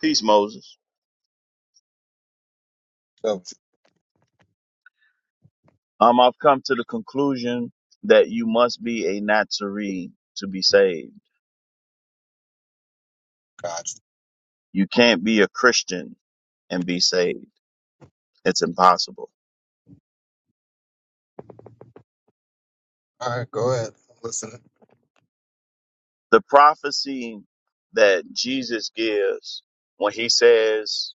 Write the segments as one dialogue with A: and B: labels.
A: Peace, Moses.
B: Of
A: Um, I've come to the conclusion that you must be a Nazarene to be saved.
B: God's.
A: You can't be a Christian and be saved. It's impossible.
B: All right, go ahead. I'm listening.
A: The prophecy that Jesus gives when he says,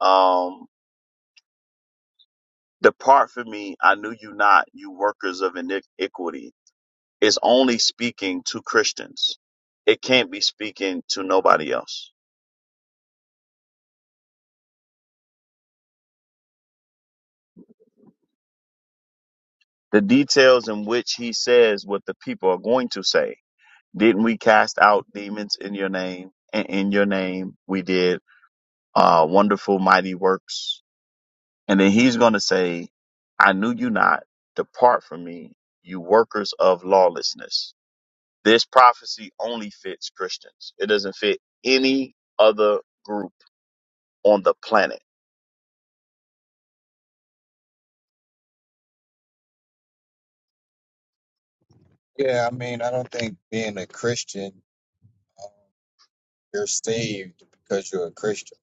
A: um, depart from me, I knew you not, you workers of iniquity, is only speaking to Christians. It can't be speaking to nobody else. The details in which he says what the people are going to say Didn't we cast out demons in your name? And in your name we did uh, wonderful, mighty works. And then he's going to say, I knew you not. Depart from me, you workers of lawlessness. This prophecy only fits Christians. It doesn't fit any other group on the planet.
B: Yeah, I mean, I don't think being a Christian, um, you're saved because you're a Christian.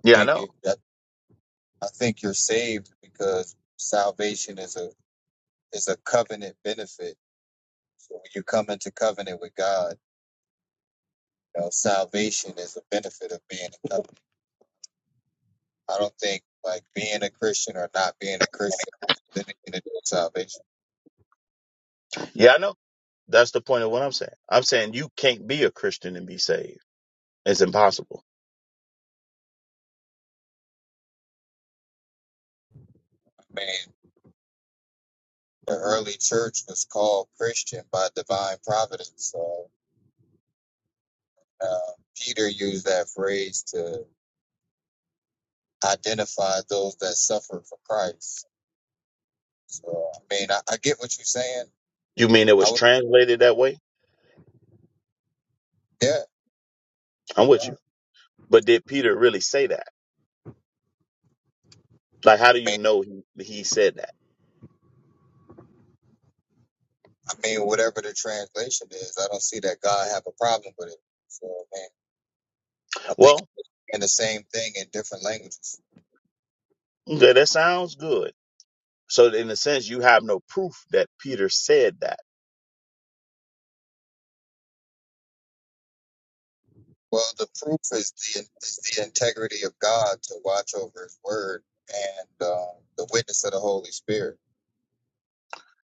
B: I
A: Yeah, I
B: think
A: know.
B: you, that, I think you're saved because salvation is a is a covenant benefit. So when you come into covenant with God, you know, salvation is a benefit of being a covenant. I don't think like being a Christian or not being a Christian has anything to do with salvation.
A: Yeah, I know. That's the point of what I'm saying. I'm saying you can't be a Christian and be saved. It's impossible.
B: I mean, the early church was called Christian by divine providence. So Uh, Peter used that phrase to identify those that suffer for Christ. So I mean, I, I get what you're saying.
A: You mean it
B: I
A: was
B: would,
A: translated that way?
B: yeah.
A: I'm with
B: yeah.
A: you.
B: I
A: But did Peter really say that? Like, how do you
B: mean,
A: know he, he said that?
B: I mean, whatever the translation is, I don't see that God have a problem with it. So man, I think
A: Well,
B: it's in the same thing in different languages.
A: okay, that sounds good. So, in a sense, you have no proof that Peter said that.
B: Well, the proof is the is the integrity of God to watch over His word and um, the witness of the Holy Spirit.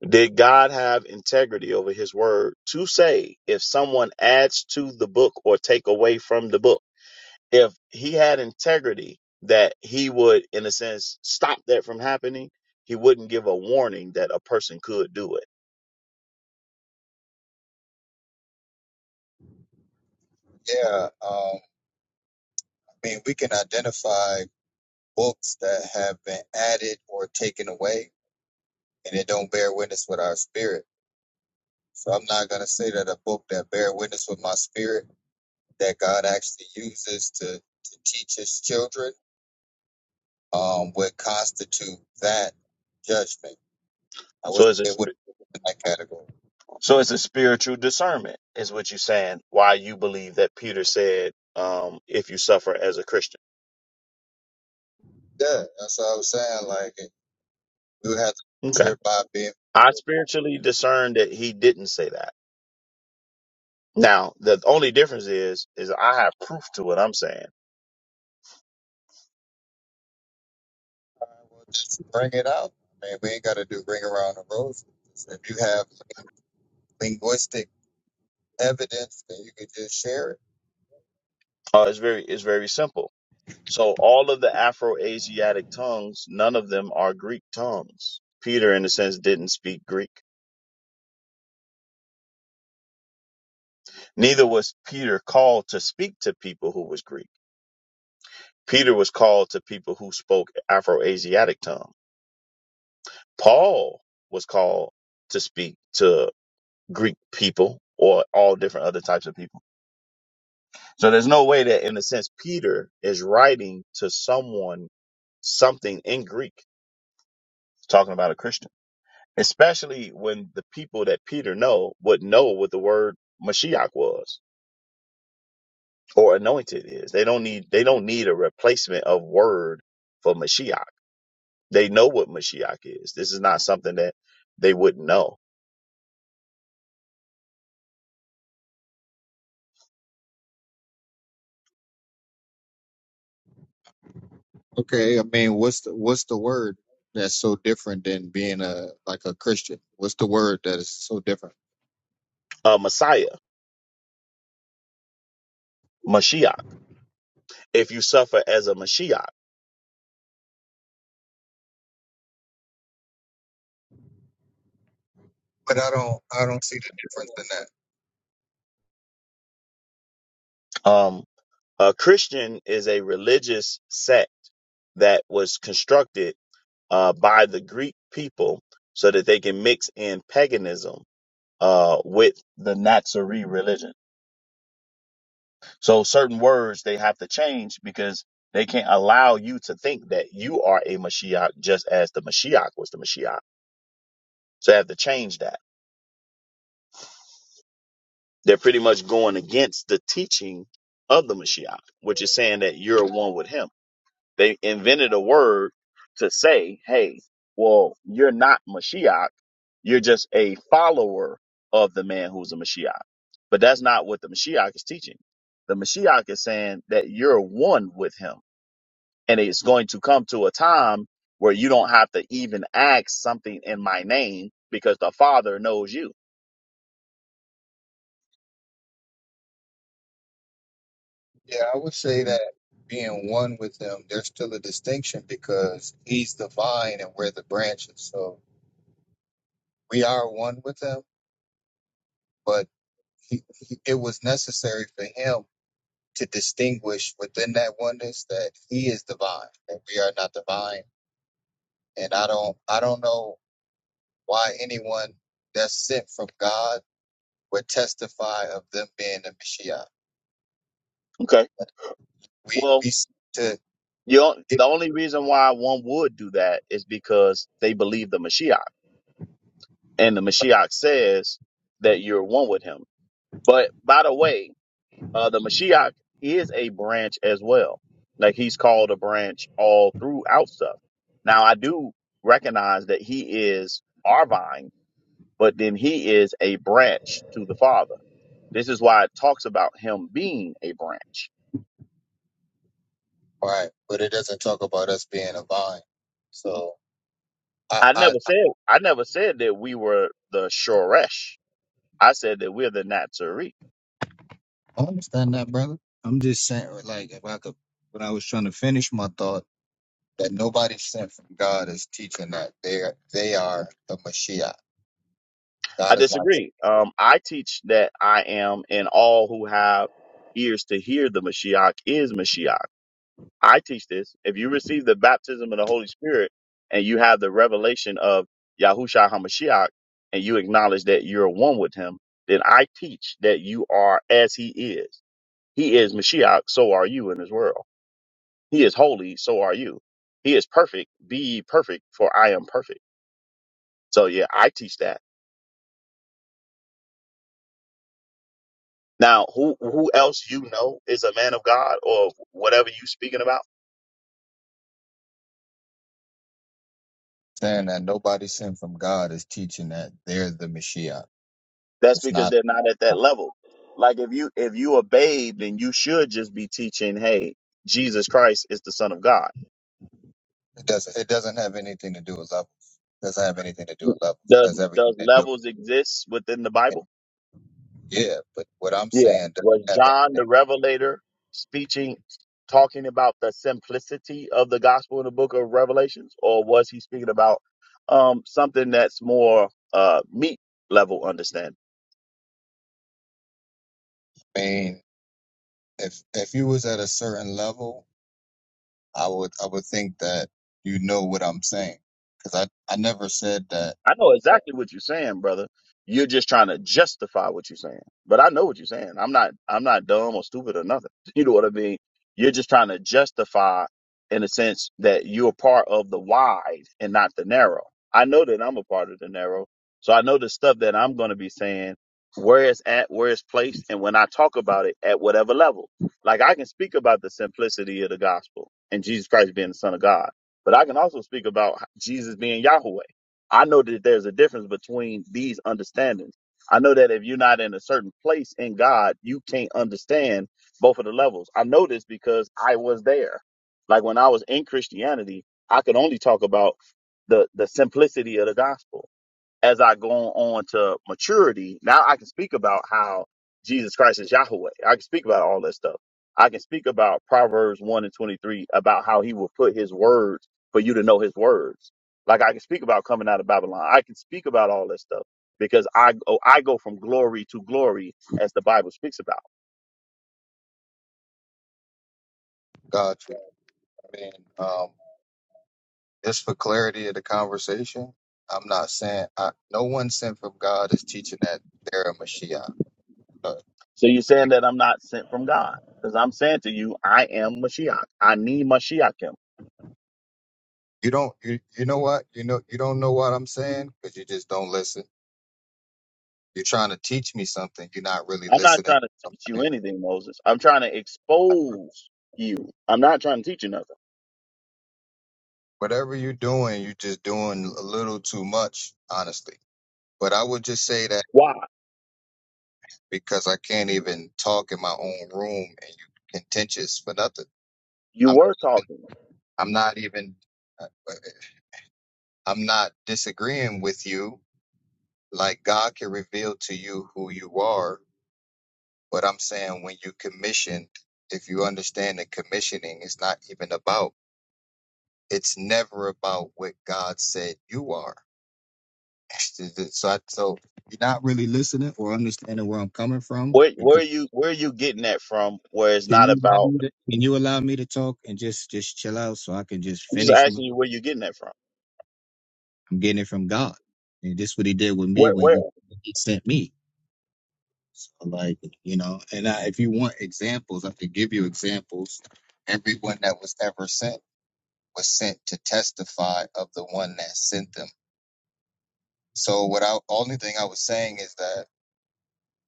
A: Did God have integrity over his word to say if someone adds to the book or take away from the book? If he had integrity that he would, in a sense, stop that from happening, he wouldn't give a warning that a person could do it.
B: Yeah, um, I mean, we can identify books that have been added or taken away and it don't bear witness with our spirit. So I'm not gonna say that a book that bear witness with my spirit that God actually uses to, to teach his children um would constitute that judgment. I
A: So,
B: would
A: is
B: it
A: it?
B: would be in that category.
A: So it's a spiritual discernment, is what you're saying. Why you believe that Peter said, um, if you suffer as a Christian.
B: Yeah, that's what I was saying. Like we would have to
A: Okay.
B: trip by being
A: I spiritually discerned that he didn't say that. Now, the only difference is, is I have proof to what I'm saying.
B: all right, well, just bring it out. I mean, we ain't gotta do ring around the roses. If you have linguistic evidence, then you could just share it
A: Uh, it's very, it's very simple. So all of the Afro-Asiatic tongues, none of them are Greek tongues. Peter, in a sense, didn't speak Greek. Neither was Peter called to speak to people who was Greek. Peter was called to people who spoke Afro-Asiatic tongues. Paul was called to speak to Greek people or all different other types of people. So there's no way that, in a sense, Peter is writing to someone something in Greek, talking about a Christian, especially when the people that Peter know would know what the word Mashiach was or anointed is. They don't need they don't need a replacement of word for Mashiach. They know what Mashiach is. This is not something that they wouldn't know.
B: Okay, I mean, what's the what's the word that's so different than being a like a Christian? What's the word that is so different?
A: Uh, Messiah, Mashiach. if you suffer as a Mashiach.
B: But I don't I don't see the difference in that.
A: Um, a Christian is a religious sect that was constructed uh, by the Greek people so that they can mix in paganism uh, with the Nazarene religion. So certain words they have to change because they can't allow you to think that you are a Mashiach just as the Mashiach was the Mashiach. So they have to change that. They're pretty much going against the teaching of the Mashiach, which is saying that you're one with him. They invented a word to say, hey, well, you're not Mashiach. You're just a follower of the man who's a Mashiach. But that's not what the Mashiach is teaching. The Mashiach is saying that you're one with him. And it's going to come to a time where you don't have to even ask something in my name because the Father knows you.
B: Yeah, I would say that being one with him, there's still a distinction because he's the vine and we're the branches. So we are one with him, but he, he, it was necessary for him to distinguish within that oneness that he is the vine and we are not the vine. And I don't I don't know why anyone that's sent from God would testify of them being the Messiah.
A: Okay.
B: We
A: Well,
B: we seem to
A: you don't-
B: get
A: the only reason why one would do that is because they believe the Mashiach. and the Mashiach says that you're one with him. But by the way, uh, the Mashiach is a branch as well. Like he's called a branch all throughout stuff. Now I do recognize that he is our vine, but then he is a branch to the Father. This is why it talks about him being a branch.
B: right, but it doesn't talk about us being a vine. So I
A: I
B: I,
A: never said I never said that we were the Shoresh. I said that we're the Nazarene.
B: I understand that, brother. I'm just saying, like, if I could, when I was trying to finish my thought, that nobody sent from God is teaching that they are they are the Messiah.
A: I
B: God is not
A: disagree. Um, I teach that I am, and all who have ears to hear the Mashiach is Mashiach. I teach this. If you receive the baptism of the Holy Spirit and you have the revelation of Yahusha HaMashiach and you acknowledge that you're one with him, then I teach that you are as he is. He is Mashiach, so are you in this world. He is holy, so are you. He is perfect, be ye perfect, for I am perfect. So yeah, I teach that. Now, who who else you know is a man of God or whatever you speaking about?
B: saying that nobody sent from God is teaching that they're the Messiah.
A: That's
B: It's not.
A: because they're not at that level. Like if you if you a babe, then you should just be teaching, hey, Jesus Christ is the Son of God.
B: It doesn't. It doesn't have anything to do with levels. It doesn't have anything to do
A: You-
B: with levels. It
A: Does
B: has everything
A: does
B: to do.
A: levels exist within the Bible?
B: Yeah, but what I'm
A: Yeah.
B: saying
A: Was
B: doesn't have
A: John the
B: anything.
A: Revelator speaking talking about the simplicity of the gospel in the book of Revelations? Or was he speaking about um something that's more uh meat level understanding?
B: I mean, if if you was at a certain level, I would I would think that you know what I'm saying because I I never said that.
A: I know exactly what you're saying, brother. You're just trying to justify what you're saying. But I know what you're saying. I'm not I'm not dumb or stupid or nothing. You know what I mean? You're just trying to justify in a sense that you're part of the wide and not the narrow. I know that I'm a part of the narrow. So I know the stuff that I'm gonna be saying, where it's at, where it's placed, and when I talk about it at whatever level. Like I can speak about the simplicity of the gospel and Jesus Christ being the Son of God. But I can also speak about Jesus being Yahweh. I know that there's a difference between these understandings. I know that if you're not in a certain place in God, you can't understand both of the levels. I know this because I was there. Like when I was in Christianity, I could only talk about the the simplicity of the gospel as I go on to maturity, now I can speak about how Jesus Christ is Yahweh. I can speak about all that stuff. I can speak about Proverbs 1 and 23 about how he will put his words for you to know his words. Like I can speak about coming out of Babylon. I can speak about all that stuff because I go, I go from glory to glory as the Bible speaks about.
B: Got you. I mean, um, just for clarity of the conversation, I'm not saying I, no one sent from God is teaching that they're a Mashiach. No,
A: So you're saying that I'm not sent from God because I'm saying to you, I am Mashiach. I need Mashiach
B: you don't. You you know what? You know you don't know what I'm saying because you just don't listen You're trying to teach me something. You're not really
A: I'm not
B: listening.
A: trying to teach you anything, Moses. I'm trying to expose you. I'm not trying to teach you nothing.
B: Whatever you're doing, you're just doing a little too much, honestly. But I would just say that
A: Why?
B: because I can't even talk in my own room and you contentious for nothing.
A: You
B: I'm
A: were
B: not even,
A: talking.
B: I'm not even, uh, uh, I'm not disagreeing with you. Like God can reveal to you who you are. But I'm saying when you commission, if you understand that commissioning is not even about, it's never about what God said you are Is it- So, I, so you're not really listening or understanding where I'm coming from.
A: Where where
B: Because
A: are you where are you getting that from where it's
B: can
A: not
B: you allow
A: about
B: me to, can you allow me to talk and just just chill out so I can just
A: I'm just
B: finish? My,
A: asking you where you getting that from.
B: I'm getting it from God, and this what He did with me
A: Where
B: when
A: where?
B: He He sent me. So like you know, and I, if you want examples, I could give you examples. Everyone that was ever sent was sent to testify of the one that sent them. So what I only thing I was saying is that,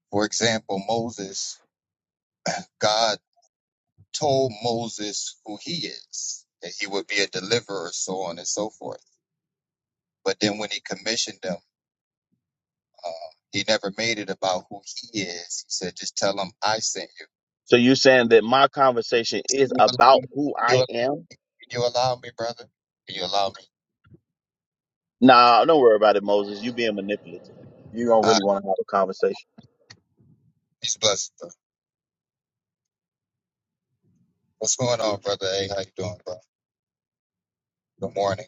B: for example, Moses. God told Moses who he is, that he would be a deliverer, so on and so forth. But then when he commissioned them, uh, he never made it about who he is. He said, just tell them I sent you.
A: So you saying that my conversation is
B: You,
A: about who I
B: you,
A: am?
B: can you allow me, brother? Can you allow me?
A: Nah, don't worry about it, Moses. You being manipulative. You don't
B: All right,
A: really want to have a conversation.
B: he's blessed. Bro. What's going on, brother? Hey, how you doing, bro? Good morning.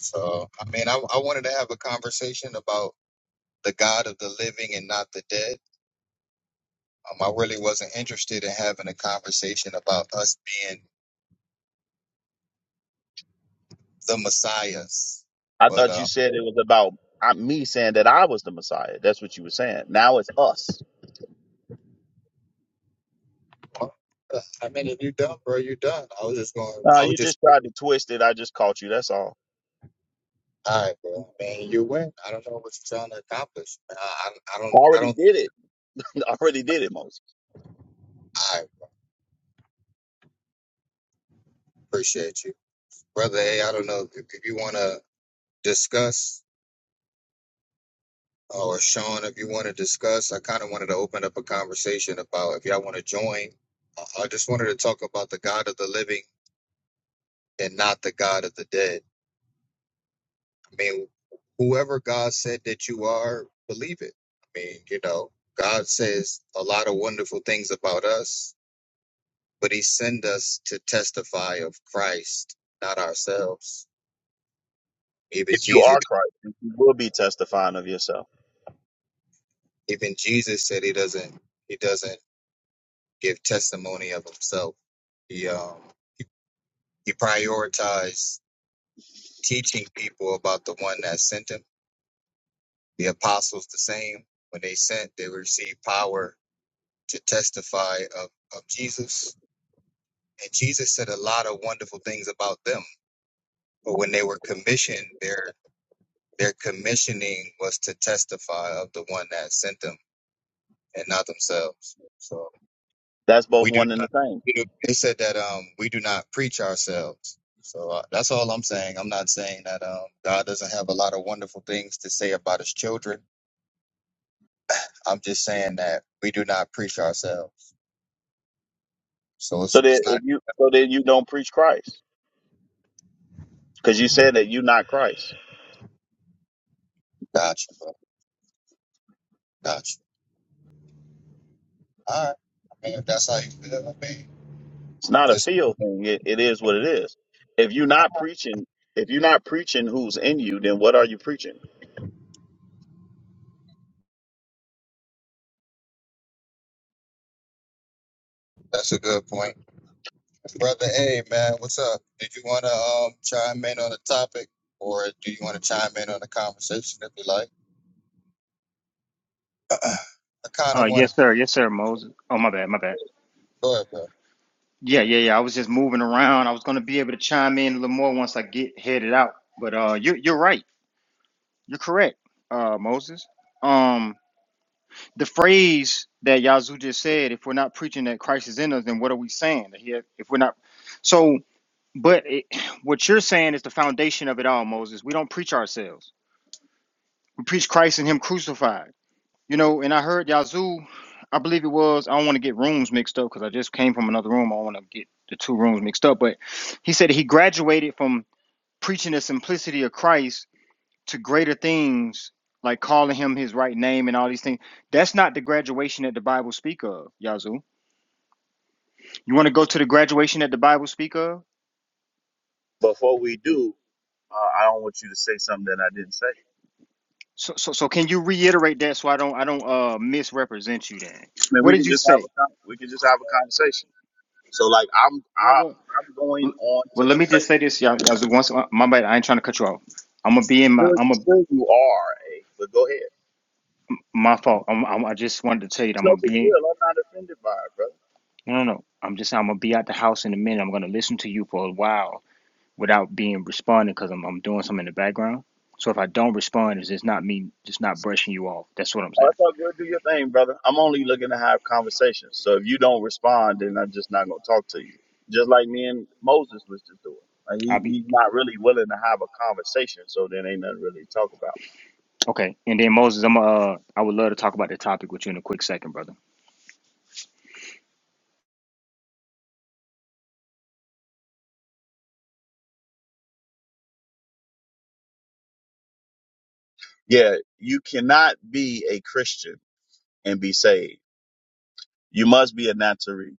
B: So, I mean, I, I wanted to have a conversation about the God of the living and not the dead. Um, I really wasn't interested in having a conversation about us being the messiahs.
A: I
B: But
A: thought you
B: um,
A: said it was about uh, me saying that I was the Messiah. That's what you were saying. Now it's us.
B: I mean, if you're done, bro, you're done. I was just going.
A: Nah,
B: I was
A: you
B: just
A: just tried to twist it. I just caught you. That's all.
B: all right, bro. I mean, you win. I don't know what you're trying to accomplish. I, I, I don't. I
A: Already
B: don't.
A: did it. Already did it, Moses.
B: I appreciate you, brother. Hey, I don't know if, if you want to discuss uh, or Sean, if you want to discuss. I kind of wanted to open up a conversation about if y'all want to join. I I just wanted to talk about the God of the living and not the God of the dead. I mean, whoever God said that you are, believe it. I mean, you know, God says a lot of wonderful things about us, but He sent us to testify of Christ, not ourselves. Even
A: If you
B: Jesus,
A: are Christ, then you will be testifying of yourself.
B: even Jesus said He doesn't, He doesn't give testimony of Himself. He um, He he prioritized teaching people about the one that sent Him. The apostles, the same. When they sent, they received power to testify of, of Jesus and Jesus said a lot of wonderful things about them. But when they were commissioned, their their commissioning was to testify of the one that sent them and not themselves. So
A: That's both
B: we do
A: one and the
B: not.
A: same.
B: we do- It said that um we do not preach ourselves. So uh, that's all I'm saying. I'm not saying that um God doesn't have a lot of wonderful things to say about His children. I'm just saying that we do not preach ourselves. So
A: So
B: it's
A: that
B: it's not
A: if you so then you don't preach Christ. Because you said that you're not Christ.
B: gotcha, bro. Gotcha. All right. I mean, if that's how you feel, I mean,
A: It's not a
B: just
A: feel thing. It, it is what it is. If you're not preaching, if you're not preaching who's in you, then what are you preaching?
B: that's a good point. Brother A, man, what's up? Did you want to um chime in on the topic, or do you want to chime in on the conversation if you like? I kind
C: Uh,
B: of want to
C: yes, sir. Yes, sir, Moses. Oh, my bad. My bad.
B: go ahead, bro.
C: Yeah, yeah, yeah. I was just moving around. I was going to be able to chime in a little more once I get headed out. But uh, you're you're right. You're correct, uh, Moses. Um, the phrase that Yazoo just said, if we're not preaching that Christ is in us, then what are we saying? That he- If we're not, so, but it, what you're saying is the foundation of it all, Moses. We don't preach ourselves. We preach Christ and Him crucified. You know, and I heard Yazoo, I believe it was, I don't want to get rooms mixed up because I just came from another room. I don't want to get the two rooms mixed up. But he said he graduated from preaching the simplicity of Christ to greater things, like calling him his right name and all these things. That's not the graduation that the Bible speak of, Yazoo. You want to go to the graduation that the Bible speak of?
A: Before we do, uh, I don't want you to say something that I didn't say. I
C: So, so, so can you reiterate that so I don't I don't uh misrepresent you then?
A: mean,
C: What
A: we
C: did
A: can
C: you
A: just have a
C: say?
A: con- we can just have a conversation. So like I'm
C: Well,
A: I,
C: well.
A: I'm going
C: L-
A: on
C: Well,
A: to
C: let me just
A: perfection.
C: say this, y'all. As once, uh, my bad. I ain't trying to cut you off. I'm gonna be in my.
A: Sure,
C: I'm a
A: sure you are, eh? But go ahead.
C: my fault. I'm, I'm, I just wanted to tell you that
A: It's
C: I'm
A: no
C: gonna
A: big deal.
C: be.
A: I'm not offended by it, brother.
C: No, no, no. I'm just. I'm gonna be out the house in a minute. I'm gonna listen to you for a while without being responding because I'm I'm doing something in the background. So if I don't respond, it's just not me. Just not brushing you off. That's what I'm
A: Oh,
C: saying.
A: it's all good. Do your thing, brother. I'm only looking to have conversations. So if you don't respond, then I'm just not going to talk to you. Just like me and Moses was just doing. Like
C: I'll
A: he,
C: be
A: he's not really willing to have a conversation. So then ain't nothing really to talk about.
C: okay. And then Moses, I'm uh. I would love to talk about the topic with you in a quick second, brother.
A: Yeah, you cannot be a Christian and be saved. You must be a Nazarene.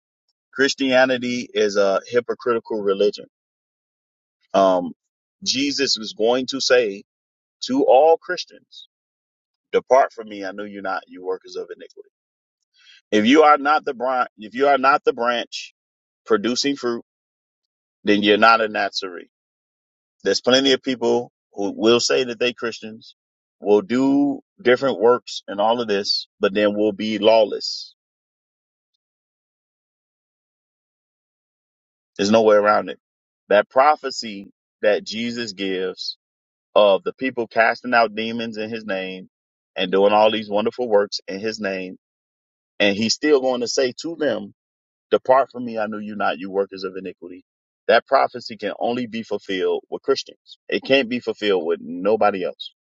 A: Christianity is a hypocritical religion. Um, Jesus was going to say to all Christians, depart from me. I know you're not, you workers of iniquity. If you are not the branch, if you are not the branch producing fruit, then you're not a Nazarene. There's plenty of people who will say that they Christians will do different works and all of this, but then will be lawless. There's no way around it. That prophecy that Jesus gives of the people casting out demons in his name and doing all these wonderful works in his name. And he's still going to say to them, Depart from me, I knew you not, you workers of iniquity. That prophecy can only be fulfilled with Christians. It can't be fulfilled with nobody else.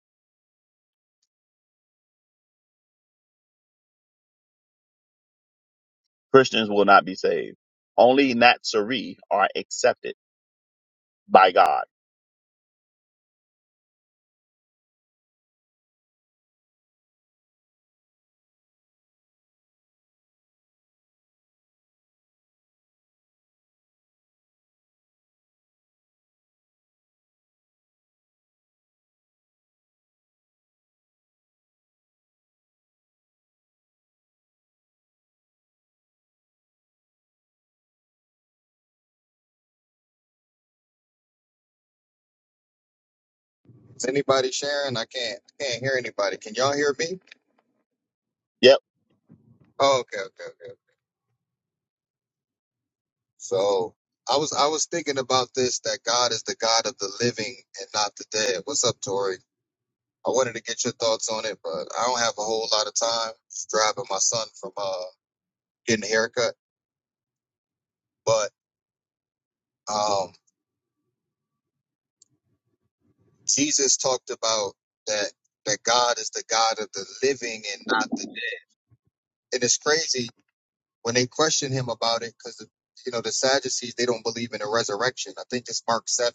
A: Christians will not be saved. Only Nazarene are accepted by God.
B: Is anybody sharing? I can't. I can't hear anybody. Can y'all hear me?
A: Yep,
B: Oh, okay, okay, okay. So I was I was thinking about this that God is the God of the living and not the dead. What's up, Tori? I wanted to get your thoughts on it, but I don't have a whole lot of time. Just driving my son from uh getting a haircut, but um. Jesus talked about that that God is the God of the living and not the dead. And it's crazy when they question him about it because you know the Sadducees they don't believe in the resurrection. I think it's Mark seven,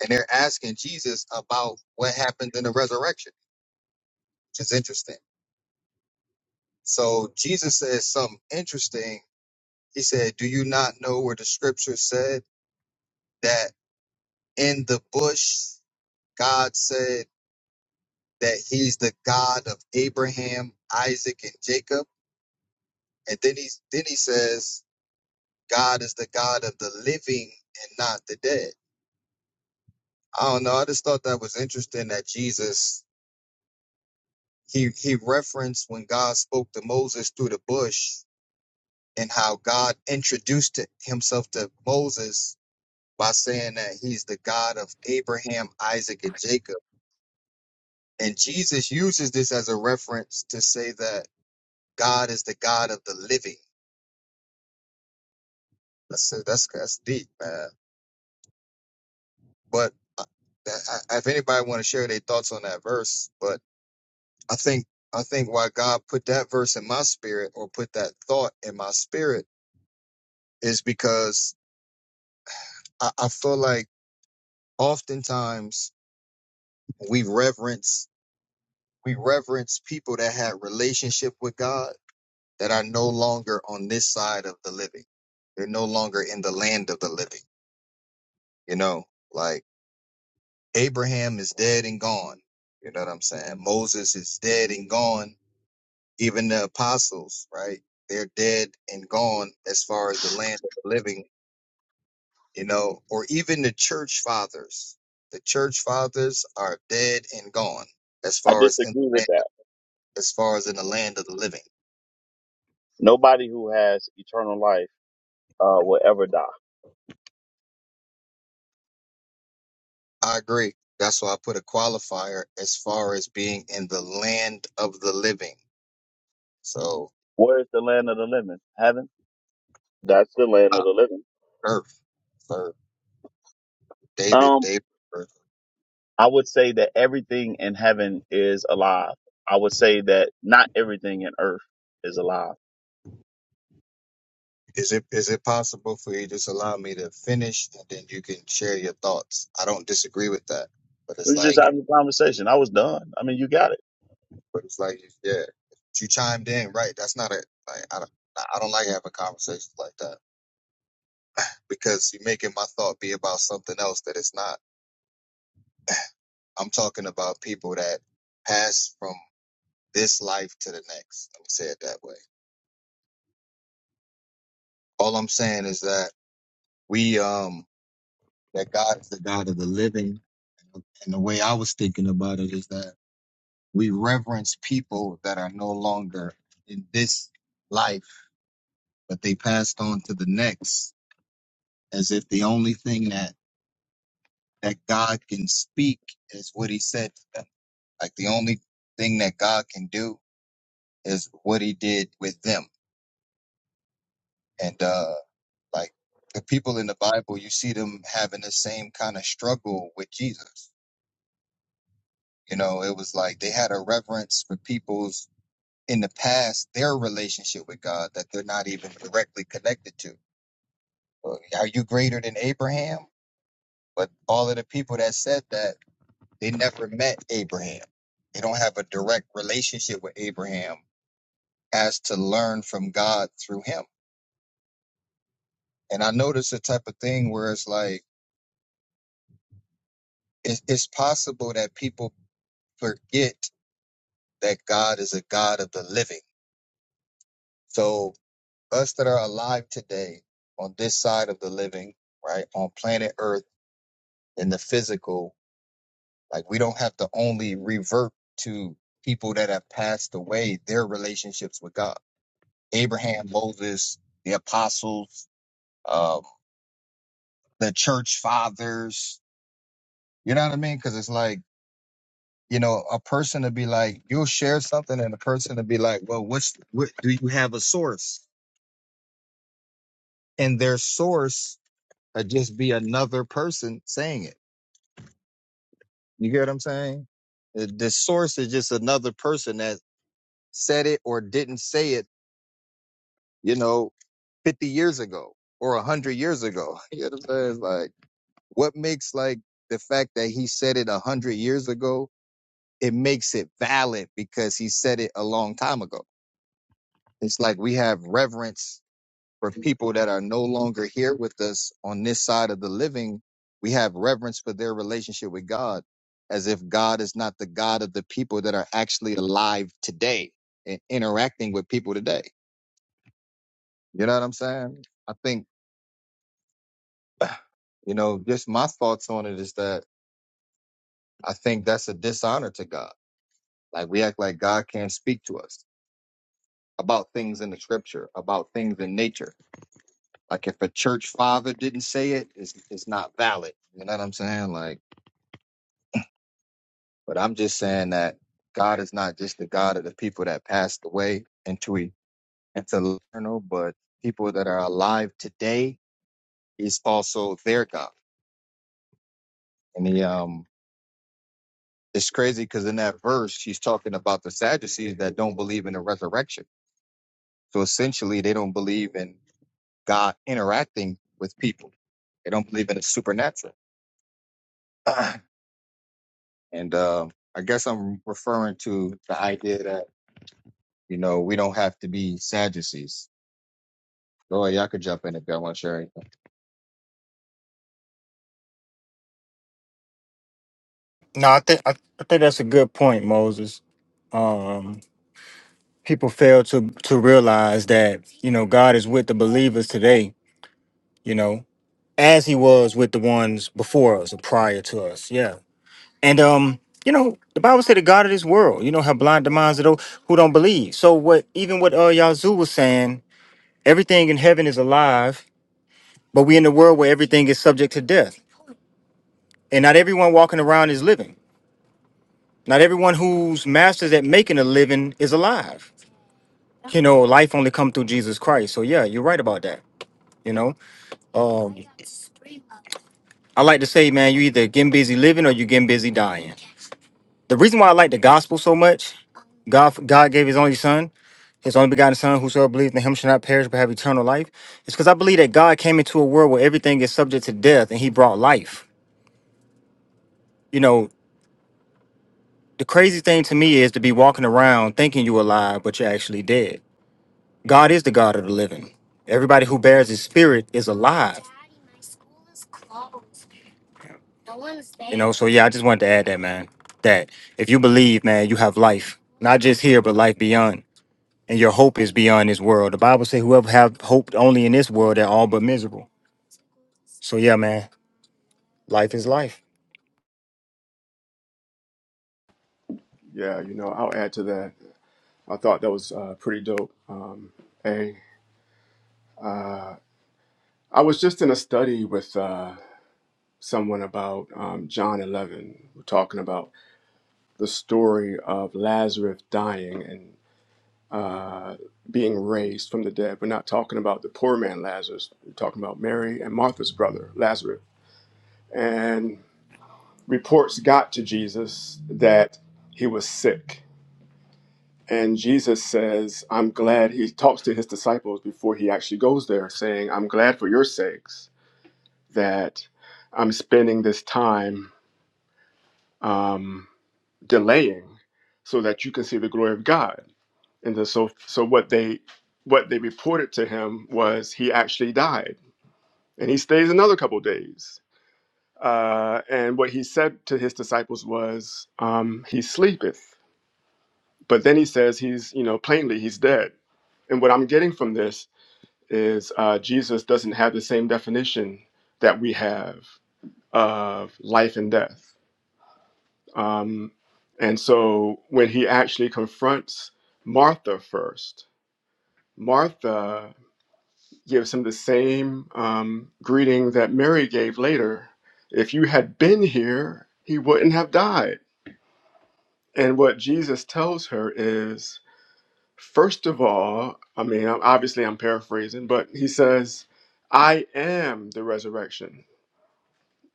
B: and they're asking Jesus about what happened in the resurrection, which is interesting. So Jesus says something interesting. He said, "Do you not know where the Scripture said that in the bush God said that He's the God of Abraham, Isaac, and Jacob?" And then he then he says, God is the God of the living and not the dead. I don't know. I just thought that was interesting that Jesus he he referenced when God spoke to Moses through the bush and how God introduced to- himself to Moses by saying that he's the God of Abraham, Isaac, and Jacob. And Jesus uses this as a reference to say that God is the God of the living. That's that's that's deep, man. But uh, I- if anybody want to share their thoughts on that verse, but I think I think why God put that verse in my spirit or put that thought in my spirit is because I, I feel like oftentimes we reverence we reverence people that had relationship with God that are no longer on this side of the living. They're no longer in the land of the living. You know, like Abraham is dead and gone. You know what I'm saying? Moses is dead and gone Even the apostles, right? They're dead and gone as far as the land of the living, you know, or even the church fathers. The church fathers are dead and gone as
A: I
B: far as in
A: disagree
B: the
A: with
B: land,
A: that.
B: as far as in the land of the living.
A: Nobody who has eternal life uh, will ever die.
B: I agree. That's why I put a qualifier as far as being in the land of the living. So
A: Where is the land of the living? Heaven? That's the land
B: uh,
A: of the living.
B: earth for David,
A: Um,
B: David.
A: I would say that everything in heaven is alive. I would say that not everything in earth is alive
B: Is it is it possible for you to just allow me to finish and then you can share your thoughts? I don't disagree with that, but
A: We
B: it's
A: was just
B: like,
A: having a conversation. I was done. I mean, you got it.
B: but it's like, yeah, you chimed in, right? That's not it. Like, I don't, I don't like having conversations like that because you're making my thought be about something else that it's not. I'm talking about people that pass from this life to the next. Let me say it that way. All I'm saying is that we, um, that God is the God of the living, and the way I was thinking about it is that. we reverence people that are no longer in this life, but they passed on to the next, as if the only thing that that God can speak is what He said to them. Like the only thing that God can do is what He did with them, and uh, like the people in the Bible, you see them having the same kind of struggle with Jesus. You know, it was like they had a reverence for people's in the past their relationship with God that they're not even directly connected to uh, Are you greater than Abraham? But all of the people that said that, they never met Abraham. They don't have a direct relationship with Abraham as to learn from God through him. And I noticed the type of thing where it's like, it's, it's possible that people forget that God is a God of the living. So us that are alive today on this side of the living, right, on planet earth in the physical, Like we don't have to only revert to people that have passed away, their relationships with God. Abraham, Moses, the apostles, uh, the church fathers. You know what I mean? Because it's like, you know, a person to be like, you'll share something and a person to be like, well, what's, what, do you have a source? And their source would just be another person saying it. You get what I'm saying? The the source is just another person that said it or didn't say it, you know, 50 years ago or 100 years ago. You know what I'm saying? like, what makes like the fact that he said it 100 years ago, it makes it valid because he said it a long time ago. It's like we have reverence for people that are no longer here with us on this side of the living. We have reverence for their relationship with God as if God is not the God of the people that are actually alive today and interacting with people today. You know what I'm saying? I think You know, just my thoughts on it is that I think that's a dishonor to God. Like we act like God can't speak to us about things in the scripture, about things in nature. Like if a church father didn't say it, it's, it's not valid. You know what I'm saying? Like, but I'm just saying that God is not just the God of the people that passed away into e- into eternal, but people that are alive today is also their God. And he um it's crazy because in that verse she's talking about the Sadducees that don't believe in the resurrection So essentially, they don't believe in God interacting with people. They don't believe in the supernatural. and uh, I guess I'm referring to the idea that you know we don't have to be Sadducees. Go y'all could jump in if y'all want to share anything.
C: No, I think I, I think that's a good point, Moses. Um, people fail to to realize that you know God is with the believers today. You know, as He was with the ones before us or prior to us. Yeah, and um, you know, the Bible said the God of this world. You know, have blind the minds of those who don't believe. So what? Even what uh Yazoo was saying, everything in heaven is alive, but we in the world where everything is subject to death, and not everyone walking around is living. Not everyone whose master's at making a living is alive. You know, life only come through Jesus Christ. So yeah, you're right about that. You know. um I like to say, man, you either getting busy living or you getting busy dying. The reason why I like the gospel so much, God God gave his only son, his only begotten son, whosoever believes in him shall not perish but have eternal life. It's because I believe that God came into a world where everything is subject to death and he brought life. You know, the crazy thing to me is to be walking around thinking you're alive, but you're actually dead. God is the God of the living. Everybody who bears his spirit is alive. You know, so yeah, I just wanted to add that, man. That if you believe, man, you have life, not just here, but life beyond. And your hope is beyond this world. The Bible says whoever have hope only in this world, they're all but miserable. So yeah, man, life is life.
D: Yeah, you know, I'll add to that. I thought that was uh, pretty dope. Um, a, I was just in a study with uh, someone about um, John 11. We're talking about the story of Lazarus dying and uh, being raised from the dead. We're not talking about the poor man Lazarus. We're talking about Mary and Martha's brother, Lazarus. And reports got to Jesus that he was sick And Jesus says, I'm glad. He talks to his disciples before he actually goes there, saying, I'm glad for your sakes that I'm spending this time um, delaying so that you can see the glory of God. And then so, so what they what they reported to him was he actually died, and he stays another couple of days. Uh, and what he said to his disciples was, um, "He sleepeth," but then he says he's you know plainly he's dead. And what I'm getting from this is uh, Jesus doesn't have the same definition that we have of life and death. Um, and so when he actually confronts Martha first, Martha gives him the same um, greeting that Mary gave later. If you had been here, he wouldn't have died. And what Jesus tells her is, first of all, I mean, I'm- obviously I'm paraphrasing, but he says, I am the resurrection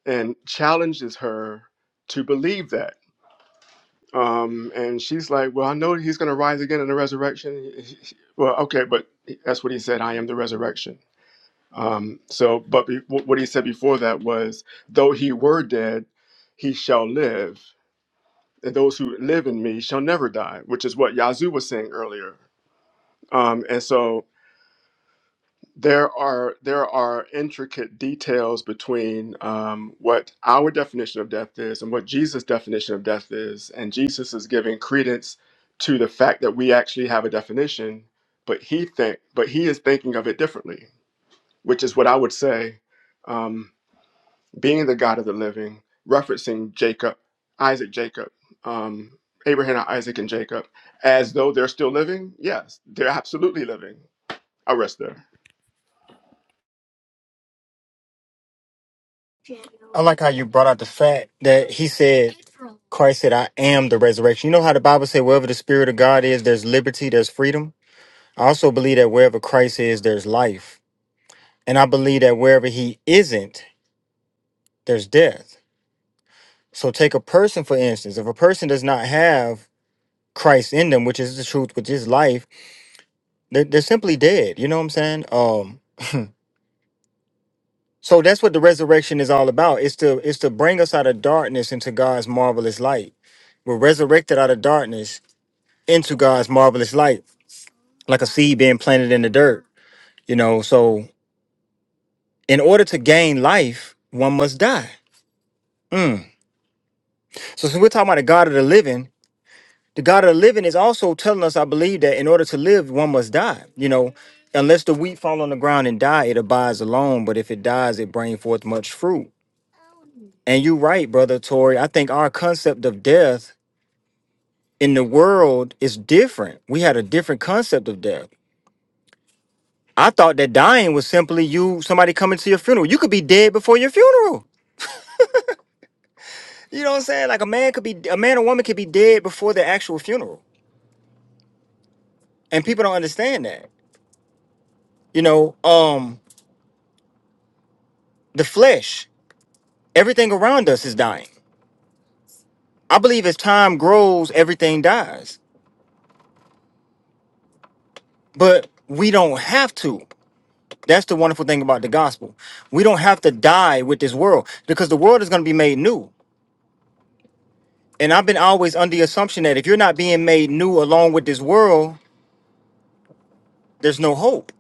D: and challenges her to believe that. Um, and she's like, Well, I know he's going to rise again in the resurrection. well, okay, but that's what he said I am the resurrection. Um, so, but be, wh- what he said before that was, Though he were dead, he shall live. And those who live in me shall never die, which is what Yazoo was saying earlier. Um, and so, there are there are intricate details between um, what our definition of death is and what Jesus' definition of death is, and Jesus is giving credence to the fact that we actually have a definition, but he think but he is thinking of it differently, which is what I would say, um, being the God of the living, referencing Jacob, Isaac, Jacob, um, Abraham, Isaac, and Jacob, as though they're still living. Yes, they're absolutely living. I rest there.
C: I like how you brought out the fact that he said Christ said, I am the resurrection. You know how the Bible says wherever the spirit of God is, there's liberty, there's freedom. I also believe that wherever Christ is, there's life. And I believe that wherever he isn't, there's death. So take a person for instance. If a person does not have Christ in them, which is the truth, which is life, they're, they're simply dead. You know what I'm saying? Um. So that's what the resurrection is all about. It's to it's to bring us out of darkness into God's marvelous light. We're resurrected out of darkness into God's marvelous light, like a seed being planted in the dirt. You know. So in order to gain life, one must die. Mm. So since we're talking about the God of the living, the God of the living is also telling us, I believe, that in order to live, one must die. You know, unless the wheat fall on the ground and die, it abides alone. But if it dies, it brings forth much fruit. And you're right, brother Tori. I think our concept of death in the world is different. We had a different concept of death. I thought that dying was simply you, somebody coming to your funeral. You could be dead before your funeral. You know what I'm saying? Like a man could be, a man or woman could be dead before their actual funeral. And people don't understand that. You know, um, the flesh. everything around us is dying. I believe as time grows, everything dies. But we don't have to. That's the wonderful thing about the gospel. We don't have to die with this world because the world is going to be made new. And I've been always under the assumption that if you're not being made new along with this world, there's no hope.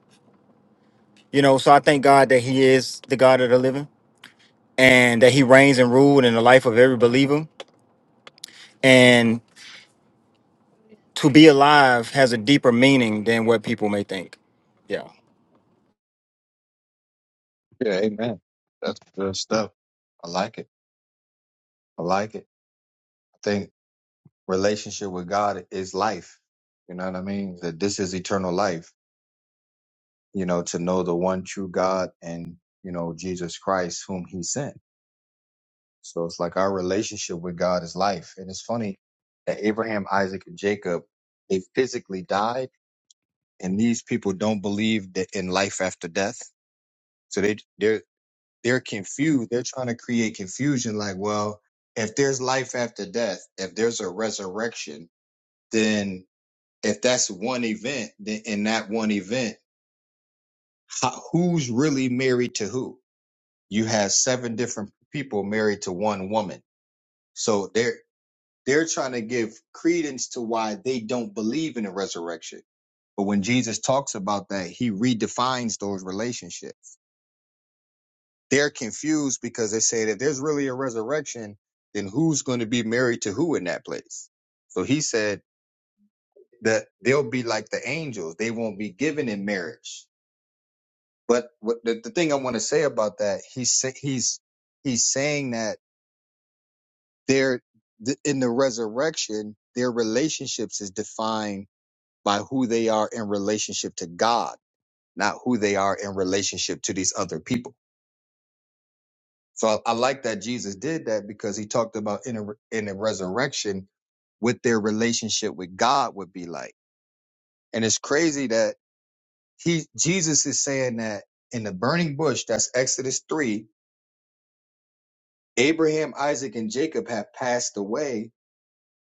C: You know, so I thank God that He is the God of the living and that He reigns and rules in the life of every believer. And to be alive has a deeper meaning than what people may think. Yeah.
B: Yeah, amen. That's good stuff. I like it. I like it. I think relationship with God is life. You know what I mean? That this is eternal life. You know, to know the one true God and you know Jesus Christ, whom He sent So it's like our relationship with God is life. And it's funny that Abraham, Isaac, and Jacob, they physically died, and these people don't believe that in life after death. So they they're they're confused. They're trying to create confusion, like, well, if there's life after death, if there's a resurrection, then if that's one event, then in that one event, how, who's really married to who? You have seven different people married to one woman. So there They're trying to give credence to why they don't believe in a resurrection. But when Jesus talks about that, he redefines those relationships. They're confused because they say that if there's really a resurrection, then who's going to be married to who in that place? So he said that they'll be like the angels. They won't be given in marriage. But what the, the thing I want to say about that, he's sa- he's he's saying that they're th- in the resurrection, their relationships is defined by who they are in relationship to God, not who they are in relationship to these other people. So I, I like that Jesus did that because he talked about in a, in the resurrection what their relationship with God would be like. And it's crazy that he Jesus is saying that in the burning bush, that's Exodus 3, Abraham, Isaac, and Jacob have passed away.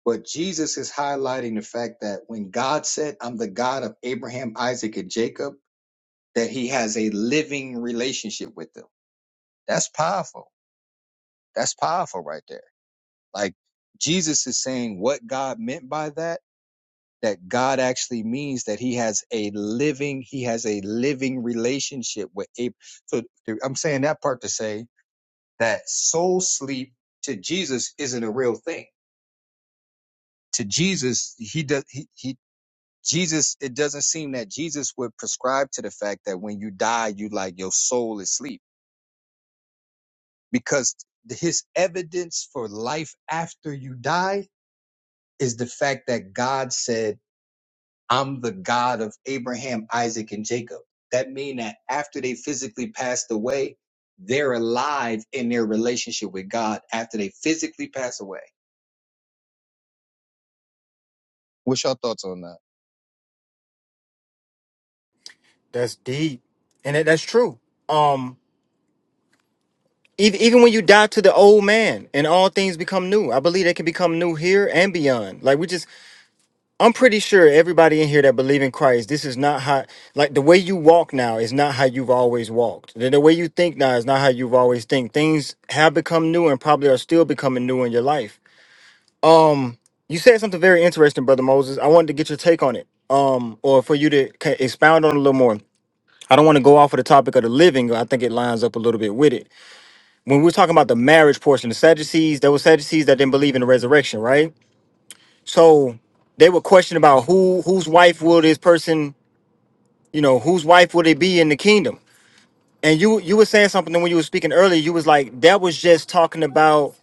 B: But Jesus is highlighting the fact that when God said, I'm the God of Abraham, Isaac, and Jacob, that he has a living relationship with them. That's powerful. That's powerful right there. Like Jesus is saying what God meant by that, that God actually means that he has a living, he has a living relationship with Abraham. So I'm saying that part to say that soul sleep to Jesus isn't a real thing. To Jesus, he does, he, he, Jesus, it doesn't seem that Jesus would prescribe to the fact that when you die, you like your soul is asleep because his evidence for life after you die is the fact that God said, I'm the God of Abraham, Isaac, and Jacob. That means that after they physically passed away, they're alive in their relationship with God after they physically pass away. What's your thoughts on that?
C: That's deep, and that, that's true. Um, even even when you die to the old man, and all things become new. I believe they can become new here and beyond. Like we just, I'm pretty sure everybody in here that believe in Christ, this is not how. Like the way you walk now is not how you've always walked. The, the way you think now is not how you've always think. Things have become new, and probably are still becoming new in your life. Um, you said something very interesting, brother Moses. I wanted to get your take on it. Um, or for you to ca- expound on it a little more. I don't want to go off of the topic of the living. I think it lines up a little bit with it. When we're talking about the marriage portion, the Sadducees, there were Sadducees that didn't believe in the resurrection, right? So they were questioning about who whose wife will this person, you know, whose wife will they be in the kingdom? And you you were saying something when you were speaking earlier. You was like that was just talking about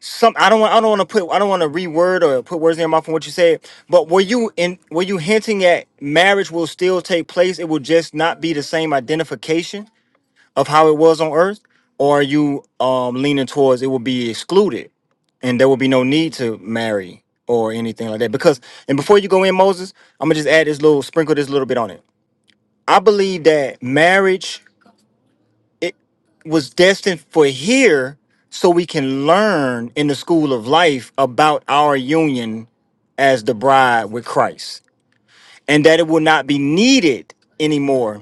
C: some. I don't want I don't want to put I don't want to reword or put words in your mouth from what you said. But were you in were you hinting at marriage will still take place? It will just not be the same identification. of how it was on earth or are you um leaning towards it will be excluded and there will be no need to marry or anything like that because and before you go in moses i'm gonna just add this little sprinkle this little bit on it i believe that marriage it was destined for here so we can learn in the school of life about our union as the bride with christ and that it will not be needed anymore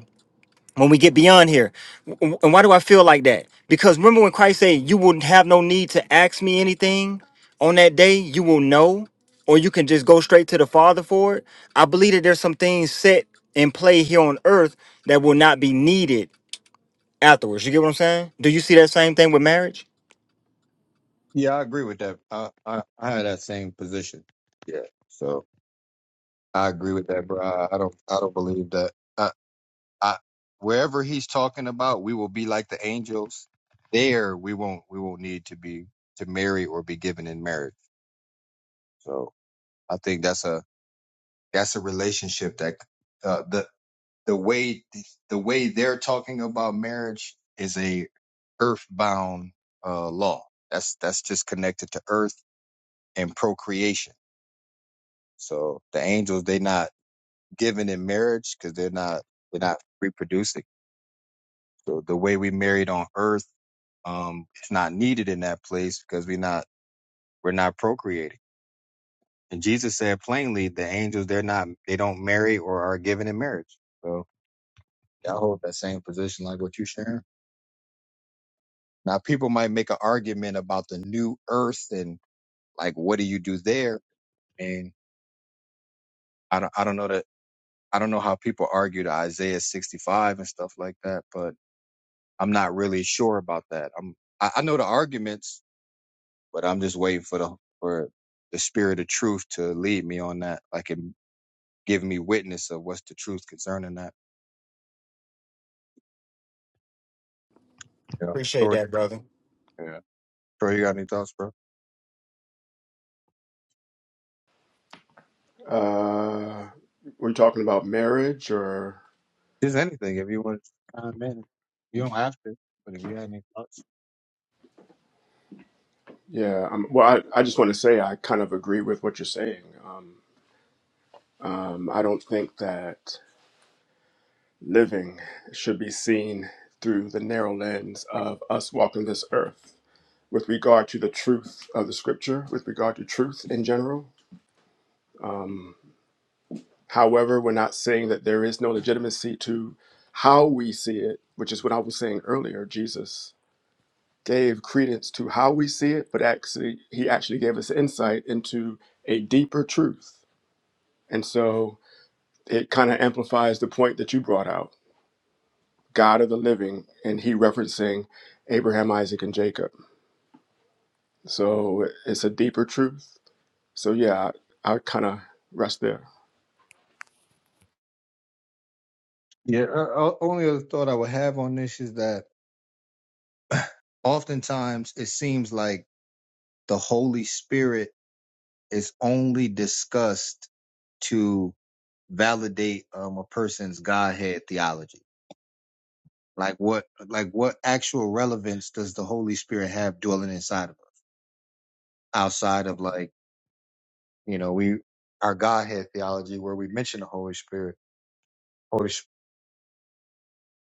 C: when we get beyond here. W- And why do I feel like that? Because remember when Christ said, You wouldn't have no need to ask me anything on that day, you will know, or you can just go straight to the Father for it. I believe that there's some things set in play here on earth that will not be needed afterwards. You get what I'm saying? Do you see that same thing with marriage?
B: Yeah, I agree with that. I I, I had that same position. Yeah, so I agree with that, bro. I, I don't I don't believe that. I, wherever he's talking about, we will be like the angels. There, we won't we won't need to be to marry or be given in marriage. So I think that's a that's a relationship that uh, the the way the way they're talking about marriage is a earthbound uh, law. That's that's just connected to earth and procreation. So the angels they are not given in marriage because they're not they're not reproducing. So the way we married on earth um, is not needed in that place because we're not we're not procreating. And Jesus said plainly, the angels they're not they don't marry or are given in marriage. So I hold that same position like what you're sharing. Now people might make an argument about the new earth and like what do you do there? And I don't I don't know that I don't know how people argue to Isaiah 65 and stuff like that, but I'm not really sure about that. I'm I, I know the arguments but I'm just waiting for the for the spirit of truth to lead me on that, like and give me witness of what's the truth concerning that. Yeah,
C: Appreciate
B: Troy.
C: that, brother.
B: Yeah, Troy, you got any thoughts, bro?
D: Uh, were you talking about marriage or?
B: Just anything if you want to chime in. You don't have to, but if you had any thoughts,
D: Yeah, um, well, I, I just want to say I kind of agree with what you're saying. Um, um, I don't think that living should be seen through the narrow lens of us walking this earth with regard to the truth of the scripture, with regard to truth in general. Um, however, we're not saying that there is no legitimacy to how we see it, which is what I was saying earlier, Jesus. gave credence to how we see it, but actually he actually gave us insight into a deeper truth. And so it kind of amplifies the point that you brought out, God of the living, and he referencing Abraham, Isaac, and Jacob. So it's a deeper truth. So yeah, I, I kind of rest there.
B: yeah. Uh, uh, only other thought I would have on this is that. oftentimes it seems like the Holy Spirit is only discussed to validate um, a person's Godhead theology. Like what, like what actual relevance does the Holy Spirit have dwelling inside of us outside of like, you know, we, our Godhead theology where we mention the Holy Spirit, Holy,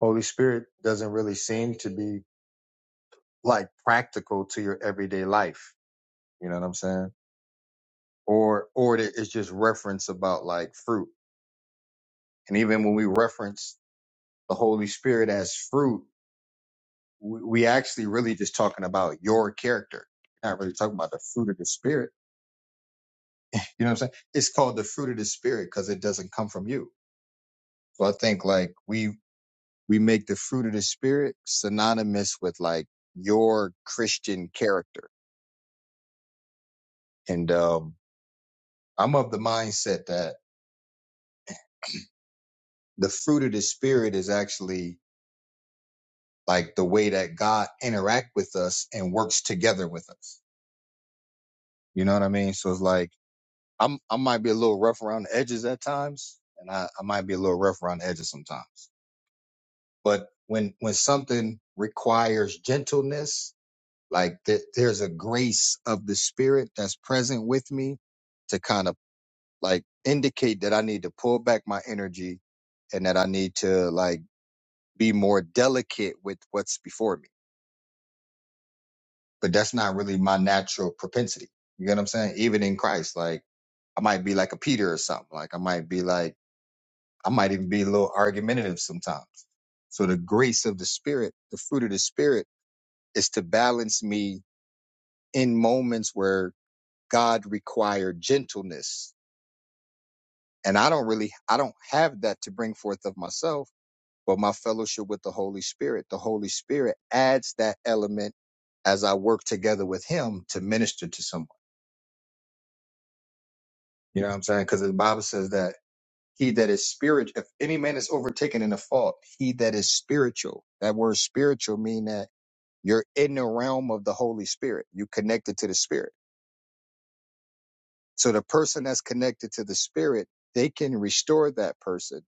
B: Holy Spirit doesn't really seem to be like practical to your everyday life. You know what I'm saying? Or, or it- it's just reference about like fruit And even when we reference the Holy Spirit as fruit, we, we actually really just talking about your character. Not really talking about the fruit of the spirit. You know what I'm saying? It's called the fruit of the spirit because it doesn't come from you. So I think like we we make the fruit of the spirit synonymous with like your Christian character. And um I'm of the mindset that the fruit of the spirit is actually like the way that God interact with us and works together with us. You know what I mean? So it's like I'm I might be a little rough around the edges at times, and I, I might be a little rough around the edges sometimes. But when when something requires gentleness, like th- there's a grace of the spirit that's present with me to kind of like indicate that I need to pull back my energy and that I need to like be more delicate with what's before me. But that's not really my natural propensity. You get what I'm saying? Even in Christ, like I might be like a Peter or something. Like I might be like I might even be a little argumentative sometimes. So the grace of the spirit, the fruit of the spirit is to balance me in moments where God required gentleness. And I don't really, I don't have that to bring forth of myself, but my fellowship with the Holy Spirit, the Holy Spirit adds that element as I work together with him to minister to someone. You know what I'm saying? Cause the Bible says that he that is spirit, if any man is overtaken in a fault, he that is spiritual, that word spiritual mean that You're in the realm of the Holy Spirit. You connected to the Spirit. So the person that's connected to the Spirit, they can restore that person.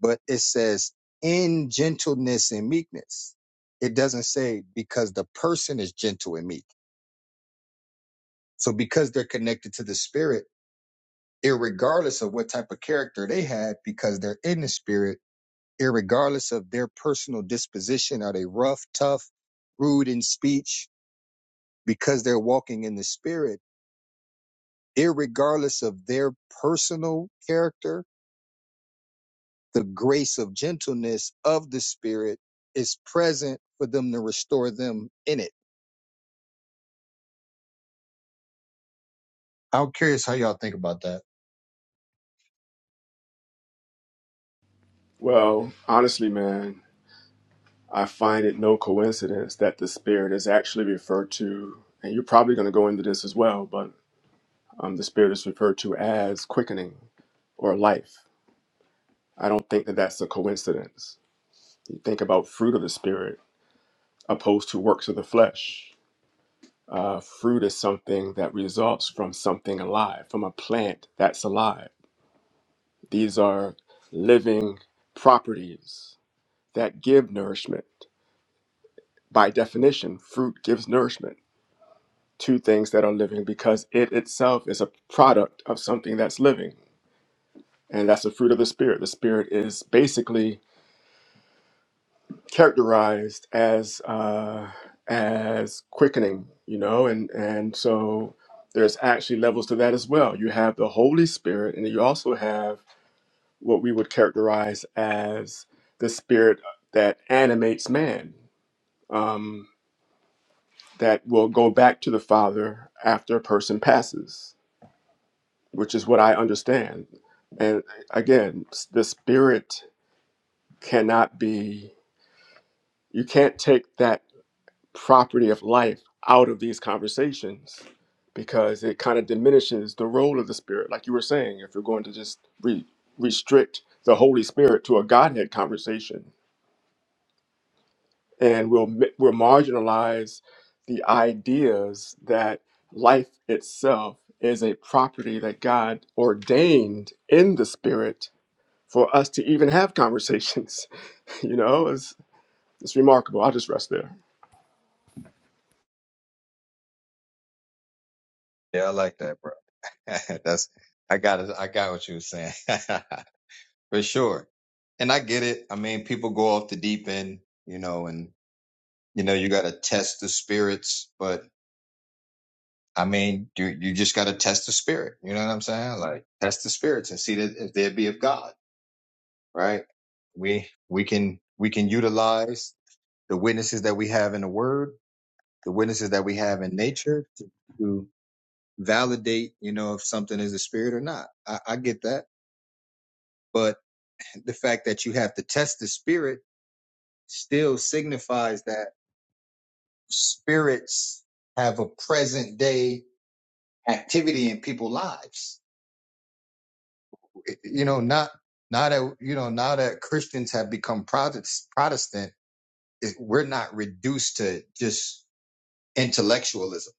B: But it says in gentleness and meekness. It doesn't say because the person is gentle and meek. So because they're connected to the Spirit, irregardless of what type of character they had, because they're in the Spirit, irregardless of their personal disposition, are they rough, tough, rude in speech? Because they're walking in the Spirit irregardless of their personal character, the grace of gentleness of the Spirit is present for them to restore them in it. I'm curious how y'all think about that.
D: Well, honestly, man, I find it no coincidence that the spirit is actually referred to, and you're probably going to go into this as well, but um, the spirit is referred to as quickening or life. I don't think that that's a coincidence. You think about fruit of the Spirit opposed to works of the flesh. Uh, fruit is something that results from something alive, from a plant that's alive. These are living properties that give nourishment. By definition, fruit gives nourishment to things that are living because it itself is a product of something that's living. And that's the fruit of the Spirit. The Spirit is basically characterized as uh, as quickening, you know, and and so there's actually levels to that as well. You have the Holy Spirit, and you also have what we would characterize as the Spirit that animates man, um, that will go back to the Father after a person passes, which is what I understand. And again, s- the Spirit cannot be. You can't take that property of life out of these conversations because it kind of diminishes the role of the spirit like you were saying if you're going to just re- restrict the holy spirit to a godhead conversation and we'll mi- we'll marginalize the ideas that life itself is a property that God ordained in the spirit for us to even have conversations you know it's it's remarkable i'll just rest there
B: Yeah, I like that, bro. That's I got it. I got what you were saying for sure, and I get it. I mean, people go off the deep end, you know, and you know you got to test the spirits, but I mean, you you just got to test the spirit. You know what I'm saying? Like test the spirits and see that if they be of God. right? We we can we can utilize the witnesses that we have in the Word, the witnesses that we have in nature to, to validate, you know, if something is a spirit or not. I, I get that, but the fact that you have to test the spirit still signifies that spirits have a present day activity in people's lives. You know, not now that you know now that Christians have become Protest- Protestant, it, we're not reduced to just intellectualism.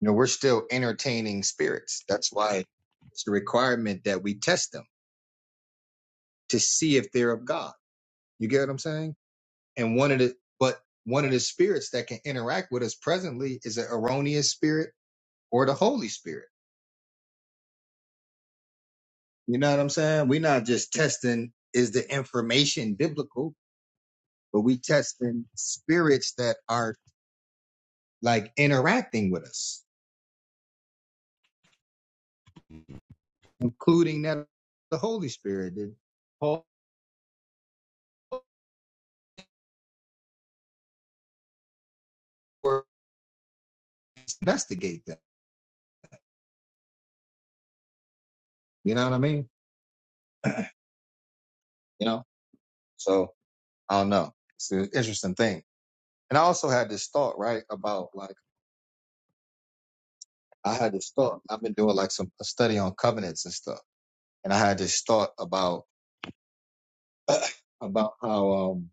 B: You know, we're still entertaining spirits. That's why it's a requirement that we test them to see if they're of God. You get what I'm saying? And one of the but one of the spirits that can interact with us presently is an erroneous spirit or the Holy Spirit. You know what I'm saying? We're not just testing is the information biblical, but we testing spirits that are like interacting with us, including that the Holy Spirit did Paul investigate them. You know what I mean? You know? So I don't know. It's an interesting thing. And I also had this thought, right? About like, I had this thought. I've been doing like some a study on covenants and stuff. And I had this thought about, about how, um,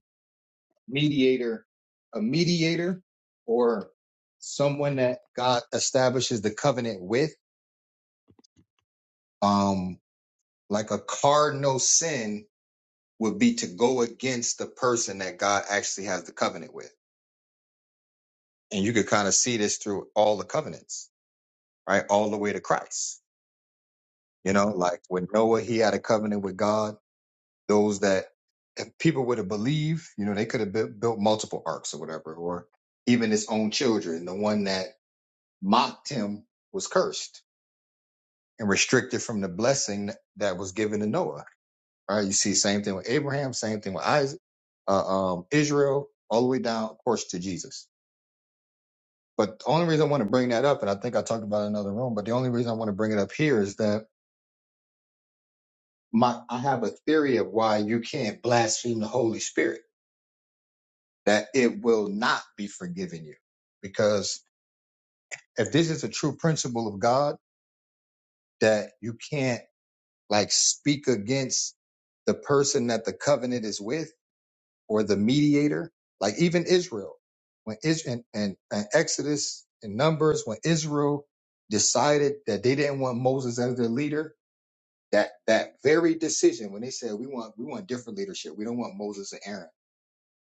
B: mediator, a mediator or someone that God establishes the covenant with, um, like a cardinal sin would be to go against the person that God actually has the covenant with. And you could kind of see this through all the covenants right? All the way to Christ. You know, like with Noah, he had a covenant with God. Those that if people would have believed, you know, they could have built, built multiple arcs or whatever, or even his own children. The one that mocked him was cursed and restricted from the blessing that was given to Noah. Right? You see, same thing with Abraham, same thing with Isaac, uh, um, Israel, all the way down, of course, to Jesus. But the only reason I want to bring that up, and I think I talked about it in another room, but the only reason I want to bring it up here is that my I have a theory of why you can't blaspheme the Holy Spirit, that it will not be forgiven you. Because if this is a true principle of God, that you can't like speak against the person that the covenant is with or the mediator, like even Israel, when is and, and, and Exodus and Numbers, when Israel decided that they didn't want Moses as their leader, that that very decision when they said we want we want different leadership, we don't want Moses and Aaron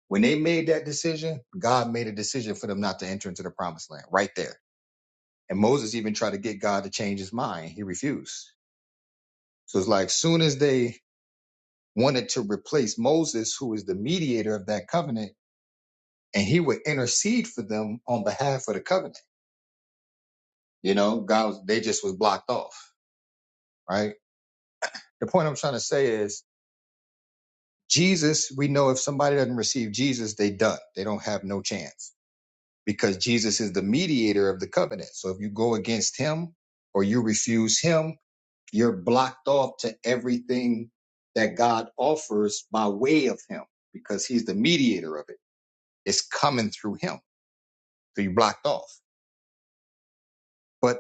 B: When they made that decision, God made a decision for them not to enter into the promised land right there. And Moses even tried to get God to change his mind. He refused. So it's like soon as they wanted to replace Moses, who is the mediator of that covenant, and he would intercede for them on behalf of the covenant. You know, God was, they just was blocked off, right? The point I'm trying to say is Jesus, we know if somebody doesn't receive Jesus, they done. They don't have no chance because Jesus is the mediator of the covenant. So if you go against him or you refuse him, you're blocked off to everything that God offers by way of him because he's the mediator of it. It's coming through him. So you're blocked off. But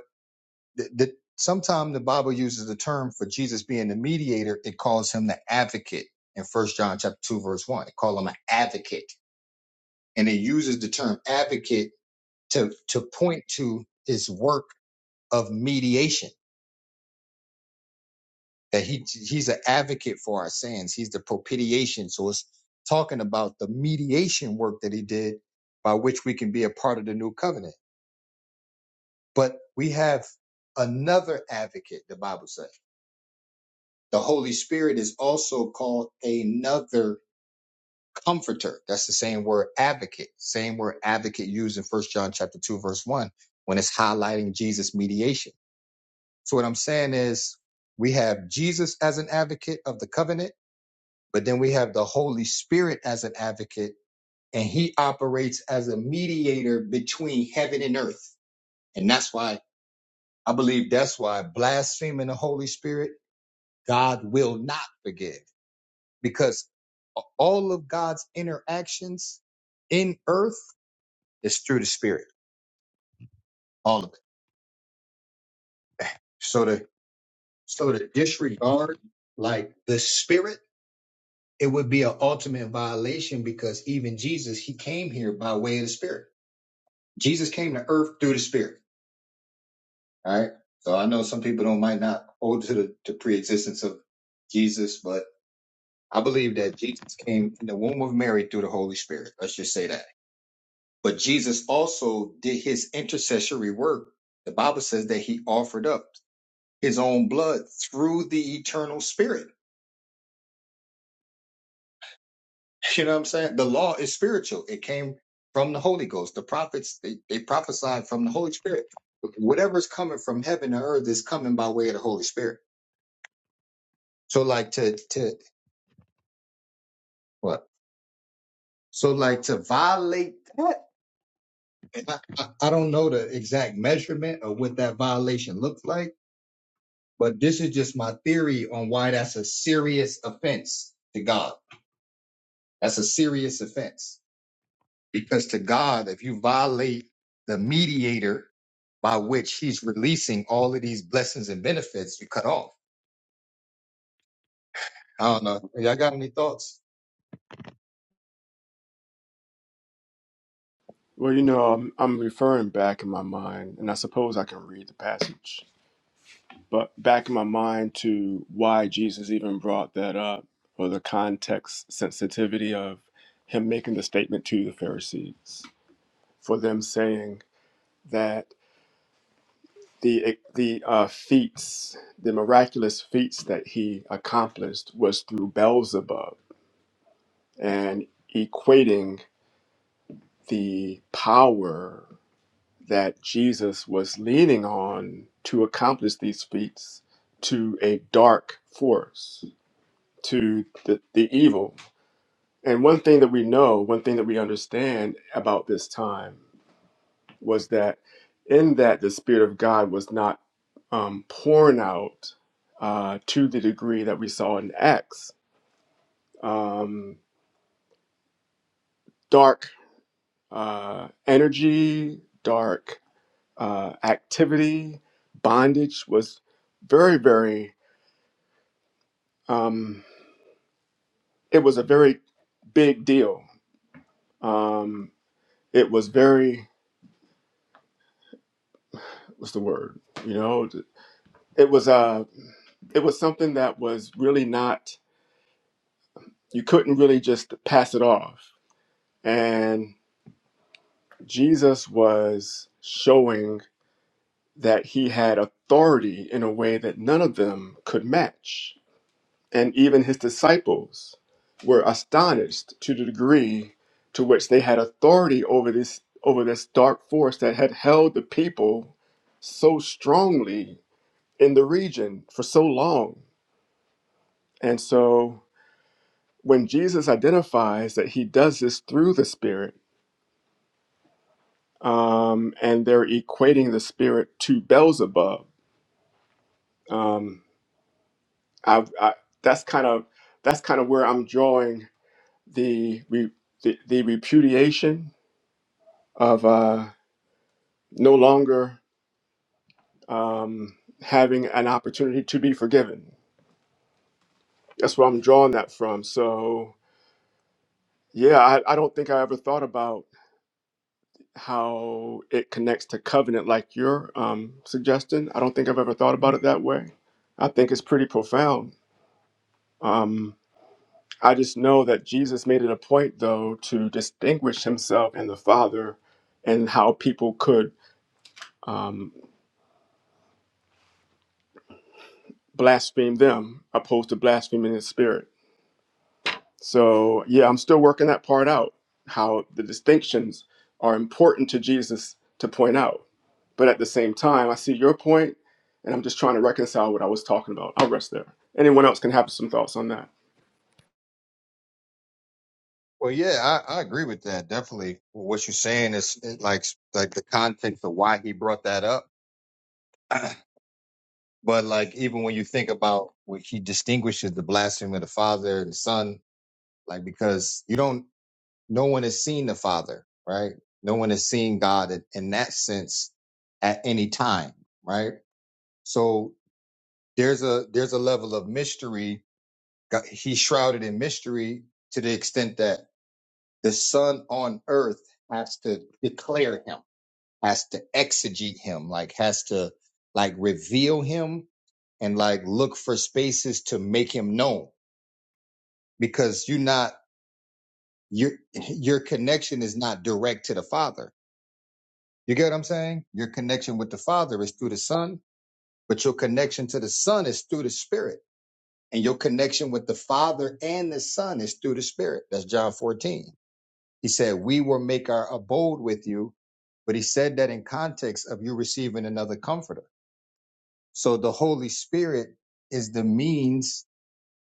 B: the, the, sometimes the Bible uses the term for Jesus being the mediator. It calls him the advocate in first John chapter two, verse one. It calls him an advocate. And it uses the term advocate to, to point to his work of mediation that he he's an advocate for our sins. He's the propitiation. So it's talking about the mediation work that he did by which we can be a part of the new covenant. But we have another advocate, the Bible says. The Holy Spirit is also called another comforter. That's the same word advocate, same word advocate used in First John chapter 2, verse 1, when it's highlighting Jesus' mediation. So what I'm saying is we have Jesus as an advocate of the covenant But then we have the Holy Spirit as an advocate, and he operates as a mediator between heaven and earth. And that's why I believe that's why blaspheming the Holy Spirit, God will not forgive because all of God's interactions in earth is through the Spirit, all of it. So to so to disregard like the Spirit, it would be an ultimate violation because even Jesus, he came here by way of the Spirit. Jesus came to earth through the Spirit. All Right? So I know some people don't might not hold to the to pre-existence of Jesus, but I believe that Jesus came in the womb of Mary through the Holy Spirit. Let's just say that. But Jesus also did his intercessory work. The Bible says that he offered up his own blood through the eternal spirit. You know what I'm saying? The law is spiritual. It came from the Holy Ghost. The prophets, they, they prophesied from the Holy Spirit. Whatever's coming from heaven to earth is coming by way of the Holy Spirit. So like to to what? So, like to violate that, and I, I I don't know the exact measurement of what that violation looks like, but this is just my theory on why that's a serious offense to God. That's a serious offense because to God, if you violate the mediator by which He's releasing all of these blessings and benefits, you cut off. I don't know. Hey, Y'all got any thoughts?
D: Well, you know, I'm, I'm referring back in my mind, and I suppose I can read the passage, but back in my mind to why Jesus even brought that up, or the context sensitivity of him making the statement to the Pharisees, for them saying that the the uh, feats, the miraculous feats that he accomplished was through Beelzebub, and equating the power. that Jesus was leaning on to accomplish these feats to a dark force, to the, the evil. And one thing that we know, one thing that we understand about this time was that in that the Spirit of God was not um, pouring out uh, to the degree that we saw in Acts. Um, dark uh, energy, dark uh, activity, bondage was very, very Um, it was a very big deal. Um, it was very what's the word? You know, it was uh, it was something that was really not. You couldn't really just pass it off. And Jesus was showing that he had authority in a way that none of them could match and even his disciples were astonished to the degree to which they had authority over this over this dark force that had held the people so strongly in the region for so long and so when jesus identifies that he does this through the spirit um, and they're equating the spirit to beelzebub um, I, I, that's kind of that's kind of where i'm drawing the, re, the the repudiation of uh, no longer um, having an opportunity to be forgiven. That's where I'm drawing that from. So, yeah, I, I don't think I ever thought about how it connects to covenant like you're um, suggesting. I don't think I've ever thought about it that way. I think it's pretty profound. Um, I just know that Jesus made it a point, though, to distinguish himself and the Father and how people could um, blaspheme them opposed to blaspheming his spirit. So, yeah, I'm still working that part out, how the distinctions are important to Jesus to point out. But at the same time, I see your point, and I'm just trying to reconcile what I was talking about. I'll rest there. Anyone else can have some thoughts on that.
B: Well, yeah, I, I agree with that. Definitely, what you're saying is like like the context of why he brought that up. But like even when you think about what he distinguishes the blasphemy of the Father and the Son, like because you don't no one has seen the Father, right? No one has seen God in, in that sense at any time, right? So there's a there's a level of mystery. God- He's shrouded in mystery to the extent that the Son on earth has to declare him, has to exegete him, like has to like reveal him and like look for spaces to make him known because you're not your your connection is not direct to the father you get what i'm saying your connection with the father is through the son but your connection to the son is through the spirit and your connection with the father and the son is through the spirit that's john 14 he said we will make our abode with you but he said that in context of you receiving another comforter so the holy spirit is the means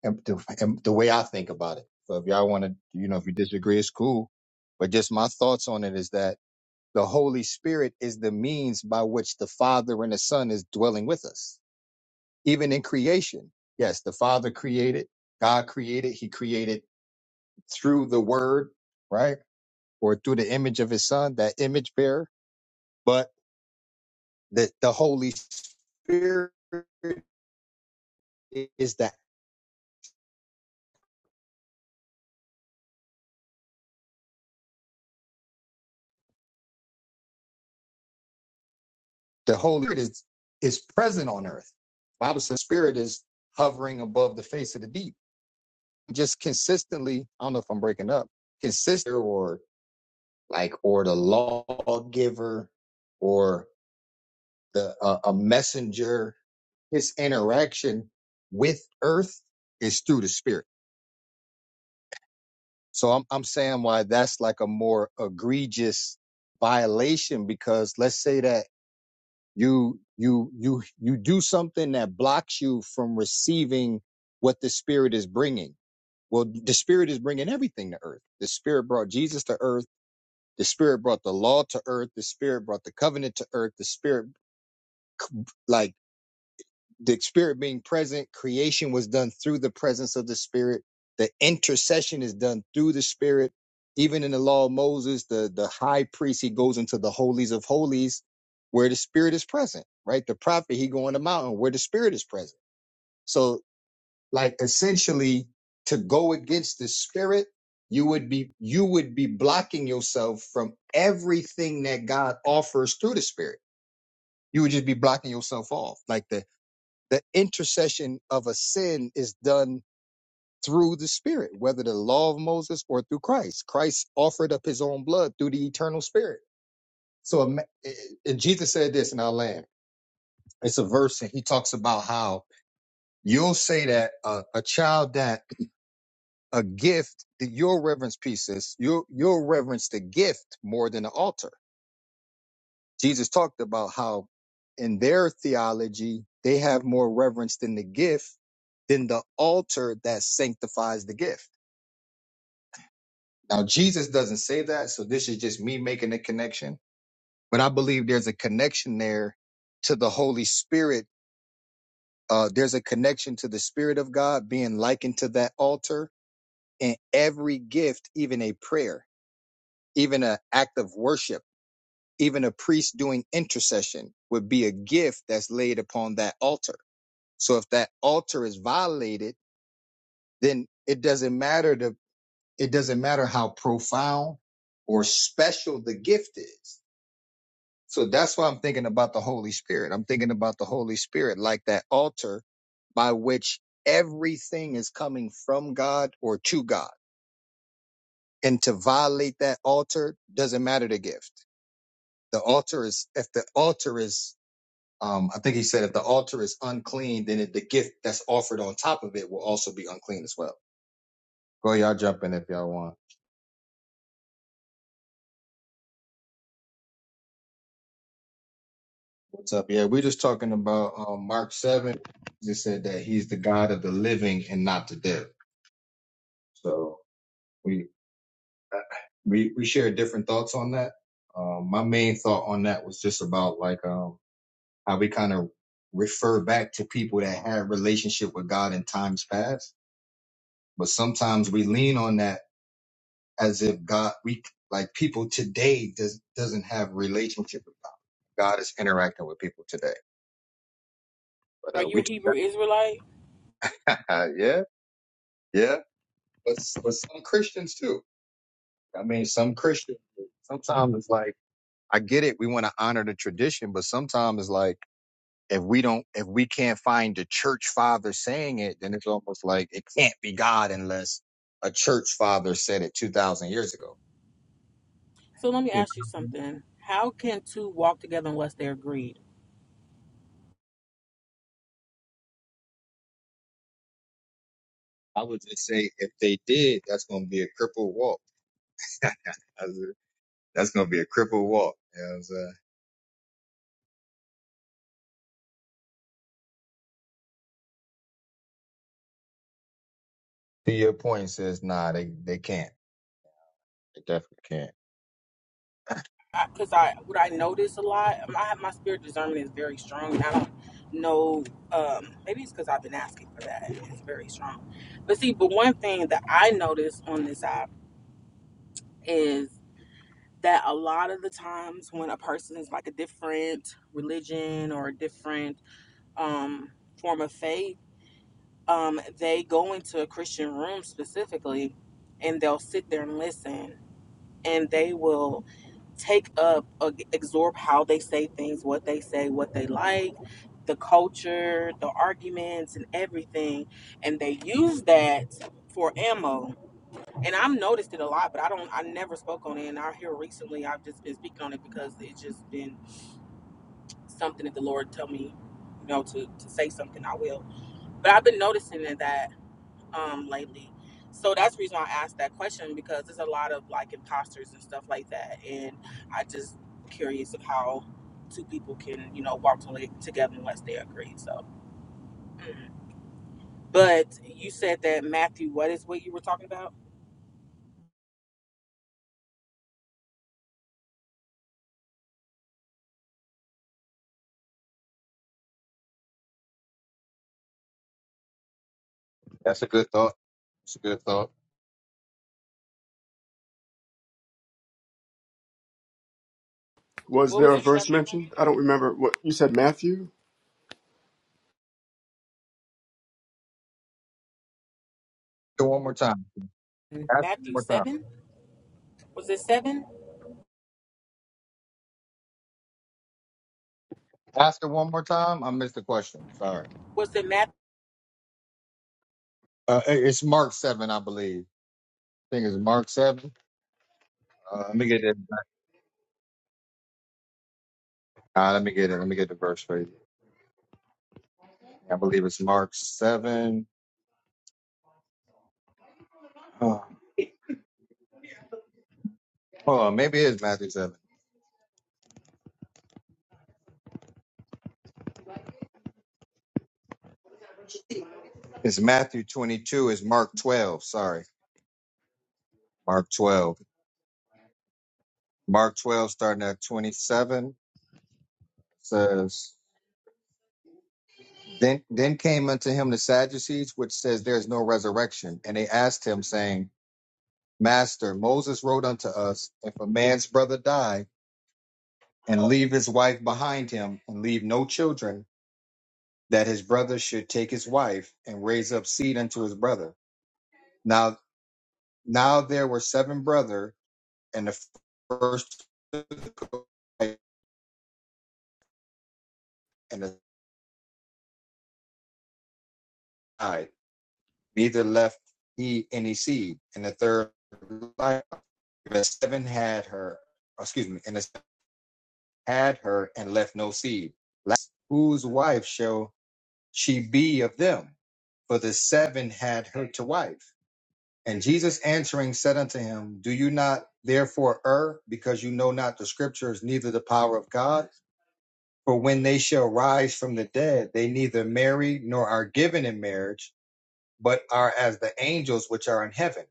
B: and the, and the way I think about it. So if y'all want to, you know, if you disagree, it's cool. But just my thoughts on it is that the Holy Spirit is the means by which the Father and the Son is dwelling with us, even in creation. Yes, the Father created, God created, He created through the Word, right? Or through the image of His Son, that image bearer. But the, the Holy Spirit is that. the Holy Spirit is, is present on earth. The Bible says spirit is hovering above the face of the deep. Just consistently, I don't know if I'm breaking up, consistent or like or the lawgiver or the uh, a messenger, his interaction with earth is through the spirit. So I'm I'm saying why that's like a more egregious violation because let's say that you you you you do something that blocks you from receiving what the spirit is bringing well the spirit is bringing everything to earth the spirit brought jesus to earth the spirit brought the law to earth the spirit brought the covenant to earth the spirit like the spirit being present, creation was done through the presence of the spirit. The intercession is done through the spirit. Even in the law of Moses, the, the high priest, he goes into the holies of holies where the spirit is present, right? The prophet, he go on the mountain where the spirit is present. So like essentially to go against the spirit, you would be, you would be blocking yourself from everything that God offers through the spirit. You would just be blocking yourself off. Like the the intercession of a sin is done through the spirit whether the law of moses or through christ christ offered up his own blood through the eternal spirit so ima- and jesus said this in our land it's a verse and he talks about how you'll say that a, a child that a gift that your reverence pieces you'll you'll reverence the gift more than the altar Jesus talked about how in their theology, they have more reverence than the gift than the altar that sanctifies the gift. Now, Jesus doesn't say that, so this is just me making a connection, but I believe there's a connection there to the Holy Spirit. Uh, there's a connection to the Spirit of God being likened to that altar in every gift, even a prayer, even an act of worship, even a priest doing intercession would be a gift that's laid upon that altar So if that altar is violated, then it doesn't matter the it doesn't matter how profound or special the gift is. So that's why I'm thinking about the Holy Spirit. I'm thinking about the Holy Spirit like that altar by which everything is coming from God or to God. And to violate that altar doesn't matter the gift. The altar is if the altar is um, I think he said if the altar is unclean, then it, the gift that's offered on top of it will also be unclean as well. Go ahead, y'all jump in if y'all want. What's up? Yeah, we're just talking about um, Mark seven. Just said that he's the God of the living and not the dead. So we we we share different thoughts on that. Um, my main thought on that was just about like um, how we kind of refer back to people that had relationship with God in times past, but sometimes we lean on that as if God we like people today does doesn't have relationship with God. God is interacting with people today. But
E: Are
B: uh,
E: you
B: we
E: a Hebrew Israelite?
B: yeah, yeah. But but some Christians too. I mean, some Christians. Sometimes it's like I get it. We want to honor the tradition, but sometimes it's like if we don't, if we can't find the church father saying it, then it's almost like it can't be God unless a church father said it two thousand years ago.
E: So let me
B: You
E: ask you
B: know?
E: something. How can two walk together unless they're agreed?
B: I would just say if they did, that's going to be a crippled walk. that's, that's going to be a crippled walk. You know what I'm saying? To your point, it says nah, they they can't. They definitely can't.
E: Because I, 'cause I- what I notice a lot, my my spirit discernment is very strong. and I don't know. Um, maybe it's because I've been asking for that. and It's very strong. But see, but one thing that I notice on this app is that a lot of the times when a person is like a different religion or a different um, form of faith um, they go into a Christian room specifically and they'll sit there and listen and they will take up, uh, absorb how they say things, what they say, what they like, the culture, the arguments, and everything. And they use that for ammo. And I've noticed it a lot, but I don't, I never spoke on it. And out here recently, I've just been speaking on it because it's just been something that the Lord tell me, you know, to, to say something, I will. But I've been noticing that um lately. So that's the reason why I asked that question because there's a lot of like imposters and stuff like that, and I just curious of how two people can you know walk to, together unless they agree. So, mm. but you said that Matthew, what is what you were talking about?
B: That's a good thought. That's a good thought.
D: Was
E: What
D: there
E: was
D: a
E: the
D: verse
E: chapter,
D: mentioned? I
E: Matthew?
D: don't remember what you said, Matthew?
B: Ask it one more time. Ask it one
E: Matthew
B: more time.
E: seven? Was it seven?
B: Ask it one more time. I missed the question. Sorry.
E: Was it Matthew?
B: Uh, it- it's Mark seven, I believe. I think it's Mark seven. Uh, let me get it. Uh, let me get it. Let me get the verse for you. I believe it's Mark seven. Oh, hold on. Maybe it is Matthew seven. It's Matthew twenty-two. It's Mark twelve. Sorry, Mark twelve. Mark twelve, starting at twenty-seven, says. Then, then came unto him the Sadducees, which says there is no resurrection, and they asked him, saying, Master, Moses wrote unto us, If a man's brother die, and leave his wife behind him, and leave no children, that his brother should take his wife, and raise up seed unto his brother. Now, now there were seven brother, and the first took a wife, and the died. Neither left he any seed. And the third life, the seven had her, excuse me, and the seven had her, and left no seed. Last, whose wife shall she be of them, for the seven had her to wife. And Jesus answering said unto him, Do you not therefore err, because you know not the scriptures, neither the power of God? For when they shall rise from the dead, they neither marry nor are given in marriage, but are as the angels which are in heaven.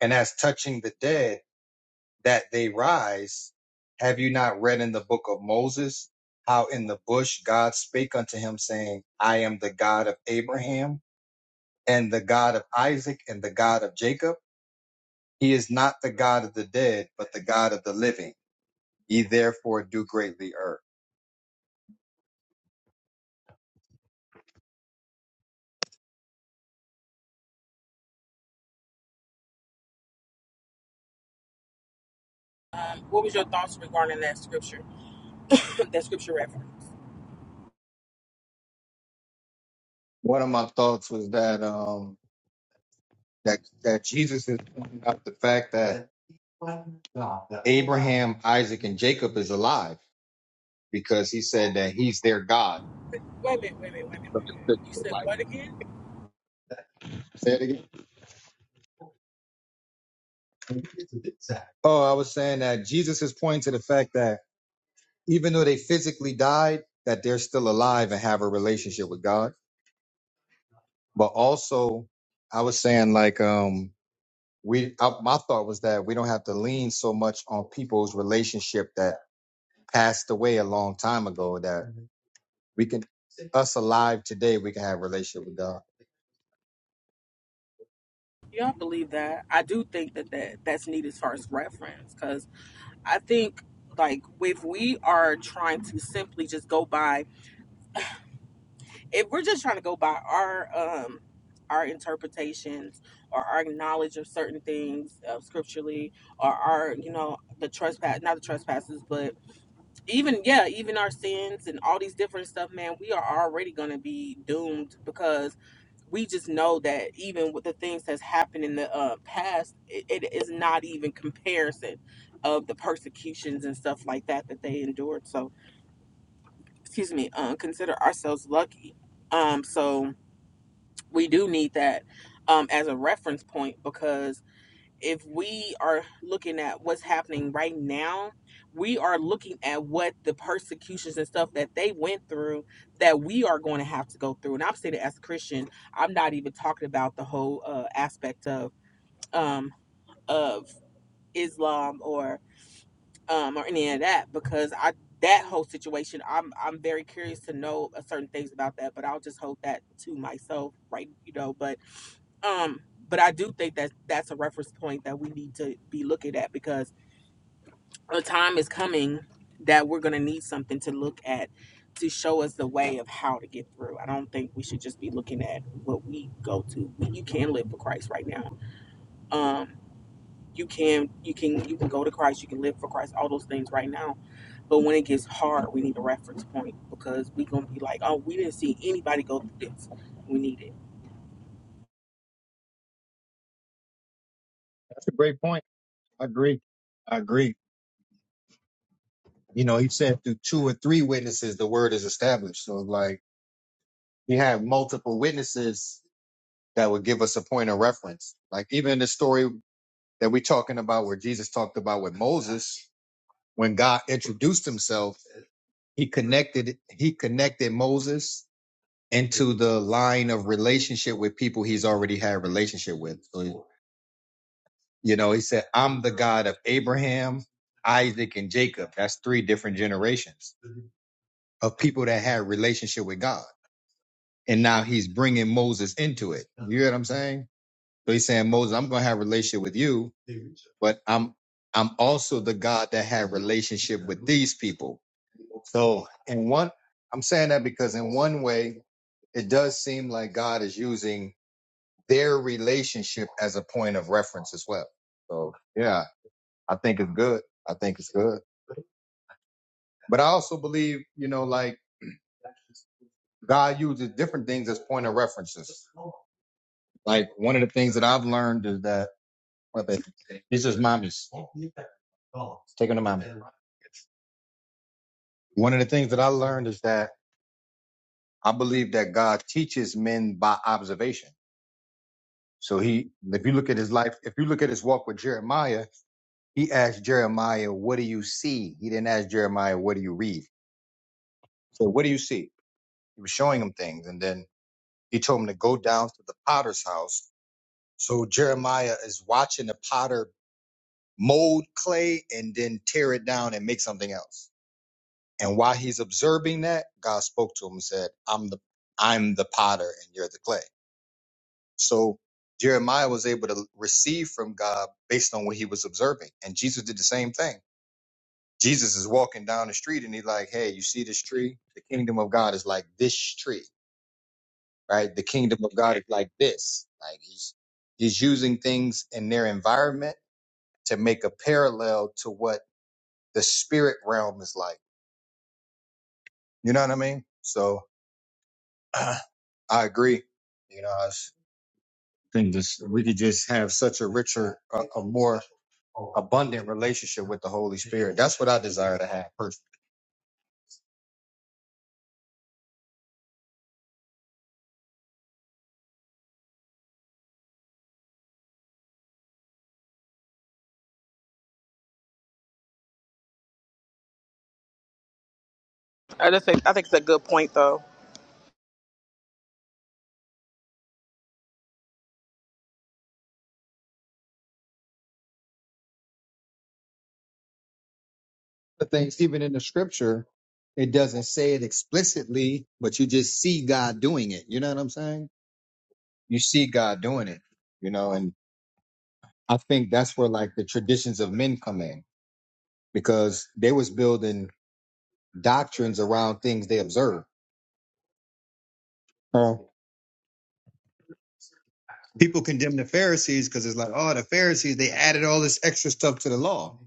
B: And as touching the dead, that they rise, have you not read in the book of Moses how in the bush God spake unto him, saying, I am the God of Abraham? and the God of Isaac and the God of Jacob. He is not the God of the dead, but the God of the living. Ye therefore do greatly err.
E: Um, what was your thoughts regarding that scripture? that scripture reference.
B: One of my thoughts was that um that that Jesus is pointing out the fact that Abraham, Isaac, and Jacob is alive because he said that he's their God.
E: Wait a minute, wait a minute, wait a minute.
B: So just
E: You
B: physically,
E: said
B: Like,
E: what again?
B: say it again. Oh, I was saying that Jesus is pointing to the fact that even though they physically died, that they're still alive and have a relationship with God. but also I was saying like um we I, my thought was that we don't have to lean so much on people's relationship that passed away a long time ago that we can us alive today we can have a relationship with God.
E: You don't believe that? I do think that, that that's needed as far as reference because I think like if we are trying to simply just go by if we're just trying to go by our um our interpretations or our knowledge of certain things uh, scripturally or our you know the trespass not the trespasses but even yeah even our sins and all these different stuff man we are already going to be doomed because we just know that even with the things that's happened in the uh, past, it, it is not even comparison of the persecutions and stuff like that that they endured. So, excuse me, uh, consider ourselves lucky. Um, so we do need that um, as a reference point because if we are looking at what's happening right now, we are looking at what the persecutions and stuff that they went through that we are going to have to go through. And I'm saying it as a Christian. I'm not even talking about the whole uh, aspect of um, of Islam or um, or any of that because I that whole situation I'm I'm very curious to know uh, certain things about that, but I'll just hold that to myself, right? You know, but um, but I do think that that's a reference point that we need to be looking at because the time is coming that we're going to need something to look at to show us the way of how to get through. I don't think we should just be looking at what we go to. You can live for Christ right now. Um, you can you can you can go to Christ. You can live for Christ. All those things right now. But when it gets hard, we need a reference point because we're gonna be like, oh, we didn't see anybody go through this. We need it.
B: That's a great point. I agree. I agree. You know, he said through two or three witnesses, the word is established. So like he had multiple witnesses that would give us a point of reference. Like even the story that we're talking about where Jesus talked about with Moses, when God introduced himself, he connected, he connected Moses into the line of relationship with people he's already had relationship with. So, you know, he said, I'm the God of Abraham, Isaac, and Jacob. That's three different generations of people that had relationship with God. and now he's bringing Moses into it. You get what I'm saying? So he's saying, Moses, I'm going to have a relationship with you, but I'm I'm also the God that had relationship with these people. So in one, I'm saying that because in one way, it does seem like God is using their relationship as a point of reference as well. So yeah, I think it's good. I think it's good. But I also believe, you know, like God uses different things as point of references. Like one of the things that I've learned is that My bad. This is mommy's. Take him to mommy. One of the things that I learned is that I believe that God teaches men by observation. So he, if you look at his life, if you look at his walk with Jeremiah, he asked Jeremiah, what do you see? He didn't ask Jeremiah, what do you read? So what do you see? He was showing him things. And then he told him to go down to the potter's house. So Jeremiah is watching the potter mold clay and then tear it down and make something else. And while he's observing that, God spoke to him and said, I'm the I'm the potter and you're the clay. So Jeremiah was able to receive from God based on what he was observing. And Jesus did the same thing. Jesus is walking down the street and he's like, Hey, you see this tree? The kingdom of God is like this tree, right? The kingdom of God is like this. Like he's he's using things in their environment to make a parallel to what the spirit realm is like. You know what I mean? So I agree. You know, I s- think this, we could just have such a richer, a, a more abundant relationship with the Holy Spirit. That's what I desire to have personally.
E: I just think I think it's a good point though.
B: The things, even in the scripture, it doesn't say it explicitly, but you just see God doing it. You know what I'm saying? You see God doing it, you know, and I think that's where like the traditions of men come in because they was building doctrines around things they observe. people condemn the Pharisees because it's like, oh, the Pharisees, they added all this extra stuff to the law.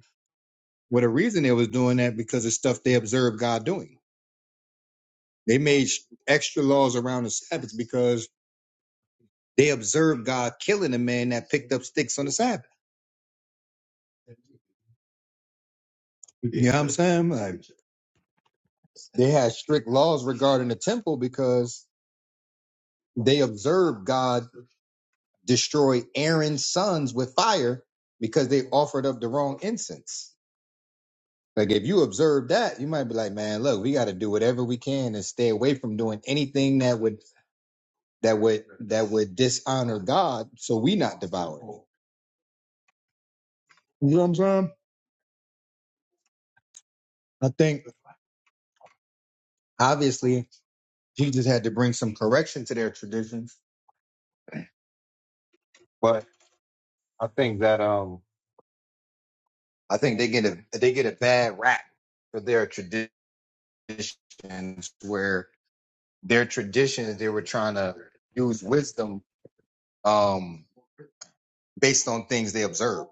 B: Well, the reason they was doing that because of stuff they observed God doing. They made extra laws around the Sabbath because they observed God killing a man that picked up sticks on the Sabbath. You know what I'm saying? Like they had strict laws regarding the temple because they observed God destroy Aaron's sons with fire because they offered up the wrong incense. Like if you observe that, you might be like, man, look, we got to do whatever we can and stay away from doing anything that would that would that would dishonor God, so we not devoured. You know what I'm saying? I think obviously Jesus had to bring some correction to their traditions, but I think that um I think they get a they get a bad rap for their traditions where their traditions they were trying to use wisdom um based on things they observe.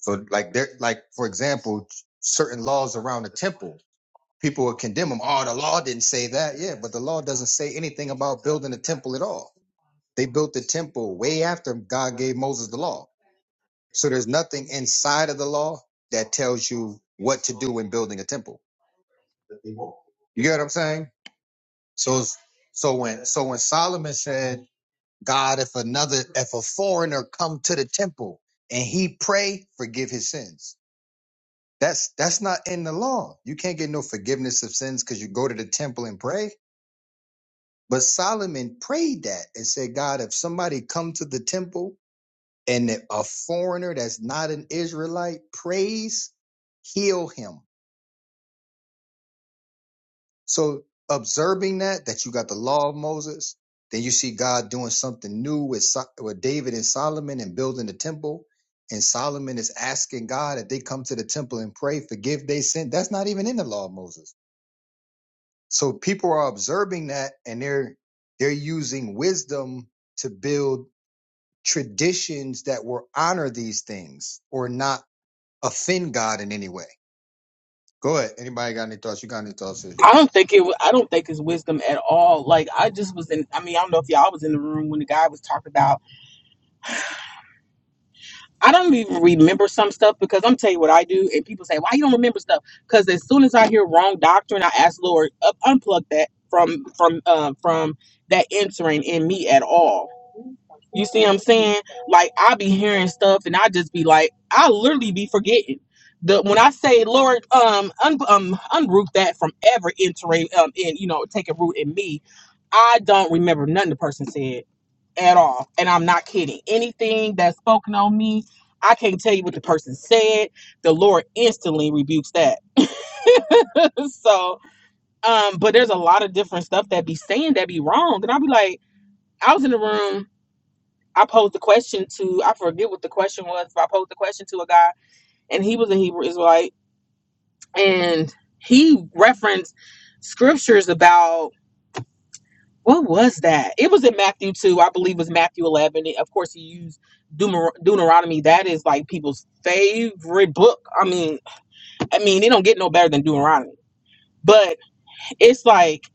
B: So like there, like for example, certain laws around the temple, people would condemn them. Oh, the law didn't say that. Yeah, but the law doesn't say anything about building a temple at all. They built the temple way after God gave Moses the law. So there's nothing inside of the law that tells you what to do when building a temple. You get what I'm saying? So it's- so when so when Solomon said, God, if another if a foreigner come to the temple and he pray, forgive his sins That's that's not in the law. You can't get no forgiveness of sins because you go to the temple and pray. But Solomon prayed that and said, God, if somebody come to the temple and a foreigner that's not an Israelite prays, heal him. So observing that, that you got the law of Moses, then you see God doing something new with, So- with David and Solomon and building the temple. And Solomon is asking God if they come to the temple and pray, forgive they sin. That's not even in the law of Moses. So people are observing that and they're they're using wisdom to build traditions that will honor these things or not offend God in any way. Go ahead. Anybody got any thoughts? You got any thoughts? Sis?
E: I don't think it. wa- I don't think it's wisdom at all. Like I just was in. I mean, I don't know if y'all was in the room when the guy was talking about. I don't even remember some stuff because I'm tell you what I do, and people say, "Why you don't remember stuff?" Because as soon as I hear wrong doctrine, I ask Lord, up, unplug that from from uh, from that entering in me at all You see what I'm saying? Like I be hearing stuff and I just be like, I literally be forgetting. The when I say Lord, um, un, um, unroot that from ever entering, um, in you know, taking root in me, I don't remember nothing the person said at all, and I'm not kidding. Anything that's spoken on me, I can't tell you what the person said. The Lord instantly rebukes that. so, um, but there's a lot of different stuff that be saying that be wrong, and I'll be like, I was in the room I posed the question to I forget what the question was, but I posed the question to a guy and he was a Hebrew Israelite and he referenced scriptures about what was that? It was in Matthew 2, I believe it was Matthew 11. It- of course, he used Deuter- Deuteronomy. That is like people's favorite book. I mean, I mean, it don't get no better than Deuteronomy. But it's like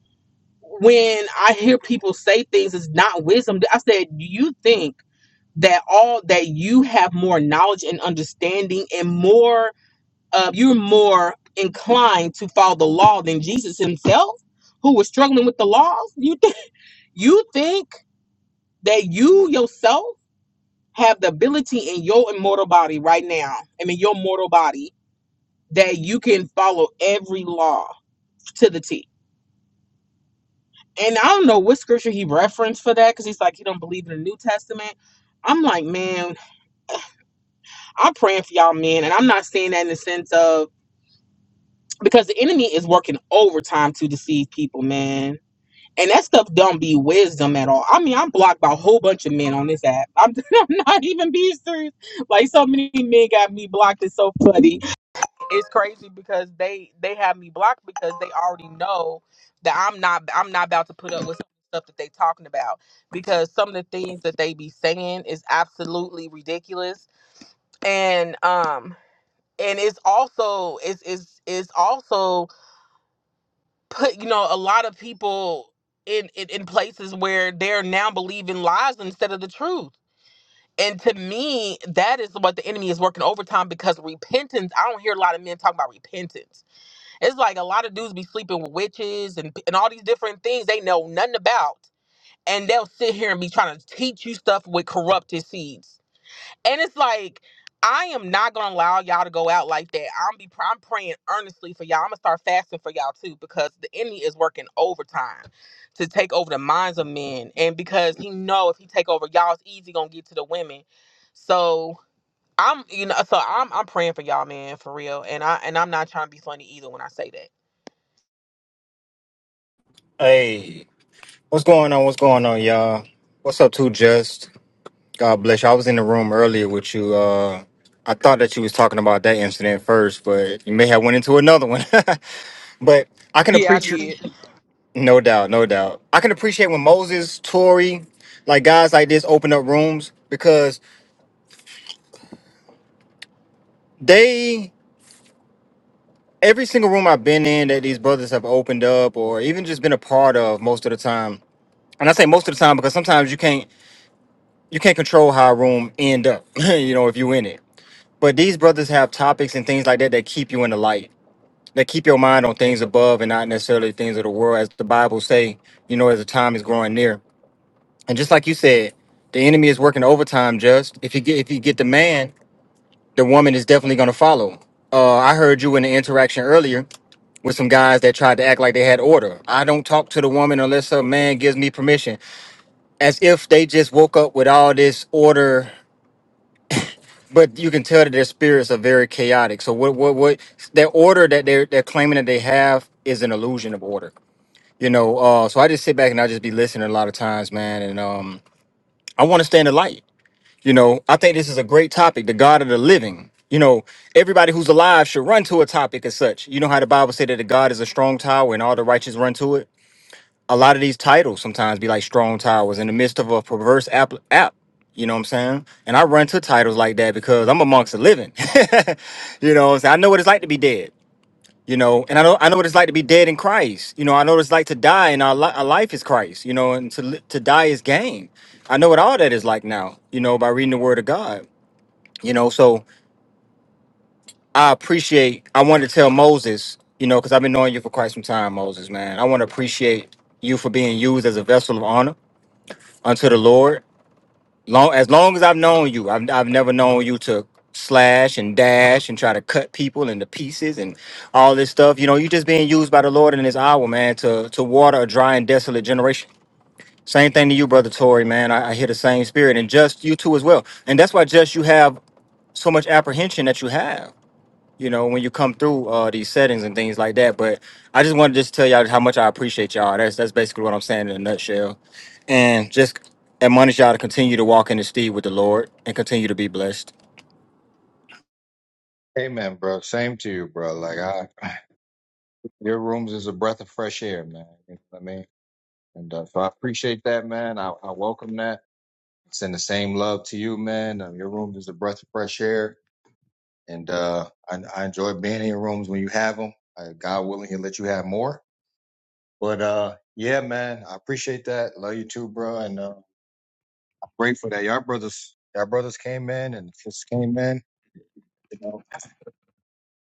E: when I hear people say things, it's not wisdom. I said, do you think that all that you have more knowledge and understanding and more uh, you're more inclined to follow the law than jesus himself who was struggling with the laws you think you think that you yourself have the ability in your immortal body right now i mean your mortal body that you can follow every law to the t and i don't know what scripture he referenced for that because he's like he don't believe in the new testament i'm like man i'm praying for y'all men and i'm not saying that in the sense of because the enemy is working overtime to deceive people, man. And that stuff don't be wisdom at all. I mean, I'm blocked by a whole bunch of men on this app. I'm, I'm not even being serious. Like so many men got me blocked. It's so funny. It's crazy because they they have me blocked because they already know that I'm not I'm not about to put up with some stuff that they talking about because some of the things that they be saying is absolutely ridiculous. And um and it's also it's it's it's also put you know a lot of people in, in in places where they're now believing lies instead of the truth and to me that is what the enemy is working overtime because repentance i don't hear a lot of men talking about repentance it's like a lot of dudes be sleeping with witches and, and all these different things they know nothing about and they'll sit here and be trying to teach you stuff with corrupted seeds and it's like, I am not gonna allow y'all to go out like that. I'm be I'm praying earnestly for y'all. I'm gonna start fasting for y'all too because the enemy is working overtime to take over the minds of men, and because he know if he take over y'all, it's easy gonna get to the women. So I'm you know so I'm I'm praying for y'all, man, for real. And I and I'm not trying to be funny either when I say that.
C: Hey, what's going on? What's going on, y'all? What's up, Too Just? God bless you. I was in the room earlier with you. Uh, I thought that you was talking about that incident first, but you may have went into another one. but I can
E: Yeah, I
C: appreciate,
E: did.
C: no doubt, no doubt. I can appreciate when Moses, Tory, like guys like this open up rooms because they every single room I've been in that these brothers have opened up or even just been a part of most of the time. And I say most of the time because sometimes you can't you can't control how a room end up, you know, if you in it. But these brothers have topics and things like that that keep you in the light that keep your mind on things above and not necessarily things of the world, as the Bible say, you know, as the time is growing near. And just like you said, the enemy is working overtime. Just if you get if you get the man, the woman is definitely going to follow. Uh, I heard you in the interaction earlier with some guys that tried to act like they had order. I don't talk to the woman unless a man gives me permission, as if they just woke up with all this order. But you can tell that their spirits are very chaotic. So what what what their order that they're they're claiming that they have is an illusion of order you know uh so i just sit back and i just be listening a lot of times man and um i want to stay in the light you know i think this is a great topic the god of the living you know everybody who's alive should run to a topic as such you know how the bible said that the god is a strong tower and all the righteous run to it a lot of these titles sometimes be like strong towers in the midst of a perverse app, app you know what I'm saying? And I run to titles like that because I'm amongst the living. you know, what I'm saying? I know what it's like to be dead. You know, and I know I know what it's like to be dead in Christ. You know, I know what it's like to die, and our, li- our life is Christ. You know, and to li- to die is gain. I know what all that is like now. You know, by reading the Word of God. You know, so I appreciate. I wanted to tell Moses. You know, because I've been knowing you for quite some time, Moses, man. I want to appreciate you for being used as a vessel of honor unto the Lord. Long as long as I've known you, I've I've never known you to slash and dash and try to cut people into pieces and all this stuff. You know, you just being used by the Lord in this hour, man, to to water a dry and desolate generation. Same thing to you, brother Tory, man. I, I hear the same spirit, and just you too as well. And that's why just you have so much apprehension that you have you know, when you come through uh, these settings and things like that. But I just want to just tell y'all how much I appreciate y'all. That's that's basically what I'm saying in a nutshell, and just admonish y'all to continue to walk in the steed with the Lord and continue to be blessed.
B: Amen, bro. Same to you, bro. Like I, your rooms is a breath of fresh air, man. You know what I mean? And uh, so I appreciate that, man. I, I welcome that. Send the same love to you, man. Um, your room is a breath of fresh air. and uh, I, I enjoy being in your rooms when you have them. Uh, God willing, he'll let you have more. But uh, yeah, man, I appreciate that. Love you too, bro, and uh, I'm grateful that y'all brothers, y'all brothers came in and just came in. You know,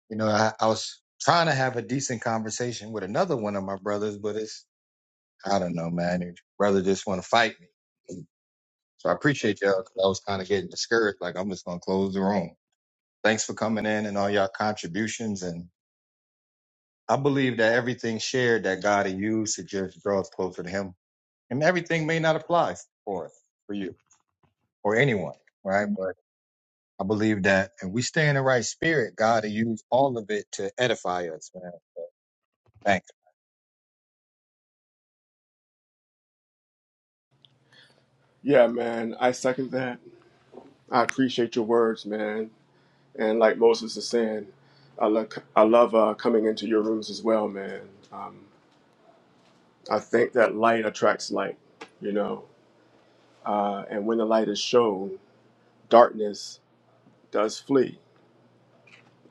B: you know, I, I was trying to have a decent conversation with another one of my brothers, but it's I don't know, man. Your brother just want to fight me. So I appreciate y'all all because I was kind of getting discouraged. Like I'm just gonna close the room. Thanks for coming in and all y'all contributions and. I believe that everything shared that God used to just draw us closer to Him, and everything may not apply for us, for you, or anyone, right? But I believe that, and we stay in the right spirit, God will use all of it to edify us, man. Thanks.
D: Yeah, man, I second that. I appreciate your words, man. And like Moses is saying, I, look, I love uh, coming into your rooms as well, man. Um, I think that light attracts light, you know. uh, and when the light is shown, darkness does flee.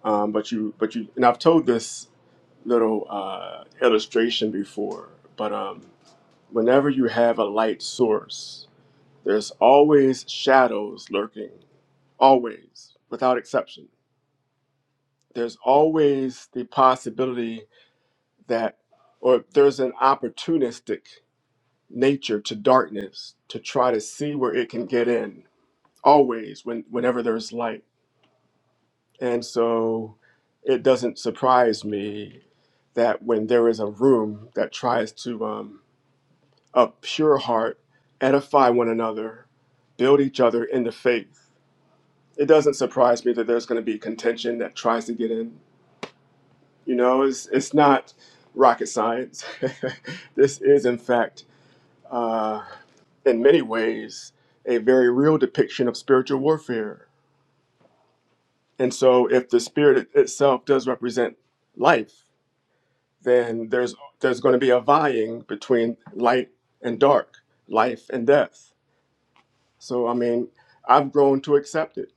D: Um, but you, but you, and I've told this little uh, illustration before, but um, whenever you have a light source, there's always shadows lurking, always, without exception. There's always the possibility that, or there's an opportunistic nature to darkness to try to see where it can get in, always, when, whenever there's light And so it doesn't surprise me that when there is a room that tries to, um, a pure heart, edify one another, build each other in the faith, it doesn't surprise me that there's going to be contention that tries to get in. You know, it's, it's not rocket science. this is, in fact, uh, in many ways, a very real depiction of spiritual warfare. And so, if the spirit itself does represent life, then there's there's going to be a vying between light and dark, life and death. So I mean, I've grown to accept it,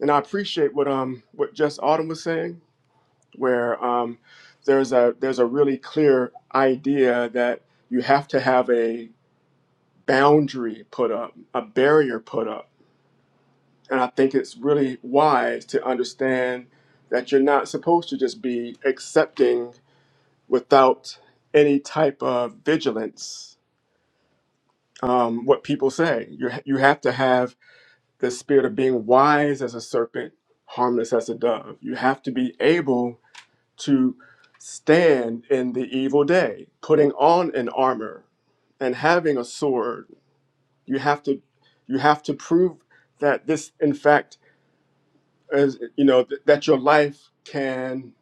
D: and I appreciate what um what Just Autumn was saying, where um there's a there's a really clear idea that you have to have a boundary put up, a barrier put up, and I think it's really wise to understand that you're not supposed to just be accepting without any type of vigilance um, what people say. You ha- you have to have the spirit of being wise as a serpent, harmless as a dove. You have to be able to stand in the evil day, putting on an armor and having a sword. You have to you have to prove that this, in fact, is you know th- that your life can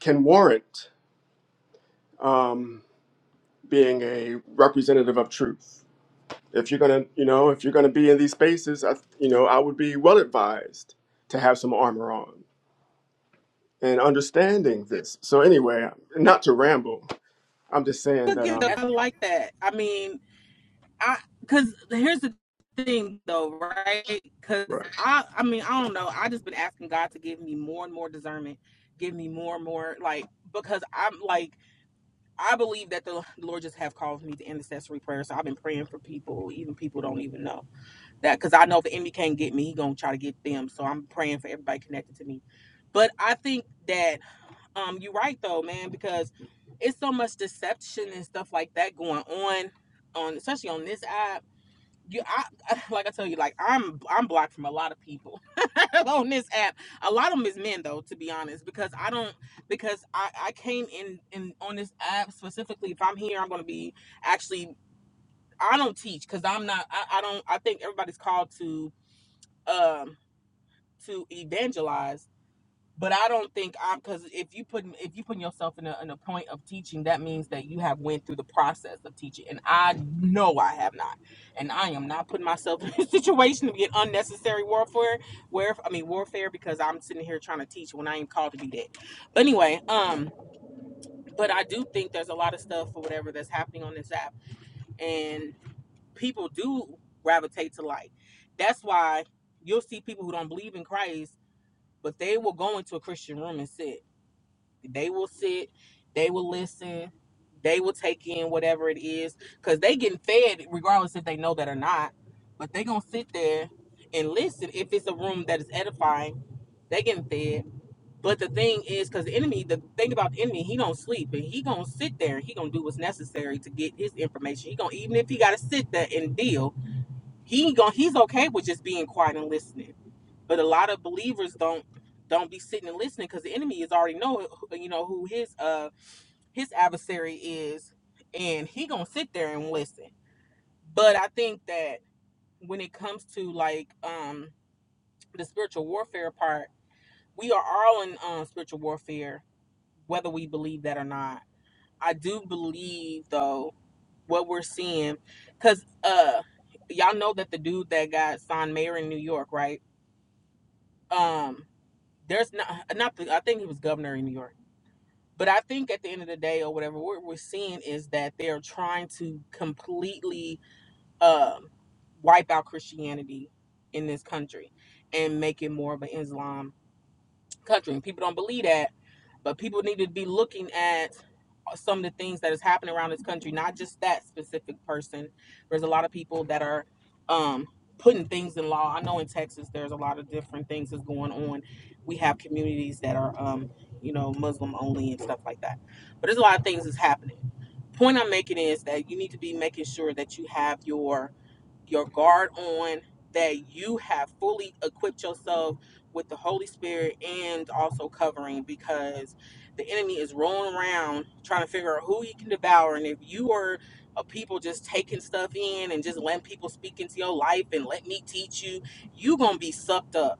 D: can warrant um, being a representative of truth if you're gonna, you know, if you're gonna be in these spaces, I, you know, I would be well advised to have some armor on and understanding this. So anyway, not to ramble, I'm just saying
E: Look
D: that
E: at
D: um,
E: that. I like that. I mean, I because here's the thing though, right? Because
D: right.
E: I I mean I don't know. I just been asking God to give me more and more discernment, give me more and more like because I'm like I believe that the Lord just have called me to intercessory prayer. So I've been praying for people, even people don't even know that because I know if the enemy can't get me, he gonna try to get them. So I'm praying for everybody connected to me. But I think that um you're right though, man, because it's so much deception and stuff like that going on on especially on this app you I like I tell you, like I'm I'm blocked from a lot of people on this app. A lot of them is men though, to be honest, because I don't because I I came in in on this app specifically. If I'm here, I'm gonna be actually I don't teach because I'm not I, I don't I think everybody's called to um to evangelize but I don't think I'm because if you put if you put yourself in a in a point of teaching, that means that you have went through the process of teaching, and I know I have not, and I am not putting myself in a situation to be get unnecessary warfare, where I mean warfare because I'm sitting here trying to teach when I ain't called to do that. But anyway, um, but I do think there's a lot of stuff for whatever that's happening on this app, and people do gravitate to light. That's why you'll see people who don't believe in Christ, but they will go into a Christian room and sit. They will sit, they will listen, they will take in whatever it is because they getting fed regardless if they know that or not. But they gonna sit there and listen if it's a room that is edifying. They getting fed. But the thing is, because the enemy, the thing about the enemy, he don't sleep and he gonna sit there and he gonna do what's necessary to get his information. He gonna even if he gotta sit there and deal, he gonna he's okay with just being quiet and listening. But a lot of believers don't don't be sitting and listening because the enemy is already know you know who his uh his adversary is and he gonna sit there and listen but i think that when it comes to like um the spiritual warfare part we are all in um, spiritual warfare whether we believe that or not i do believe though what we're seeing because uh y'all know that the dude that got signed mayor in new york right um there's not not the, i think he was governor in new york but I think at the end of the day, or whatever, what we're seeing is that they're trying to completely um, wipe out Christianity in this country and make it more of an Islam country. And people don't believe that, but people need to be looking at some of the things that is happening around this country, not just that specific person. There's a lot of people that are um, putting things in law. I know in Texas, there's a lot of different things that's going on. We have communities that are, um, you know, Muslim only and stuff like that. But there's a lot of things that's happening. Point I'm making is that you need to be making sure that you have your your guard on, that you have fully equipped yourself with the Holy Spirit and also covering because the enemy is rolling around trying to figure out who he can devour. And if you are a people just taking stuff in and just letting people speak into your life and let me teach you, you're going to be sucked up.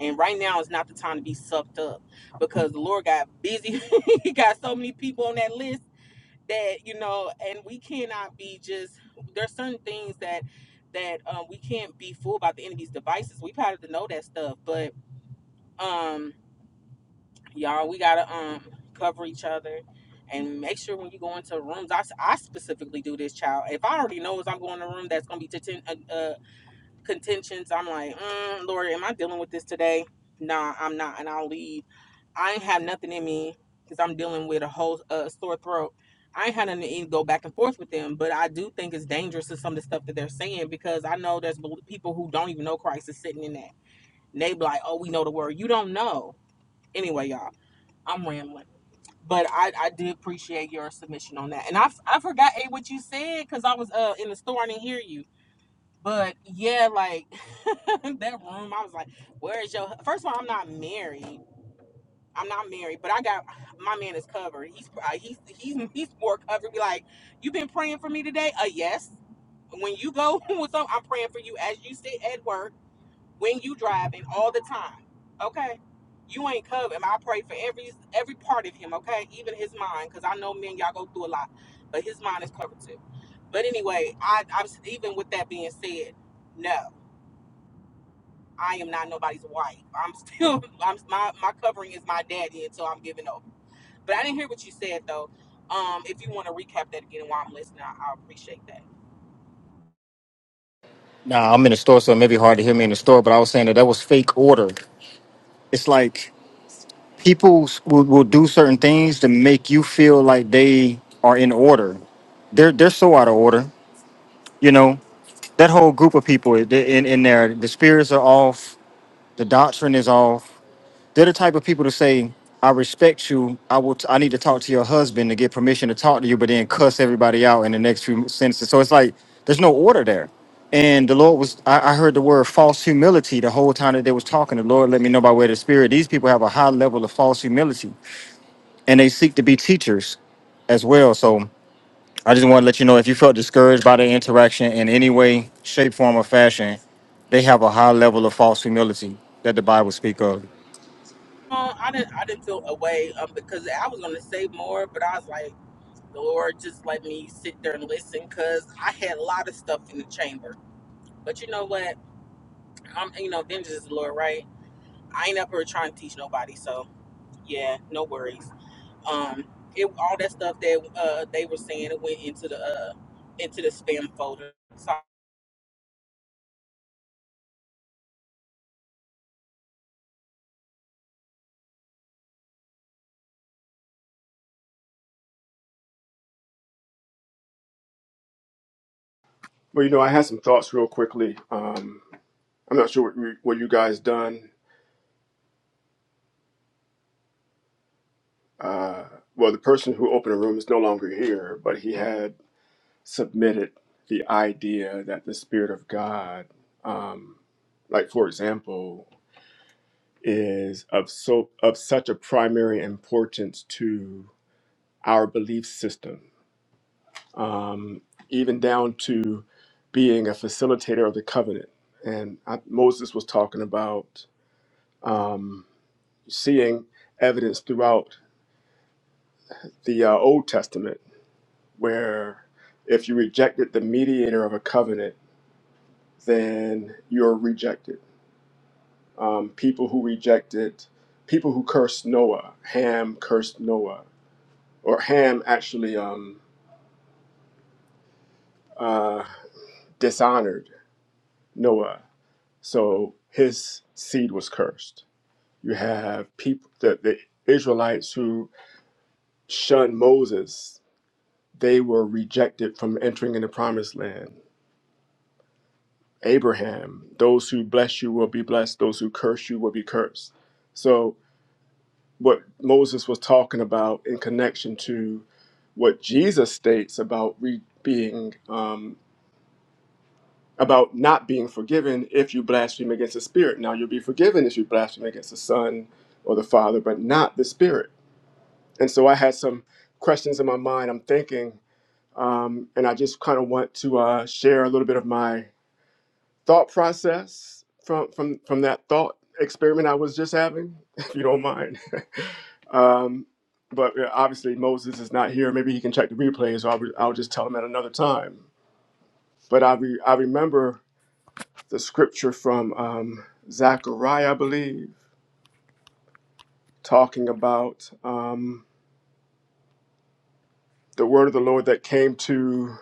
E: And right now is not the time to be sucked up because the Lord got busy. he got so many people on that list that you know and we cannot be just there's certain things that that um, we can't be fooled by the enemy's devices we've had to know that stuff but um y'all we gotta um cover each other and make sure when you go into rooms I, s- I specifically do this child if i already know is i'm going to a room that's going to be ten. uh, uh, contentions. I'm like, mm, Lord, am I dealing with this today? Nah, I'm not, and I'll leave. I ain't have nothing in me because I'm dealing with a whole uh, sore throat. I ain't had nothing to even go back and forth with them, but I do think it's dangerous to some of the stuff that they're saying because I know there's people who don't even know Christ is sitting in that. And they be like, oh, we know the word. You don't know. Anyway, y'all, I'm rambling. But I, I did appreciate your submission on that. And I I forgot, A, what you said because I was uh, in the store and didn't hear you. But yeah, like that room, I was like, "Where is your?" hu-" First of all, I'm not married. I'm not married, but I got my man is covered. He's uh, he's he's he's more covered. Be like, you been praying for me today? Uh, yes. When you go with some, I'm praying for you as you sit at work, when you driving, all the time. Okay, you ain't covered. I pray for every every part of him. Okay, even his mind, because I know men y'all go through a lot, but his mind is covered too. But anyway, I I'm even with that being said, no. I am not nobody's wife. I'm still I'm my, my covering is my daddy until I'm giving up. But I didn't hear what you said though. Um, if you want to recap that again while I'm listening, I, I appreciate that.
C: Nah, I'm in the store, so it may be hard to hear me in the store, but I was saying that that was fake order. It's like people s- will, will do certain things to make you feel like they are in order. They're they're so out of order, you know. That whole group of people i- they- in in there, the spirits are off, the doctrine is off They're the type of people to say, "I respect you. I will. T- I need to talk to your husband to get permission to talk to you," but then cuss everybody out in the next few sentences. So it's like there's no order there. And the Lord was. I, I heard the word false humility the whole time that they was talking. The Lord let me know by way of the Spirit. These people have a high level of false humility, and they seek to be teachers as well. So I just want to let you know if you felt discouraged by the interaction in any way, shape, form, or fashion, they have a high level of false humility that the Bible speak of.
E: Uh, I didn't I didn't feel away um, because I was gonna say more, but I was like, the Lord just let me sit there and listen because I had a lot of stuff in the chamber. But you know what? I'm you know vengeance is the Lord, right? I ain't up here trying to teach nobody, so yeah, no worries. Um, it all that stuff that uh they were saying it went into the uh into the spam folder. So
D: Well, you know, I had some thoughts real quickly. Um, I'm not sure what you, what you guys done. Uh, well, the person who opened the room is no longer here, but he had submitted the idea that the spirit of God, um, like for example. is of so of such a primary importance to our belief system, um, even down to being a facilitator of the covenant. And I, Moses was talking about um, seeing evidence throughout the uh, Old Testament where if you rejected the mediator of a covenant, then you're rejected. Um, people who rejected, people who cursed Noah, Ham cursed Noah or Ham actually um, uh, dishonored Noah, so his seed was cursed. You have people the, the Israelites who shunned Moses; they were rejected from entering in the Promised Land. Abraham, those who bless you will be blessed; those who curse you will be cursed. So, what Moses was talking about in connection to what Jesus states about re- being um, about not being forgiven if you blaspheme against the Spirit. Now you'll be forgiven if you blaspheme against the Son or the Father, but not the Spirit. And so I had some questions in my mind. I'm thinking, um, and I just kind of want to uh, share a little bit of my thought process from from from that thought experiment I was just having, if you don't mind. Um, but uh, obviously Moses is not here. Maybe he can check the replays, or I'll, I'll just tell him at another time. But I re- I remember. the scripture from um, Zechariah, I believe, talking about um, the word of the Lord that came to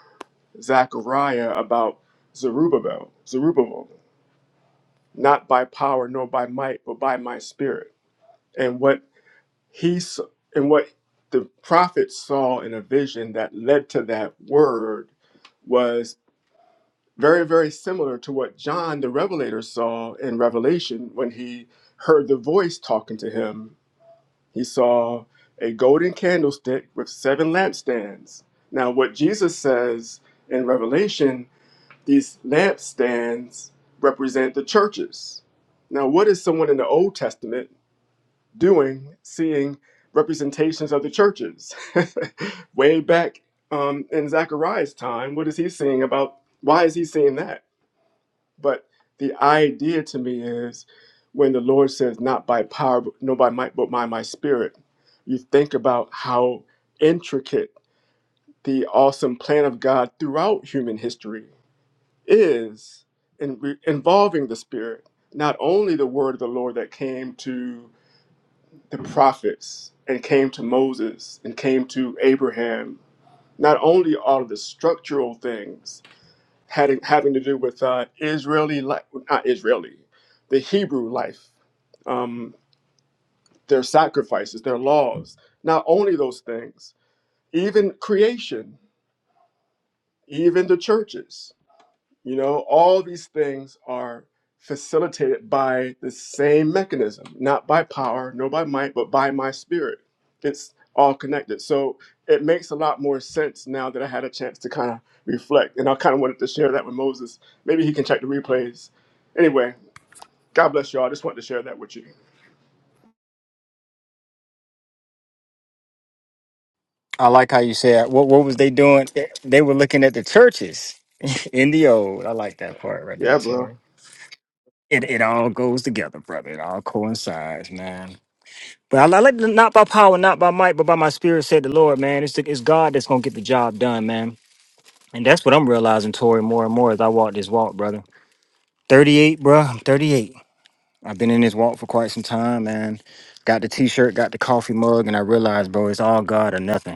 D: Zechariah about Zerubbabel, Zerubbabel, not by power nor by might, but by my spirit. And what he s- and what the prophet saw in a vision that led to that word was very, very similar to what John the Revelator saw in Revelation when he heard the voice talking to him He saw a golden candlestick with seven lampstands. Now, what Jesus says in Revelation, these lampstands represent the churches. Now, what is someone in the Old Testament doing seeing representations of the churches? Way back um, in Zechariah's time, what is he seeing about? Why is he seeing that? But the idea to me is when the Lord says, not by power, but- no by might, but by my spirit, you think about how intricate the awesome plan of God throughout human history is in re- involving the spirit, not only the word of the Lord that came to the prophets and came to Moses and came to Abraham, not only all of the structural things, had having to do with uh, Israeli life, not Israeli, the Hebrew life, um, their sacrifices, their laws. Not only those things, even creation, even the churches. You know, all these things are facilitated by the same mechanism, not by power, no by might, but by my spirit. It's all connected. So it makes a lot more sense now that I had a chance to kind of reflect. And I kind of wanted to share that with Moses. Maybe he can check the replays. Anyway, God bless y'all. I just wanted to share that with you.
C: I like how you said what what was they doing? They they were looking at the churches in the old. I like that part right there,
D: Yeah, bro.
C: Tori. It it all goes together, brother. It all coincides, man. But I, I like the- not by power, not by might, but by my spirit, said the Lord, man. It's the, it's God that's gonna get the job done, man. And that's what I'm realizing, Tori, more and more as I walk this walk, brother. 38, bro. I'm 38. I've been in this walk for quite some time, man. Got the t-shirt, got the coffee mug, and I realized, bro, it's all God or nothing.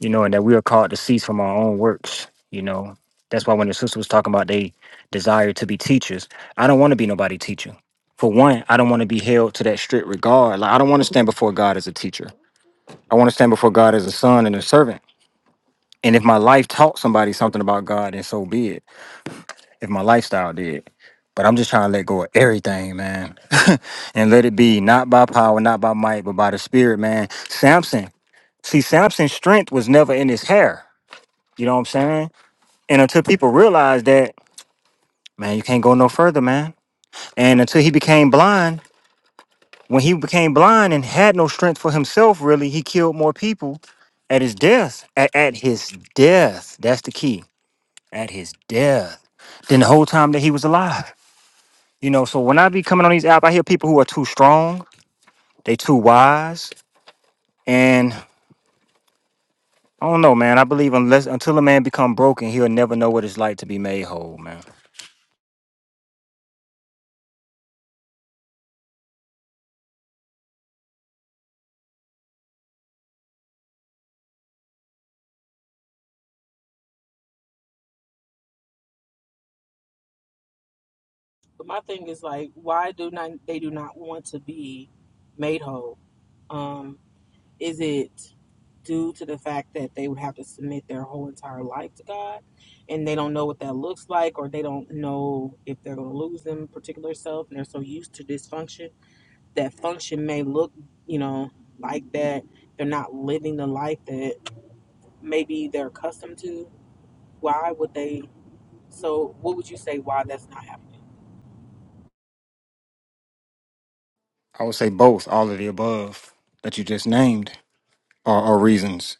C: you know, and that we are called to cease from our own works, you know. That's why when the sister was talking about they desire to be teachers, I don't want to be nobody teacher. For one, I don't want to be held to that strict regard. Like I don't want to stand before God as a teacher. I want to stand before God as a son and a servant. And if my life taught somebody something about God, then so be it. If my lifestyle did. But I'm just trying to let go of everything, man. and let it be not by power, not by might, but by the spirit, man. Samson. See, Samson's strength was never in his hair. You know what I'm saying? And until people realized that, man, you can't go no further, man. And until he became blind, when he became blind and had no strength for himself, really, he killed more people at his death. At, at his death. That's the key. At his death. Than the whole time that he was alive. You know, so when I be coming on these apps, I hear people who are too strong, they too wise. And I don't know, man. I believe unless until a man become broken, he'll never know what it's like to be made whole, man.
E: my thing is like, why do not they do not want to be made whole? Um, is it due to the fact that they would have to submit their whole entire life to God, and they don't know what that looks like, or they don't know if they're going to lose them particular self, and they're so used to dysfunction that function may look, you know, like that. They're not living the life that maybe they're accustomed to Why would they? So, what would you say why that's not happening?
C: I would say both, all of the above that you just named. or, or reasons.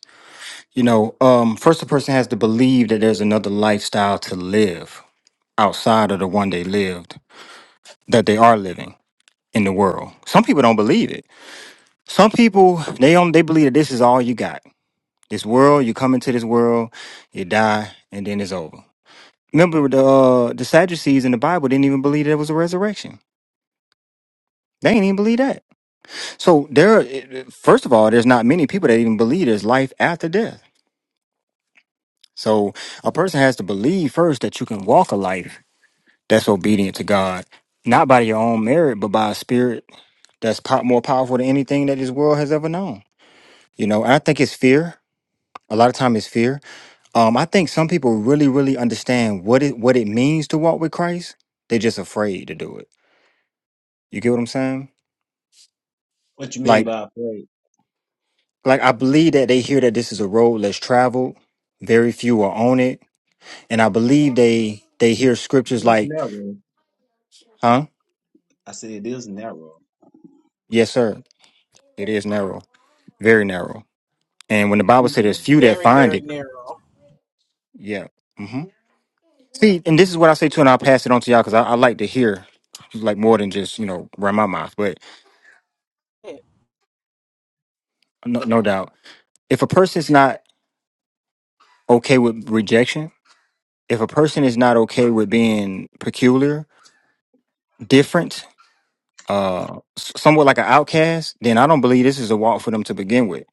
C: You know, um, first, the person has to believe that there's another lifestyle to live outside of the one they lived that they are living in the world. Some people don't believe it. Some people they only they believe that this is all you got. This world, you come into this world, you die, and then it's over. Remember the uh, the Sadducees in the Bible didn't even believe there was a resurrection. They didn't even believe that. So there, first of all, there's not many people that even believe there's life after death. So a person has to believe first that you can walk a life that's obedient to God, not by your own merit, but by a spirit that's po- more powerful than anything that this world has ever known. You know, and I think it's fear. A lot of time it's fear. Um, I think some people really, really understand what it what it means to walk with Christ. They're just afraid to do it. You get what I'm saying?
F: What you mean
C: Like,
F: by afraid?
C: like I believe that they hear that this is a road less traveled. Very few are on it, and I believe they they hear
F: It
C: scriptures
F: is
C: like,
F: narrow.
C: "Huh?
F: I said it is narrow.
C: Yes, sir." It is narrow, very narrow. And when the Bible said there's
F: Speaking of
C: few that
E: Very,
C: find
E: very
C: it,
E: narrow.
C: yeah. hmm See, and this is what I say too, and I'll pass it on to y'all because I, I like to hear like more than just you know run my mouth. But
E: Yeah.
C: no, no doubt, if a person's not okay with rejection, if a person is not okay with being peculiar, different, uh, s- somewhat like an outcast, then I don't believe this is a walk for them to begin with.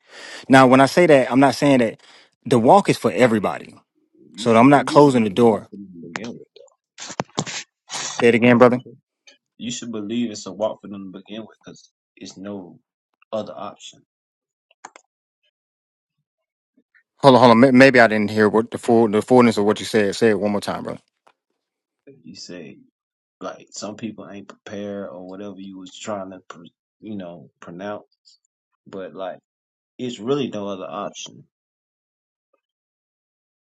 C: Now, when I say that, I'm not saying that the walk is for everybody.
F: it, You
C: So I'm
F: should
C: not
F: believe
C: closing
F: it's
C: the
F: a walk
C: door.
F: for them to begin with. They
C: Say it again, brother.
F: You should believe it's a walk for them to begin with because it's no other option.
C: Hold on, hold on. May- Maybe I didn't hear what the full the fullness of what you said. Say it one more time, brother.
F: You say like some people ain't prepared or whatever you was trying to, pr- you know, pronounce, but like it's really no other option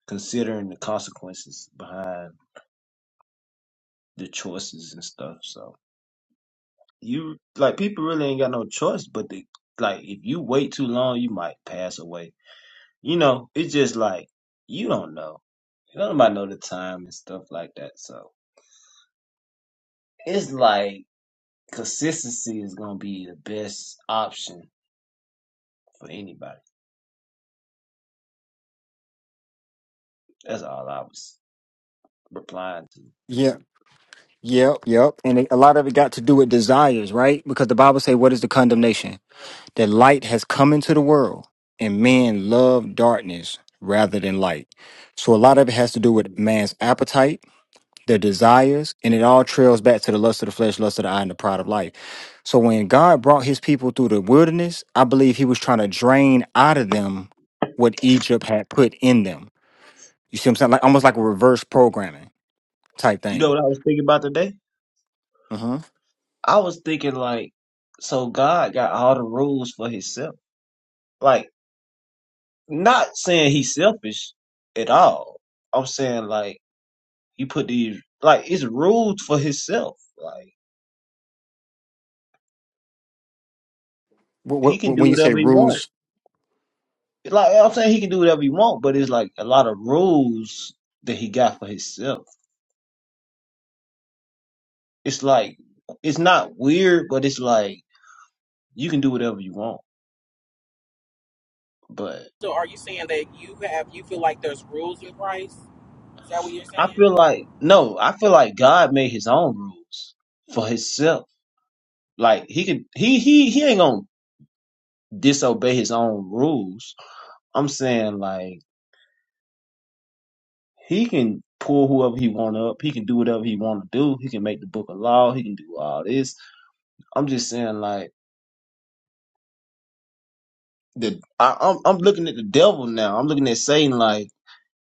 F: considering the consequences behind the choices and stuff. So. you like people really ain't got no choice but to like if you wait too long you might pass away. You know, it's just like you don't know. You don't nobody know the time and stuff like that. So it's like consistency is gonna be the best option for anybody. That's all I was replying to.
C: Yeah, yep, yep. And it- a lot of it got to do with desires, right? Because the Bible say, "What is the condemnation? That light has come into the world, and men love darkness rather than light." So a lot of it has to do with
F: Mm.
C: man's appetite. their desires, and it all trails back to the lust of the flesh, lust of the eye, and the pride of life. So when God brought his people through the wilderness, I believe he was trying to drain out of them what Egypt had put in them. You see what I'm saying? Like almost like a reverse programming type
F: You know
C: thing.
F: what I was thinking about today?
C: Uh-huh.
F: I was thinking like so God got all the rules for himself. Like not saying he's selfish at all. I'm saying like He put these like it's rules for himself. Like he
C: Wh- wh-
F: can do
C: When you say
F: whatever he want.
C: rules.
F: Like I'm saying, he can do whatever he want, but it's like a lot of rules that he got for himself. It's like it's not weird, but it's like you can do whatever you want. But
E: So, are you saying that you have you feel like there's rules in Christ? Is that what you're
F: I
E: saying?
F: feel like no, I feel like God made his own rules for himself. Like he could, he he he ain't gonna disobey his own rules. I'm saying like He can pull whoever he want up. He can do whatever he want to do. He can make the book of law. He can do all this. I'm just saying, like the I, I'm I'm looking at the devil now. I'm looking at Satan. Like,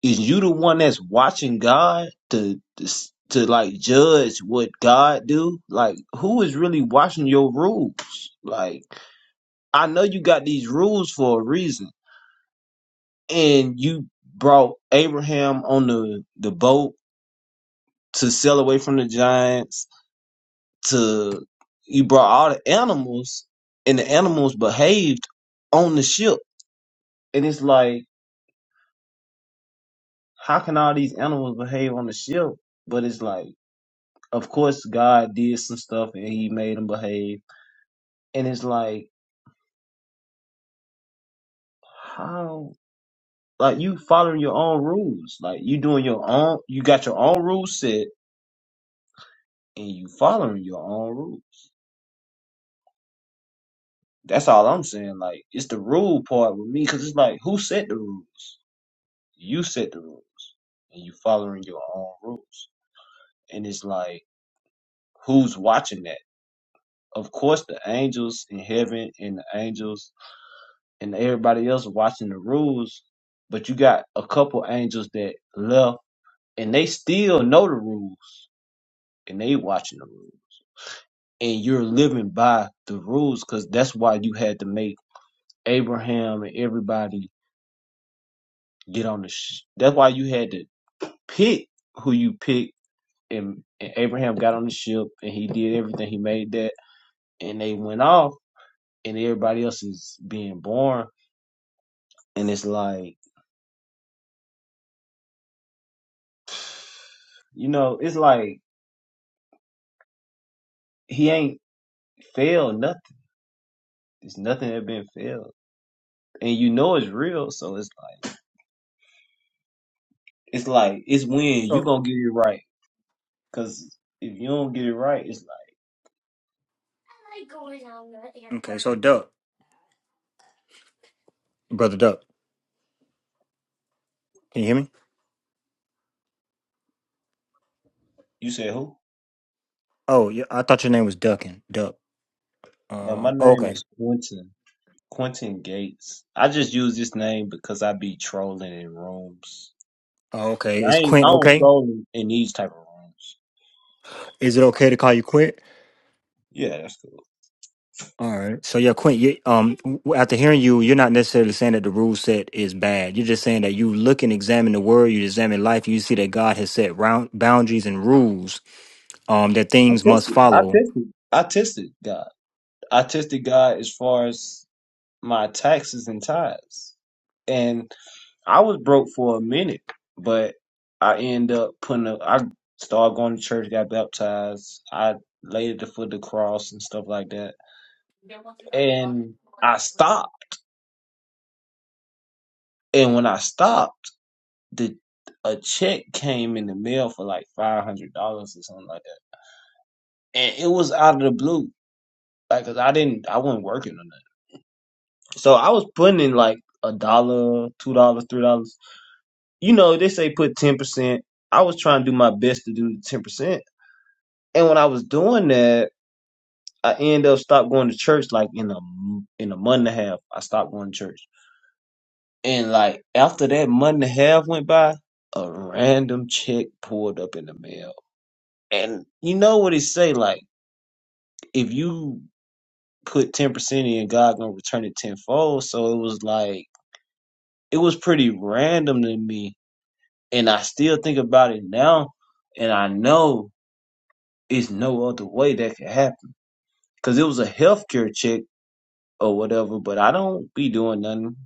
F: is you the one that's watching God to to, s- to like judge what God do? Like, who is really watching your rules? Like, I know you got these rules for a reason, and you brought Abraham on the the boat to sail away from the giants to you brought all the animals and the animals behaved on the ship and it's like how can all these animals behave on the ship but it's like of course god did some stuff and he made them behave and it's like how like you following your own rules like you doing your own you got your own rules set and you following your own rules that's all i'm saying like it's the rule part with me because it's like who set the rules you set the rules and you following your own rules. And it's like, who's watching that? Of course, the angels in heaven and the angels and everybody else watching the rules, but you got a couple angels that left and they still know the rules and they watching the rules. And you're living by the rules because that's why you had to make Abraham and everybody get on the. Sh- that's why you had to pick who you pick and, and Abraham got on the ship and he did everything. He made that and they went off and everybody else is being born and it's like you know it's like he ain't failed nothing there's nothing that been failed and you know it's real so it's like it's like it's when you
C: So
F: gonna get it right because if you don't get it right it's like
C: Okay, so Duck, brother Duck, can you hear me?
F: you said who
C: Oh, yeah, I thought your name was Duckin. Duck.
F: now my
C: Uh,
F: name
C: okay.
F: is quentin quentin gates i just use this name because i be trolling in rooms
C: Oh,
F: but
C: okay.
F: i
C: Is
F: ain't i
C: Quint
F: don't
C: okay?
F: troll in in these type of rooms
C: Is it okay to call you Quint?
F: yeah that's cool
C: All right. So yeah, Quint, you, um, w- after hearing you, you're not necessarily saying that the rule set is bad. You're just saying that you look and examine the world, you examine life, you see that God has set round boundaries and rules, um, that
F: i
C: things must
F: tested i
C: follow.
F: tested I tested God. I tested God as far as my taxes and tithes. And I was broke for a minute, but I ended up putting a, I started going to church, got baptized. I laid at the foot of the cross and stuff like that. And I stopped. And when I stopped, the a check came in the mail for like five hundred dollars or something like that. And it was out of the blue. Like, cause I didn't, I wasn't working on that. So I was putting in like a dollar, two dollars, three dollars you know, they say put 10%. I was trying to do my best to do 10%. And when I was doing that, I end up stopped going to church like in a in a month and a half. I stopped going to church. And like after that month and a half went by, a random check pulled up in the mail. And you know what it say like if you put 10% in, God going to return it tenfold. So it was like it was pretty random to me and I still think about it now and I know It's no other way that could happen. Cause it was a healthcare check or whatever, but I don't be doing nothing.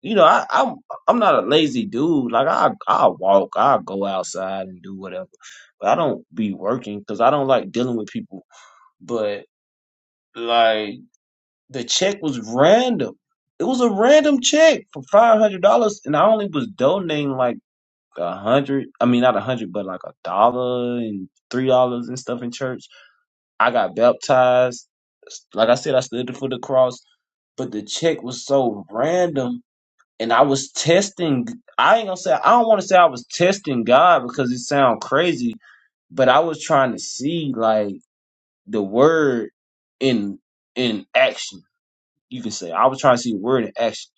F: You know, I, I'm I'm not a lazy dude. Like I I walk, I go outside and do whatever, but I don't be working because I don't like dealing with people. But like the check was random. It was a random check for five hundred dollars, and I only was donating like a hundred. I mean, not a hundred, but like a dollar and three dollars and stuff in church. I got baptized. Like I said, I stood for the cross, but the check was so random. And I was testing. I ain't gonna say. I don't want to say I was testing God because it sound crazy, but I was trying to see like the word in in action. You can say I was trying to see the word in action.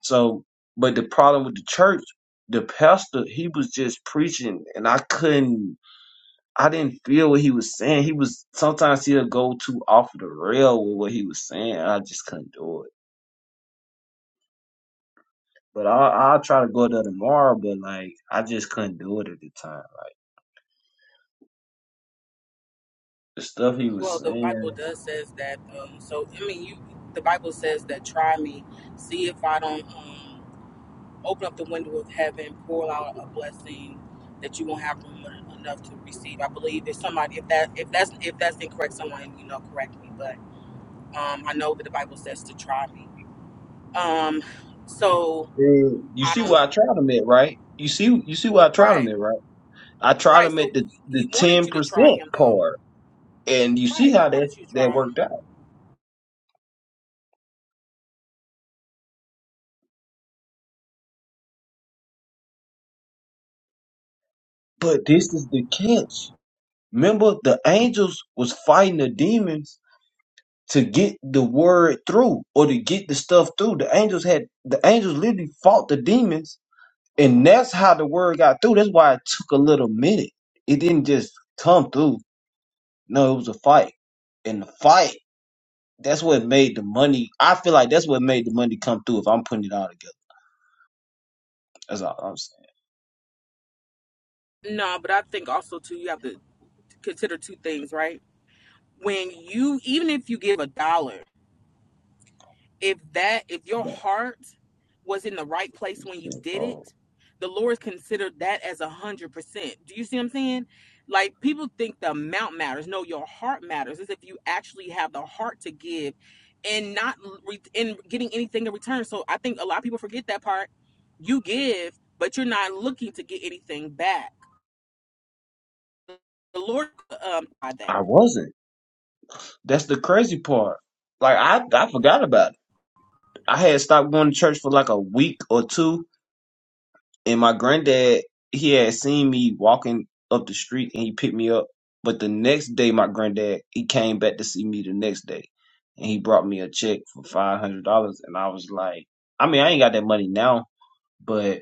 F: So, but the problem with the church, the pastor, he was just preaching, and I couldn't. I didn't feel what he was saying. He was sometimes he'll go too off the rail with what he was saying. I just couldn't do it. But I I'll try to go there tomorrow. But like I just couldn't do it at the time. The stuff he was
E: Well, the
F: saying.
E: Bible does says that. Um, so I mean, you. The Bible says that try me, see if I don't um, open up the window of heaven, pour out a blessing that you won't have room enough to receive. I believe if somebody, if that, if that's, if that's incorrect, someone you know correct me. But um, I know that the Bible says to try me. Um, so
F: eh, You
E: I
F: see
E: don't.
F: what I tried him at, right? You see you see what I tried him
E: Right,
F: at, right? I tried
E: right.
F: him at
E: So
F: the the
E: he wanted
F: ten
E: you to try
F: percent
E: him, though.
F: part, and you see
E: Right, he
F: how that
E: wanted you to
F: that
E: try him.
F: worked out. But this is the catch. Remember, the angels was fighting the demons to get the word through or to get the stuff through. The angels had the angels literally fought the demons, and that's how the word got through. That's why it took a little minute. It didn't just come through. No, it was a fight. And the fight, that's what made the money. I feel like that's what made the money come through if I'm putting it all together. That's all I'm saying.
E: No, but I think also too, you have to consider two things, right? When you, even if you give a dollar. if that if your heart was in the right place when you did it
F: oh,
E: the lord considered that as a hundred percent do you see what i'm saying like people think the amount matters no your heart matters is if you actually have the heart to give and not re- and getting anything in return so i think a lot of people forget that part you give but you're not looking to get anything back the lord um by that
F: I wasn't. That's the crazy part. Like I, I forgot about it. I had stopped going to church for like a week or two and my granddad he had seen me walking up the street and he picked me up but the next day my granddad he came back to see me the next day and he brought me a check for five hundred dollars and i was like i mean i ain't got that money now but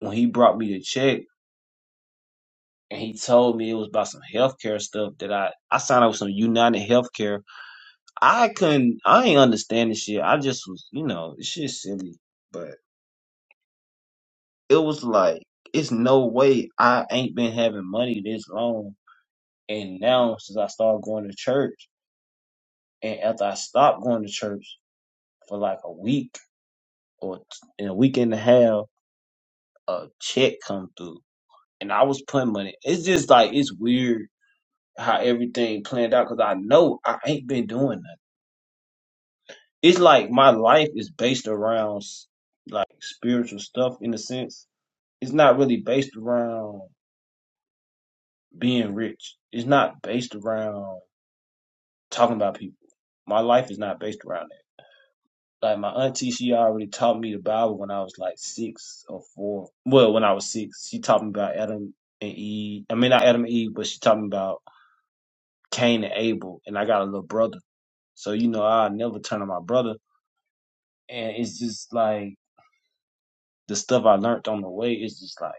F: when he brought me the check and he told me it was about some healthcare stuff that I I signed up with some United Healthcare. I couldn't I ain't understand this shit. I just was you know it's just silly, but it was like it's no way I ain't been having money this long And now, since I started going to church, and after I stopped going to church for like a week or in a week and a half, a check come through, and I was putting money. It's just like it's weird how everything planned out because I know I ain't been doing nothing. It's like my life is based around s- like spiritual stuff in a sense. It's not really based around being rich. It's not based around talking about people. My life is not based around that. like my auntie, she already taught me the Bible when I was like six or four. Well, when I was six, she taught me about Adam and Eve. I mean, not Adam and Eve, but she taught me about Cain and Abel. And I got a little brother, so you know, I never turn on my brother. And it's just like the stuff I learned on the way. It's just like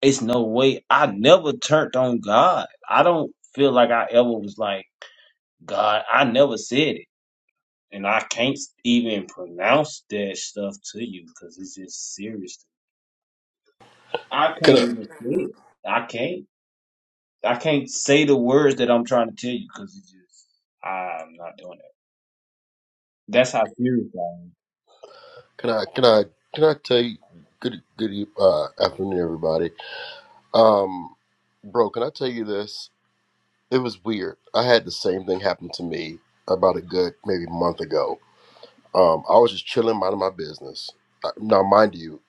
F: it's no way I never turned on God. I don't feel like I ever was like God. I never said it. And I can't even pronounce that stuff to you because it's just serious I
G: Can
F: can't
G: I
F: even say it. I can't. I can't say the words that I'm trying to tell you because it's just I'm not doing it. That's how serious I am.
G: can I can I can I tell you good good eve- uh, afternoon everybody. Um bro, can I tell you this? It was weird. I had the same thing happen to me about a good maybe month ago. Um I was just chilling minding my business. Uh, Now mind you,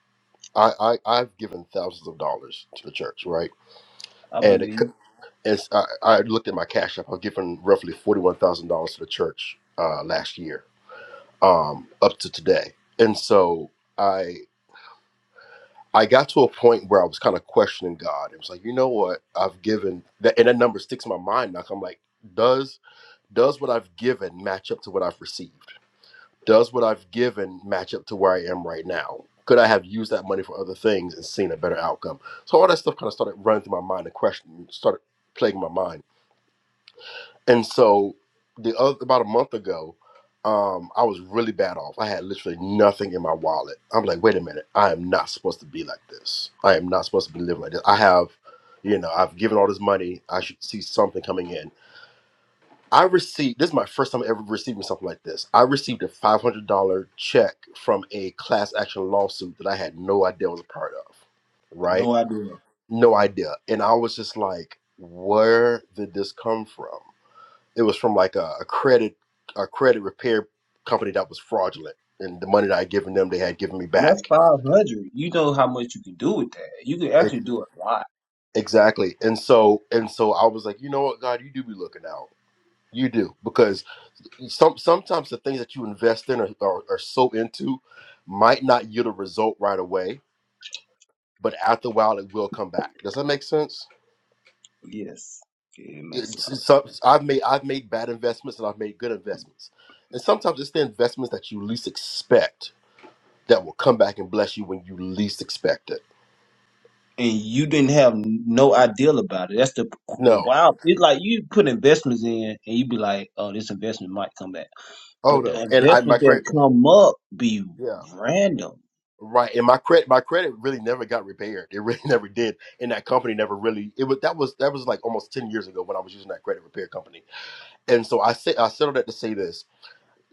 G: I, I I've given thousands of dollars to the church, right?
F: I
G: And it
F: believe.
G: co- it's I, I looked at my cash app. I've given roughly forty one thousand dollars to the church uh last year, um, up to today. And so I I got to a point where I was kind of questioning God. It was like, you know what? I've given that, and that number sticks in my mind now. 'cause I'm like, does does what I've given match up to what I've received? Does what I've given match up to where I am right now? Could I have used that money for other things and seen a better outcome? So all that stuff kind of started running through my mind and question started plaguing my mind. And so the other about a month ago, um, I was really bad off. I had literally nothing in my wallet. I'm like, wait a minute, I am not supposed to be like this. I am not supposed to be living like this. I have, you know, I've given all this money. I should see something coming in. I received this is my first time ever receiving something like this. I received a five hundred dollar check from a class action lawsuit that I had no idea I was a part of. Right?
F: No idea.
G: No idea. And I was just like, where did this come from? It was from like a, a credit a credit repair company that was fraudulent, and the money that I had given them, they had given me
F: And that's
G: back.
F: five hundred. You know how much you can do with that. You can actually
G: Ex-
F: do a lot.
G: Exactly. And so and so I was like, you know what, God, you do be looking out. You do because some sometimes the things that you invest in or, or are so into might not yield a result right away, but after a while it will come back. Does that make sense?
F: Yes, Yeah, it makes a
G: It's,
F: lot
G: it's,
F: of
G: some-
F: sense.
G: I've made I've made bad investments and I've made good investments, and sometimes it's the investments that you least expect that will come back and bless you when you least expect it.
F: And you didn't have no idea about it. That's the the
G: No,
F: wild. It's like you put investments in, and you be like, "Oh, this investment might come back,"
G: oh
F: but the
G: no, and I my
F: investments
G: credit,
F: that come up be
G: yeah,
F: random
G: right, and my credit, my credit really never got repaired. It really never did, and that company never really. It was that was that was like almost ten years ago when I was using that credit repair company, and so I say I settled that to say this.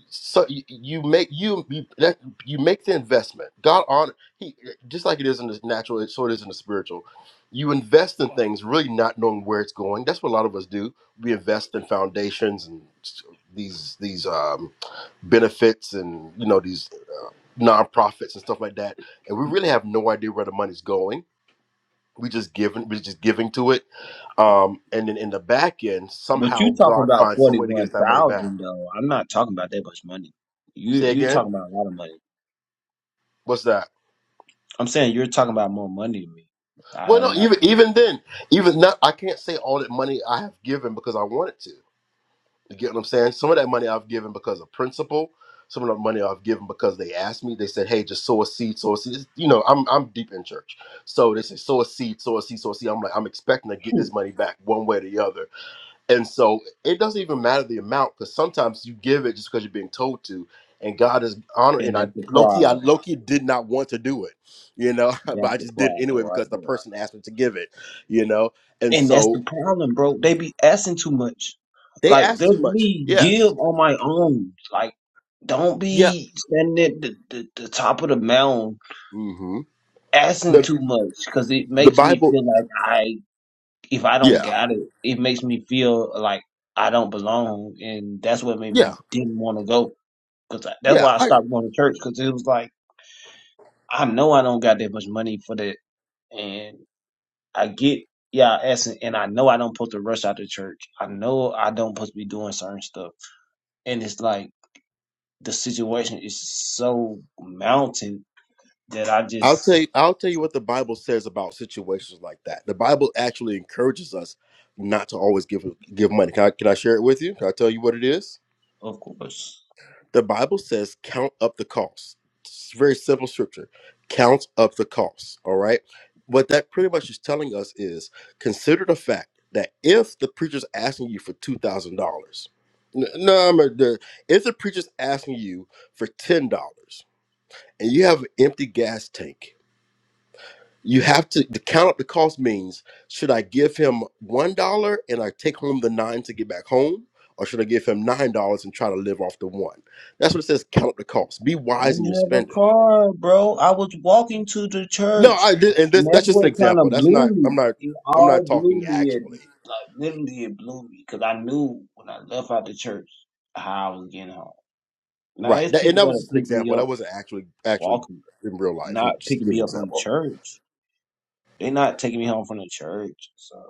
G: so you, you make you you, that, you make the investment god honor he just like it is in the natural so it sort of is in the spiritual you invest in things really not knowing where it's going that's what a lot of us do we invest in foundations and s- these these um, benefits and you know these nonprofits and stuff like that and we really have no idea where the money's going we just giving we're just giving to it um and then in the back end
F: But
G: somehow
F: you talking
G: god
F: about
G: finds some
F: forty
G: way to get
F: one
G: us that money back
F: thousand though. I'm not talking about that much money. You
G: say
F: you
G: again
F: talking about a lot of money.
G: what's that
F: I'm saying you're talking about more money than me. I
G: Well,
F: am
G: no,
F: not
G: even
F: talking about
G: even then, even not, I can't say all that money I have given because I wanted to. You get what I'm saying? Some of that money I've given because of principle. Some of the money I've given because they asked me. They said, "Hey, just sow a seed, sow a seed." It's- You know, I'm I'm deep in church, so they say sow a seed, sow a seed, sow a seed. I'm like, I'm expecting to get this money back one way or the other. And so it doesn't even matter the amount because sometimes you give it just because you're being told to, and God is
F: that.
G: honoring. And
F: And
G: I
F: that's the
G: Loki, I
F: problem.
G: Loki did not want to do it, you know, but
F: That's
G: I
F: the
G: just did it
F: problem
G: anyway
F: right
G: because the
F: there.
G: person asked me to give it, you know. And
F: And that's
G: so
F: the problem, bro. They be asking too much.
G: they
F: Like
G: asked
F: let
G: too much.
F: me
G: Yes.
F: give on my own. Like don't
G: Yeah.
F: be standing at the, the, the top of the mountain
G: hmm
F: asking
G: The
F: too much because it
G: the
F: makes me
G: Bible.
F: feel like if I don't
G: Yeah.
F: got it, it makes me feel like I don't belong, and that's what made me
G: Yeah.
F: didn't want to go. Cause I- that's
G: Yeah.
F: why I
G: I.
F: stopped going to church. Cause it was like I know I don't got that much money for that, and I get yeah, asking, and I know I don't supposed to rush out to church. I know I don't supposed to be doing certain stuff, and it's like the situation is so mountain that I
G: I'll tell you.
F: just,
G: I'll tell you what the Bible says about situations like that. The Bible actually encourages us not to always give give money. Can I, can I share it with you? Can I tell you what it is?
F: of course.
G: The Bible says, count up the cost. It's very simple scripture. Count up the cost. All right. What that pretty much is telling us is consider the fact that if the preacher's asking you for two thousand dollars, no, I'm a- the- if the preacher's asking you for ten dollars and you have an empty gas tank you have to the count up the cost means should I give him one dollar and I take home the nine to get back home, or should I give him nine dollars and try to live off the one? That's what it says. Count up the cost. Be
F: I
G: wise
F: didn't
G: in your
F: have a
G: spending.
F: car, bro. I was walking to the
G: No,
F: church.
G: I did, and
F: And
G: this,
F: that's
G: that's just an
F: what kind
G: example.
F: of
G: That's not.
F: blew
G: I'm
F: me.
G: not.
F: It
G: I'm not
F: all blew
G: talking
F: me. It,
G: actually.
F: like, literally, it blew me because I knew when I left out the church how I was getting home. Now,
G: Right.
F: there's
G: That, and
F: people
G: that was
F: that are
G: just an
F: picking me
G: example.
F: up
G: That wasn't actually actually
F: walking,
G: in real life. I'm
F: not
G: just
F: picking
G: giving an
F: me up from the
G: example.
F: church. They're not taking me home from the church. So,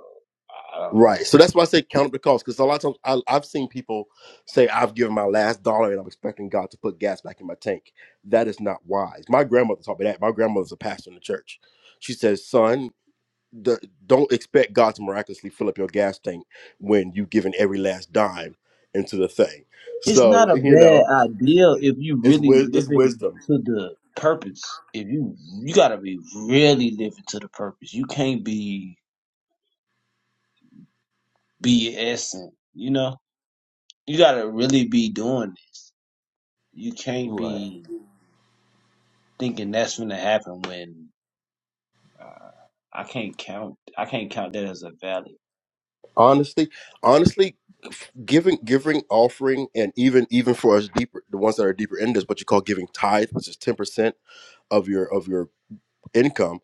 F: I don't
G: Right.
F: know.
G: So that's why I say count up the cost because a lot of times I, I've seen people say, I've given my last dollar and I'm expecting God to put gas back in my tank. That is not wise. My grandmother taught me that. My grandmother's a pastor in the church. She says, Son, the, don't expect God to miraculously fill up your gas tank when you've given every last dime into the thing.
F: it's not
G: So,
F: a
G: you
F: bad
G: know,
F: idea if you
G: it's,
F: really
G: wis- it's
F: living
G: wisdom.
F: to the purpose. If you you gotta be really living to the purpose. You can't be BSing, you know? You gotta really be doing it. You can't
G: Right.
F: be thinking that's gonna happen when uh, I can't count I can't count that as a valid.
G: Honestly, honestly, giving giving offering and even even for us deeper the ones that are deeper in this what you call giving tithe which is 10% of your of your income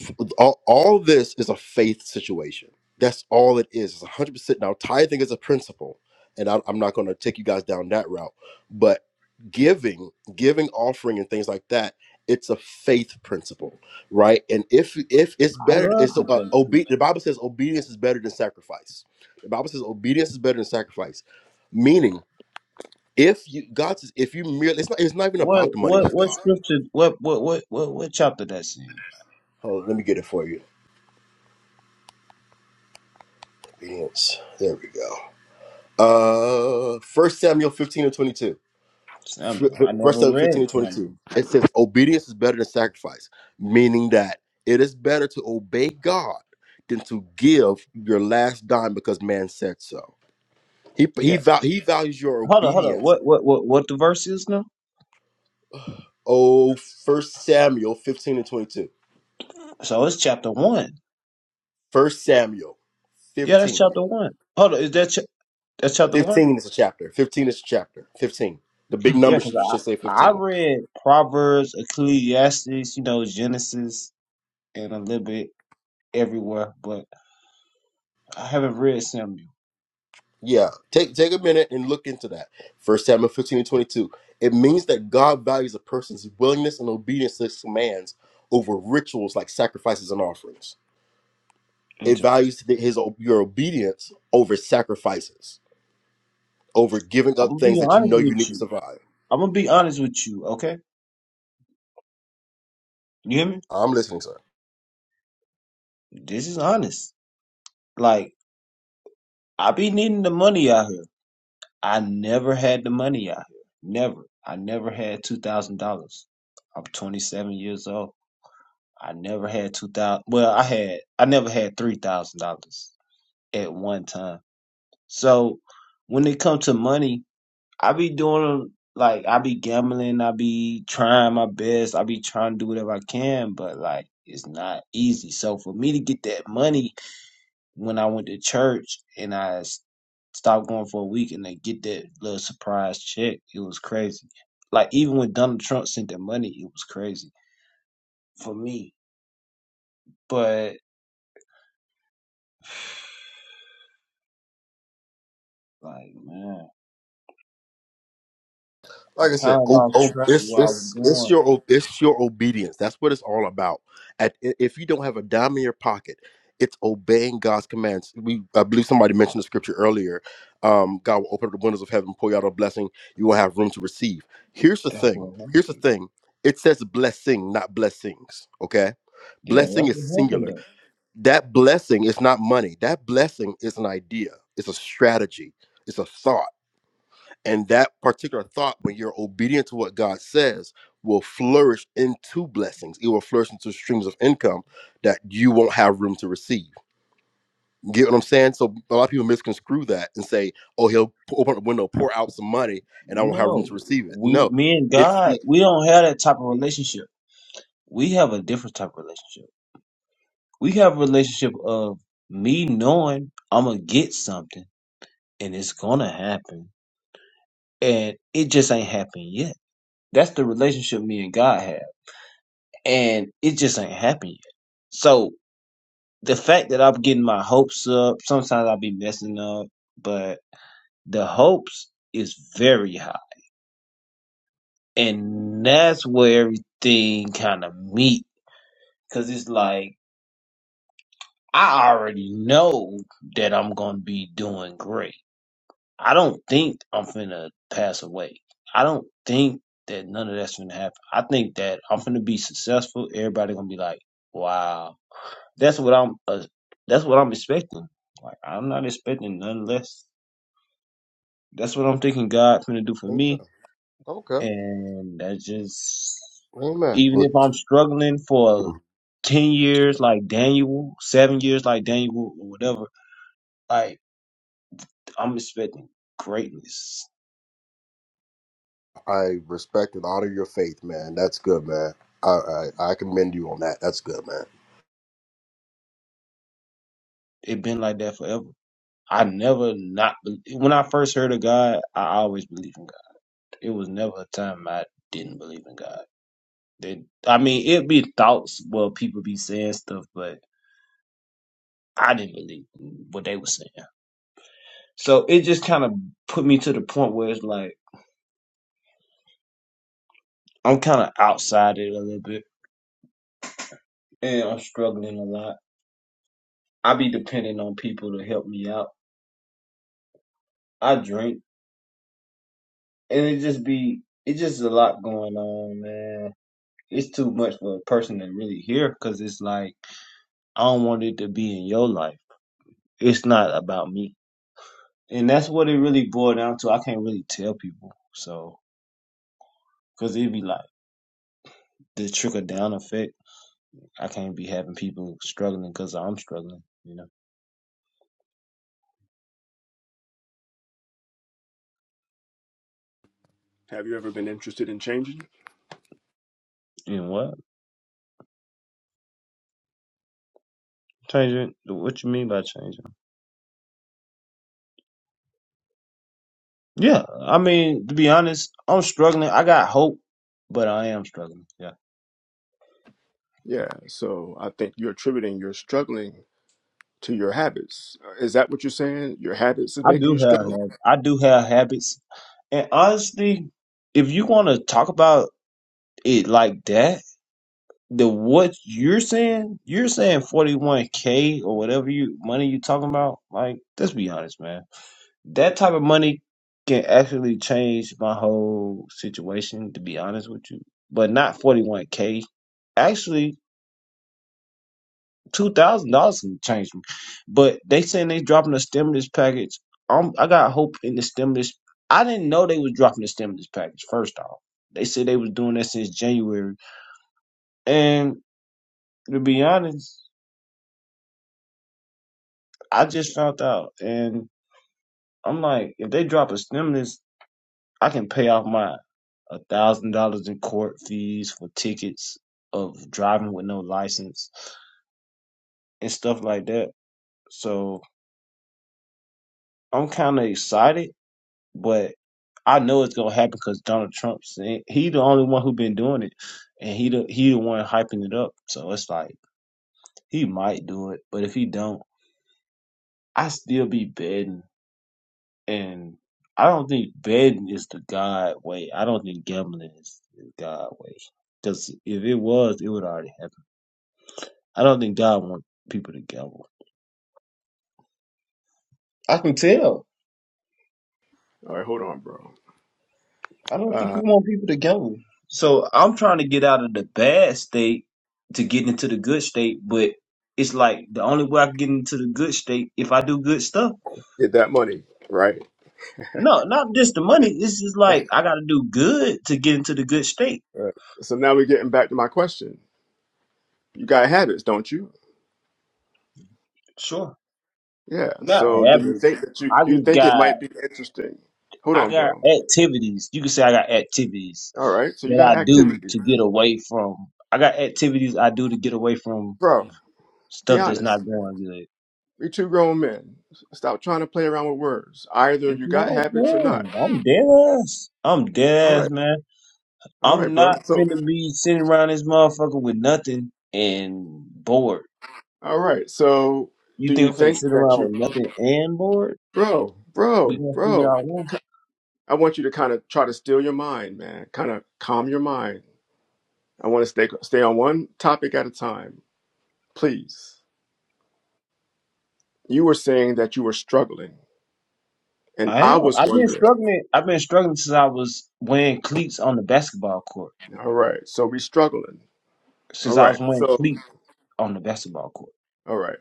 G: f- all, all this is a faith situation that's all it is it's 100% now tithing is a principle and I, i'm not going to take you guys down that route but giving giving offering and things like that it's a faith principle right and if if it's
F: I
G: better
F: love
G: it's
F: the
G: uh,
F: faith.
G: obe- the bible says obedience is better than sacrifice the bible says obedience is better than sacrifice meaning if you god says if you merely it's not, it's not even
F: What
G: about the money
F: what
G: with
F: what
G: god
F: scripture what what what what what chapter that's in?
G: Hold on, let me get it for you obedience. There we go. Uh, First Samuel fifteen and twenty two.
F: Samuel. I
G: First
F: never
G: Samuel fifteen
F: read
G: and twenty two.
F: Samuel.
G: It says obedience is better than sacrifice, meaning that it is better to obey God than to give your last dime because man said so. He he
F: Yeah.
G: val- he values your
F: Hold on, hold on.
G: obedience.
F: What what what what the verse is now?
G: Oh, First Samuel fifteen and twenty two.
F: So it's chapter one.
G: First Samuel
F: Yeah, that's
G: fifteen.
F: chapter one. Hold on, is that ch- that's chapter one?
G: Fifteen is a chapter. Fifteen is a chapter. Fifteen. The big
F: Yeah,
G: number
F: because
G: should, should say
F: I I
G: fifteen.
F: read Proverbs, Ecclesiastes, you know, Genesis, and a little bit everywhere, but I haven't read Samuel.
G: Yeah, take take a minute and look into that. First Samuel 15 and 22. It means that God values a person's willingness and obedience to his commands over rituals like sacrifices and offerings. It
F: Interesting.
G: values the- his o- your obedience over sacrifices, over giving
F: I'm
G: up
F: gonna
G: things
F: be
G: that you
F: honest
G: know you
F: with
G: need to
F: you.
G: survive.
F: I'm gonna be honest with you. Okay, you hear me?
G: I'm listening, sir.
F: This is honest. Like I be needing the money out here. I never had the money out here. Never. I never had two thousand dollars. I'm 27 years old. I never had two thousand. Well, I had I never had three thousand dollars at one time. So when it comes to money, I be doing like I be gambling. I be trying my best. I be trying to do whatever I can, but like it's not easy. So for me to get that money when I went to church and I s- stopped going for a week and they get that little surprise check, it was crazy. Like even when Donald Trump sent that money, it was crazy for me. But like man. I
G: like I said,
F: kind of
G: o-
F: lost
G: o-
F: track
G: it's
F: where I was
G: it's it's
F: going.
G: your o- it's your obedience. That's what it's all about. At i- if you don't have a dime in your pocket, it's obeying God's commands. We I believe somebody mentioned the scripture earlier. Um, God will open up the windows of heaven, pour you out a blessing. You will have room to receive. Here's the
F: That's
G: thing.
F: what happened.
G: Here's the thing. It says blessing, not blessings. Okay,
F: Yeah,
G: blessing
F: that's
G: is
F: what happened
G: singular.
F: though.
G: That blessing is not money. That blessing is an idea. It's a strategy. It's a thought and that particular thought, when you're obedient to what God says, will flourish into blessings. It will flourish into streams of income that you won't have room to receive. You get what I'm saying? So a lot of people misconstrue that and say, oh, he'll p- open up a window, pour out some money, and I won't have room
F: No,
G: to receive it.
F: we,
G: No,
F: me and
G: it's
F: God,
G: the.
F: we don't have that type of relationship. We have a different type of relationship. We have a relationship of me knowing I'm gonna get something and it's gonna happen, and it just ain't happened yet. That's the relationship me and God have, and it just ain't happened yet. So the fact that I'm getting my hopes up, sometimes I'll be messing up, but the hopes is very high. And that's where everything kind of meet. Cause it's like, I already know that I'm going to be doing great. I don't think I'm finna pass away. I don't think that none of that's finna happen. I think that I'm finna be successful. Everybody gonna be like, wow. That's what I'm, uh, that's what I'm expecting. Like, I'm not expecting none less. That's what I'm thinking God finna do for
G: Amen.
F: me
G: Okay.
F: and that's just
G: Amen.
F: even
G: Look,
F: if I'm struggling for ten years like Daniel, seven years like Daniel or whatever, like I'm expecting greatness.
G: I respect and honor your faith, man. That's good, man. I I, I commend you on that. That's good, man.
F: It been like that forever. I never not be- when I first heard of God, I always believed in God. It was never a time I didn't believe in God. They, I mean, it'd be thoughts well people be saying stuff, but I didn't believe in what they were saying. So it just kind of put me to the point where it's like. I'm kind of outside it a little bit, and I'm struggling a lot. I be depending on people to help me out. I drink, and it just be it just a lot going on, man. It's too much for a person to really hear because it's like I don't want it to be in your life. It's not about me, and that's what it really boiled down to. I can't really tell people, so because it'd be like the trickle down effect. I can't be having people struggling because I'm struggling, you know.
D: Have you ever been interested in changing?
F: And what change it? What you mean by changing? Yeah, I mean, to be honest, I'm struggling. I got hope, but I am struggling. Yeah,
D: Yeah. So I think you're attributing your struggling to your habits. Is that what you're saying? Your habits is
F: I
D: making
F: do
D: you
F: have
D: struggle?
F: hab- I do have habits, and honestly, if you want to talk about it like that, the what you're saying, you're saying 41k or whatever you money you talking about. Like, let's be honest, man. That type of money can actually change my whole situation. To be honest with you, but not 41k. Actually, two thousand dollars can change me. But they saying they dropping a stimulus package. Um, I got hope in the stimulus. I didn't know they was dropping the stimulus package. First off, they said they was doing that since January, and to be honest, I just found out, and I'm like, if they drop a stimulus, I can pay off my a thousand dollars in court fees for tickets of driving with no license and stuff like that. So I'm kind of excited, but I know it's gonna happen because Donald trumps he the only one who been doing it, and he the he the one hyping it up. So it's like he might do it, but if he don't, I still be betting, and I don't think betting is the God way. I don't think gambling is the God way. Because if it was, it would already happen. I don't think God wants people to gamble. I can tell.
D: All right, hold on, bro.
F: I don't think
D: Uh,
F: you want people to go. So I'm trying to get out of the bad state to get into the good state, but it's like the only way I can get into the good state if I do good stuff.
D: get that money, right?
F: No, not just the money. It's just like I got to do good to get into the good state.
D: Uh, so now we're getting back to my question. You got habits, don't you?
F: Sure,
D: Yeah.
F: not
D: So do you
F: habits.
D: think that you
F: I
D: do you
F: just
D: think it
F: got
D: might be interesting? Hold
F: I
D: on,
F: got
D: bro.
F: activities. You can say I got activities
D: All right. So you
F: that
D: got
F: I do
D: activity,
F: to get away from. I got activities I do to get away from
D: bro. Be
F: stuff that's
D: honest.
F: not
D: okay?
F: going good.
D: We two grown men. Stop trying to play around with words. Either
F: It's
D: you got
F: not,
D: habits or not.
F: man. I'm dead ass. I'm
D: All
F: dead ass,
D: right.
F: man.
D: All
F: I'm
D: right, bro.
F: not
D: So
F: finna be sitting around this motherfucker with nothing and bored.
D: all right. So
F: You
D: do
F: think
D: you
F: I'm finna
D: think
F: sit
D: that
F: around
D: you,
F: with nothing and bored?
D: bro,
F: We
D: bro,
F: gonna figure
D: bro?
F: out one.
D: I want you to kind of try to steal your mind, man. Kind of calm your mind I want to stay stay on one topic at a time, please. You were saying that you were struggling, and
F: I
D: I
F: am.
D: was
F: I've been
D: wondering.
F: struggling. I've been struggling since I was wearing cleats on the basketball court.
D: All right, so we struggling. All
F: Since I
D: right,
F: was wearing
D: so
F: cleats on the basketball court.
D: all right,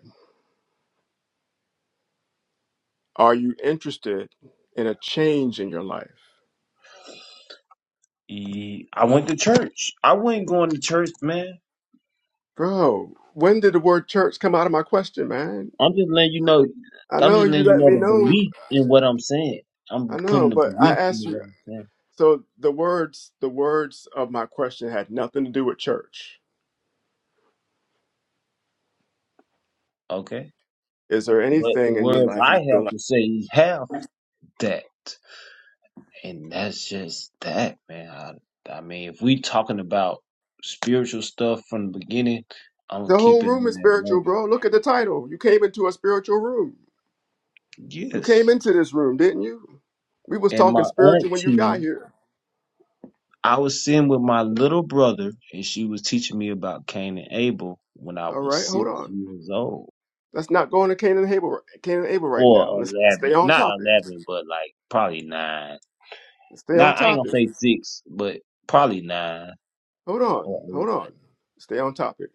D: are you interested in a change in your life,
F: E- I went to church. I wasn't going to church, man.
D: bro? When did the word church come out of my question, man?
F: I'm just letting you know.
D: I
F: I'm
D: know
F: just
D: you
F: letting you
D: let
F: know
D: me
F: the
D: know.
F: belief in what I'm saying. I'm
D: I
F: putting
D: know,
F: the
D: but I
F: belief in
D: asked you.
F: what I'm saying.
D: So the words, the words of my question had nothing to do with church.
F: Okay.
D: Is there
F: But the
D: anything in your
F: words
D: life
F: I
D: you feel
F: have to say is half that, and that's just that, man. I, I mean, if we talking about spiritual stuff from the beginning, I'm gonna
D: The whole
F: keep it
D: room
F: on
D: is
F: that
D: spiritual,
F: level.
D: bro. Look at the title. You came into a spiritual room. You came
F: Yes.
D: into this room, didn't you? We was
F: And
D: talking
F: my
D: spiritual when you got
F: auntie,
D: here.
F: I was sitting with my little brother, and she was teaching me about Cain and Abel when I
D: All
F: was
D: right, hold
F: six
D: on.
F: years old
D: Let's not go into Cain and Abel, Cain and Abel right now.
F: or
D: Let's stay
F: eleven,
D: on
F: not
D: topic.
F: eleven, but like probably nine.
D: Let's stay on
F: Not I ain't gonna
D: topic.
F: say six, but probably nine
D: Hold on,
F: or
D: hold
F: eight.
D: on. Stay on topic.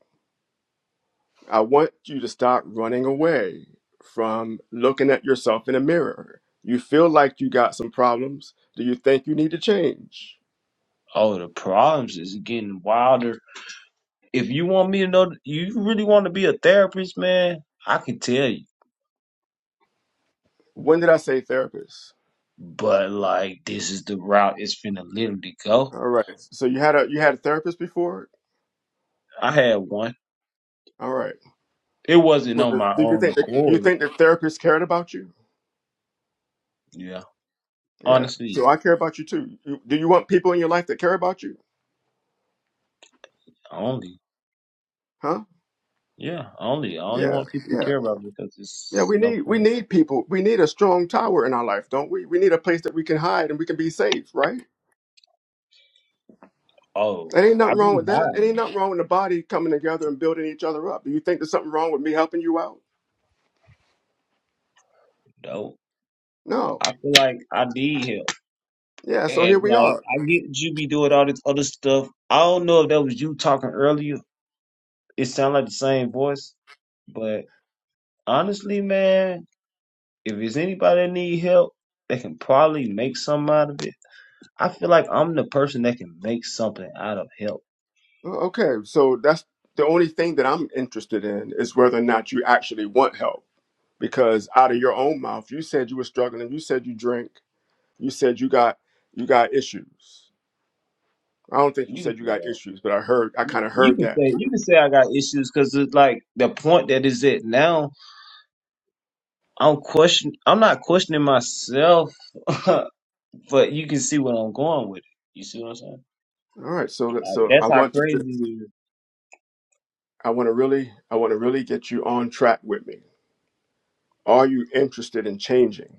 D: I want you to stop running away from looking at yourself in a mirror. You feel like you got some problems. Do you think you need to change?
F: Oh, the problems is getting wilder. If you want me to know, you really want to be a therapist, man. I can tell you,
D: When did I say therapist?
F: but like this is the route it's finna literally go.
D: All right. So you had a you had a therapist before?
F: I had one.
D: All right.
F: It wasn't
D: Was
F: on my
D: it- Do you
F: own
D: think that, you
F: accord.
D: think the therapist cared about you?
F: Yeah,
D: Yeah.
F: honestly,
D: So
F: yeah.
D: I care about you too. You, do you want people in your life that care about you?
F: Only,
D: Huh?
F: yeah, only. I only
D: Yeah.
F: want people to
D: Yeah.
F: care about me because
D: Yeah.
F: it's
D: We
F: no
D: need we
F: point.
D: need people. We need a strong tower in our life, don't we? We need a place that we can hide and we can be safe, right?
F: Oh,
D: It ain't nothing
F: I've
D: wrong with
F: been
D: that. It
F: high
D: ain't nothing wrong with the body coming together and building each other up. Do you think there's something wrong with me helping you out?
F: though.
D: No.
F: I feel like I need help,
D: Yeah. So here
F: And
D: we are.
F: like I get you be doing all this other stuff. I don't know if that was you talking earlier. It sounded like the same voice. But honestly, man, if it's anybody that need help, they can probably make something out of it. I feel like I'm the person that can make something out of help.
D: Oh, Okay, so that's the only thing that I'm interested in is whether or not you actually want help. Because out of your own mouth, you said you were struggling. You said you drink. You said you got you got issues. I don't think you
F: You can
D: said you
F: say
D: got
F: that.
D: issues, but I heard I kind of
F: You
D: heard
F: can
D: that.
F: say you can say I got issues because it's like the point that is at now. I'm question. I'm not questioning myself, but you can see what I'm going with. it. You see what I'm saying?
D: All right, so that-
F: Like,
D: so I
F: that's how
D: want you to
F: crazy it is.
D: I want to really I want to really get you on track with me. Are you interested in changing?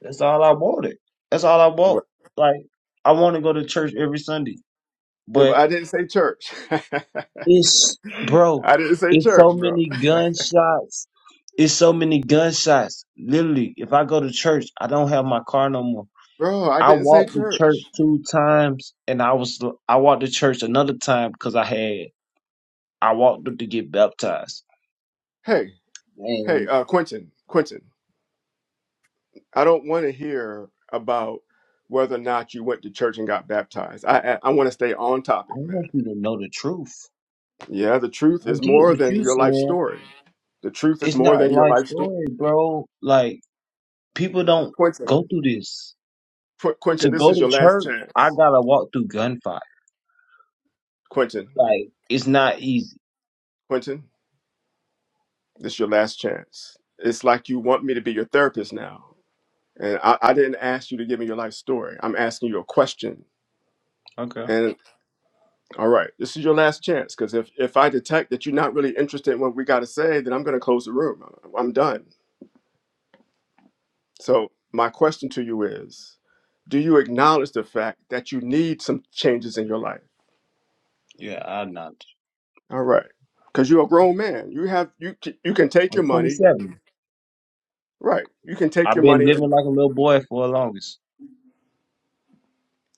F: That's all I wanted. That's all I
D: Right.
F: want. Like, I want to go to church every Sunday,
D: Yeah, but
F: but
D: I didn't say church.
F: it's, bro,
D: I didn't say
F: it's so
D: church, bro.
F: many gunshots. It's so many gunshots. Literally, if I go to church, I don't have my car no more.
D: Bro, I
F: I
D: didn't say
F: walked to church
D: church.
F: two times, and I was I walked to church another time because I had I walked up to get baptized.
D: Hey. Hey,
F: And
D: uh, Quentin, Quentin, I don't want to hear about whether or not you went to church and got baptized. I, I, I want to stay on
F: I
D: topic,
F: want
D: man.
F: you to know the truth.
D: Yeah, the truth
F: I
D: is
F: get
D: more
F: what
D: than
F: you
D: your life
F: said,
D: story. The truth is
F: it's
D: more
F: not
D: than your
F: life
D: life story.
F: story, bro. Like people don't
D: Quentin,
F: go through this.
D: Qu- Quentin,
F: To
D: this
F: go
D: is
F: to
D: your last
F: church, I
D: chance.
F: gotta walk through gunfire.
D: Quentin,
F: Like it's not easy.
D: Quentin, this is your last chance. It's like you want me to be your therapist now. And I, I didn't ask you to give me your life story. I'm asking you a question.
F: Okay.
D: All right, this is your last chance because if, if I detect that you're not really interested in what we got to say, then I'm going to close the room. I'm done. So, my question to you is Do you acknowledge the fact that you need some changes in your life?
F: Yeah, I'm not.
D: All right, because you're a grown man. You have you c- you can take your
F: I'm
D: money,
F: 27.
D: right? You can take
F: I've
D: your
F: been
D: money and
F: living
D: bu-
F: like a little boy for the longest.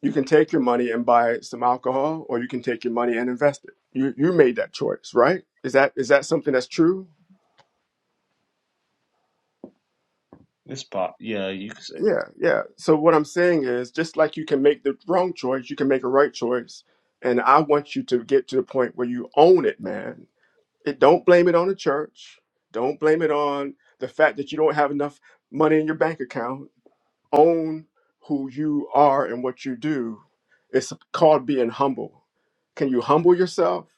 D: you can take your money and buy some alcohol, or you can take your money and invest it. You you made that choice, right? Is that is that something that's true?
F: This pop. Yeah, you can say that.
D: Yeah, yeah. So what I'm saying is, just like you can make the wrong choice, you can make a right choice. And I want you to get to the point where you own it, man. It don't blame it on the church. Don't blame it on the fact that you don't have enough money in your bank account. Own who you are and what you do. It's called being humble. Can you humble yourself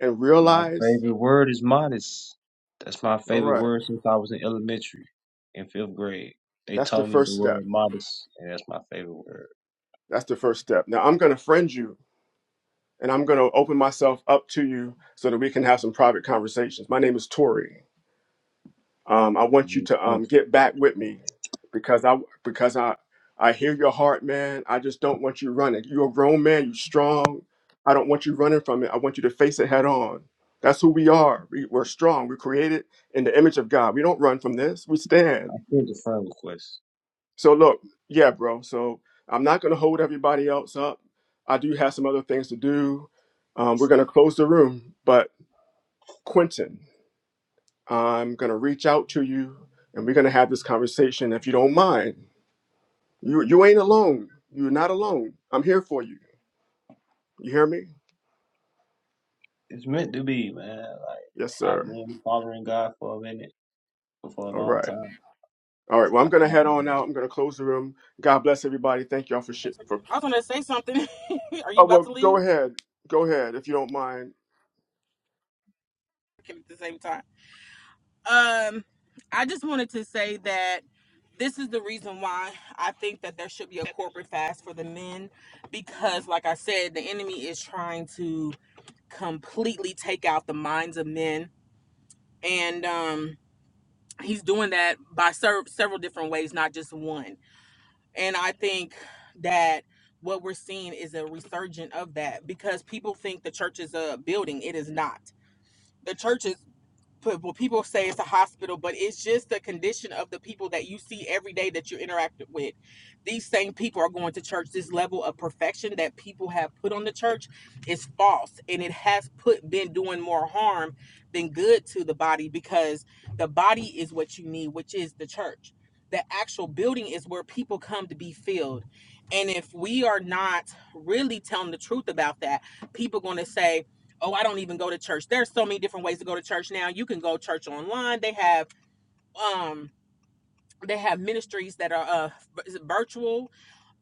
D: and
F: My
D: realize,
F: favorite word is modest. That's my
D: all
F: favorite
D: right,
F: word since I was in elementary, in fifth grade. They
D: that's the
F: taught me the
D: first step.
F: word modest, and that's my favorite word.
D: That's the first step. Now I'm going to friend you and I'm going to open myself up to you so that we can have some private conversations. My name is Tori. Um, I
F: I
D: want you
F: mean, it's
D: to um,
F: country.
D: get back with me because I because I I hear your heart, man. I just don't want you running. You're a grown man. You're strong. I don't want you running from it. I want you to face it head on. That's who we are. We, we're strong. We're created in the image of God. We don't run from this. We
F: I
D: stand.
F: sent a friend request.
D: So look, yeah, bro. So I'm not going to hold everybody else up. I do have some other things to do. Um, we're going to close the room, but Quentin, I'm going to reach out to you and we're going to have this conversation if you don't mind. You, you ain't alone. You're not alone. I'm here for you. You hear me?
F: It's meant to be, man. Like
D: Yes, sir.
F: I've been following God for a minute, for a
D: All
F: long
D: right.
F: time.
D: All right. Well,
F: I
D: I'm
F: have
D: going to
F: not
D: head on
F: been-
D: out. I'm going to close the room. God bless everybody. Thank y'all for shit. For
E: i was gonna say something are you
D: oh
E: about
D: well,
E: to
D: go
E: leave
D: ahead. Go ahead if you don't mind.
E: at the same time Um, I just wanted to say that this is the reason why I think that there should be a corporate fast for the men because, like I said, the enemy is trying to completely take out the minds of men, and um, he's doing that by ser- several different ways, not just one. And I think that what we're seeing is a resurgent of that because people think the church is a building, it is not. The church is well, people say it's a hospital, but it's just the condition of the people that you see every day that you interact with. These same people are going to church. This level of perfection that people have put on the church is false, and it has put been doing more harm than good to the body because the body is what you need, which is the church. The actual building is where people come to be filled, and if we are not really telling the truth about that, people are going to say oh i don't even go to church there's so many different ways to go to church now you can go church online they have um they have ministries that are uh virtual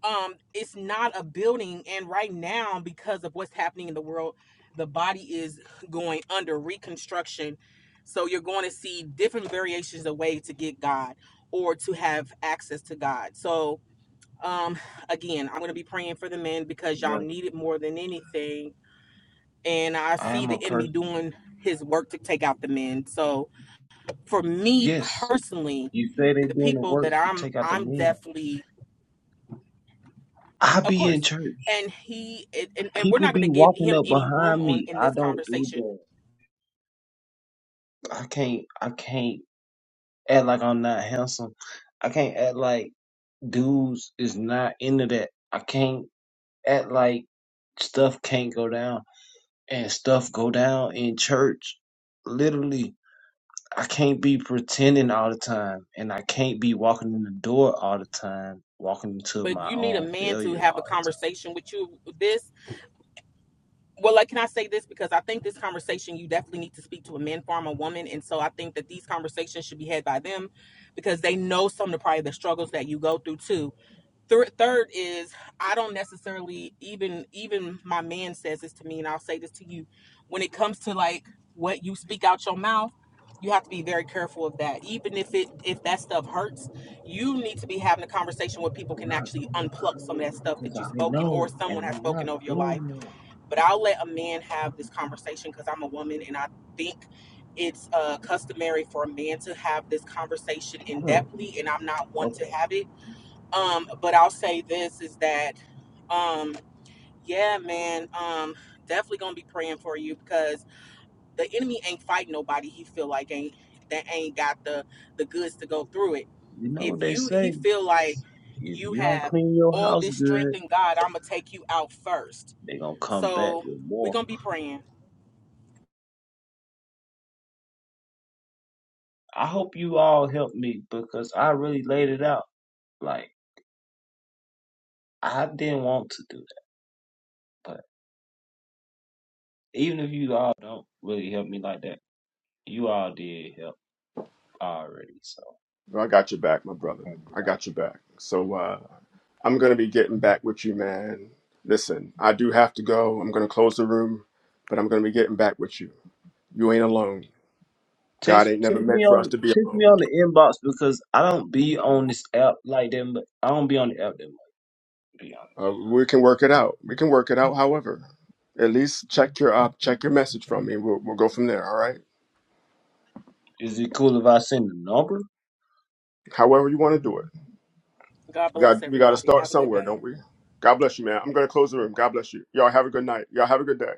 E: um it's not a building and right now because of what's happening in the world the body is going under reconstruction so you're going to see different variations of ways to get god or to have access to god so um again i'm going to be praying for the men because y'all
F: yeah,
E: need it more than anything and I
F: I
E: see
F: am a
E: the enemy
F: person.
E: doing his work to take out the men. So for me
F: Yes,
E: personally,
F: you say they
E: the
F: doing the
E: people
F: work
E: that
F: to
E: I'm
F: take out the
E: I'm
F: men.
E: definitely
F: I
E: of
F: be in
E: course.
F: church.
E: And he and, and we're
F: People
E: not
F: be
E: gonna give
F: walking
E: him
F: up
E: any room
F: behind
E: on
F: me.
E: in
F: I
E: this
F: don't do
E: conversation,
F: that. I can't. I can't act like I'm not handsome. I can't act like dudes is not into that. I can't act like stuff can't go down and stuff go down in church. Literally, I can't be pretending all the time, and I can't be walking in the door all the time, walking into
E: but
F: my
E: you need a
F: own
E: man to
F: failure.
E: have a
F: All the
E: conversation with you this. Well, like can I say this? Because I think this conversation you definitely need to speak to a man from a woman. And so I think that these conversations should be had by them because they know some of the probably the struggles that you go through too Thir third is I don't necessarily even even my man says this to me, and I'll say this to you. When it comes to like what you speak out your mouth, you have to be very careful of that. Even if it if that stuff hurts, you need to be having a conversation where people
F: time. I'm
E: can
F: not
E: actually
F: gonna
E: unplug some of
F: hurt
E: that stuff
F: because
E: that you've
F: I
E: spoken
F: know,
E: or someone
F: and
E: has
F: I'm not
E: spoken over your life.
F: doing that.
E: But I'll let a man have this conversation because I'm a woman, and I think it's uh, customary for a man to have this conversation in
F: Look,
E: depthly, and I'm not one to
F: okay,
E: have it um, but I'll say this is that, um, yeah, man, um, definitely gonna be praying for you because the enemy ain't fighting nobody. He feel like ain't that ain't got the the goods to go through it.
F: you know
E: If
F: what they
E: you he
F: say:
E: feel like
F: if
E: you
F: you don't
E: have
F: clean your
E: all
F: house
E: this strength
F: good,
E: in God, I'm gonna take you out first.
F: they gonna come back
E: So
F: with
E: we're
F: more.
E: gonna be praying.
F: I hope you all helped me because I really laid it out. Like I didn't want to do that, but even if you all don't really help me like that, you all did help already. So
D: No, I got your back, my brother.
F: thank you.
D: I got your back. So uh, I'm going to be getting back with you, man. Listen, I do have to go. I'm going to close the room, but I'm going to be getting back with you. You ain't alone. God
F: text
D: ain't never
F: text
D: meant
F: me
D: for us
F: on
D: to be
F: text me
D: alone.
F: on the inbox because I don't be on this app like them. But I don't be on the app that much. To be
D: Um, we can work it out. We can work it out. However, at least check your uh, check your message from me. We'll, we'll go from there. All right.
F: honest, is it cool if I send the number?
D: However you want to do it.
E: God bless
D: God, we got to
E: everybody.
D: start
E: Have a good
D: somewhere,
E: day.
D: don't we? God bless you, man. I'm gonna close the room. God bless you. Y'all have a good night. Y'all have a good day.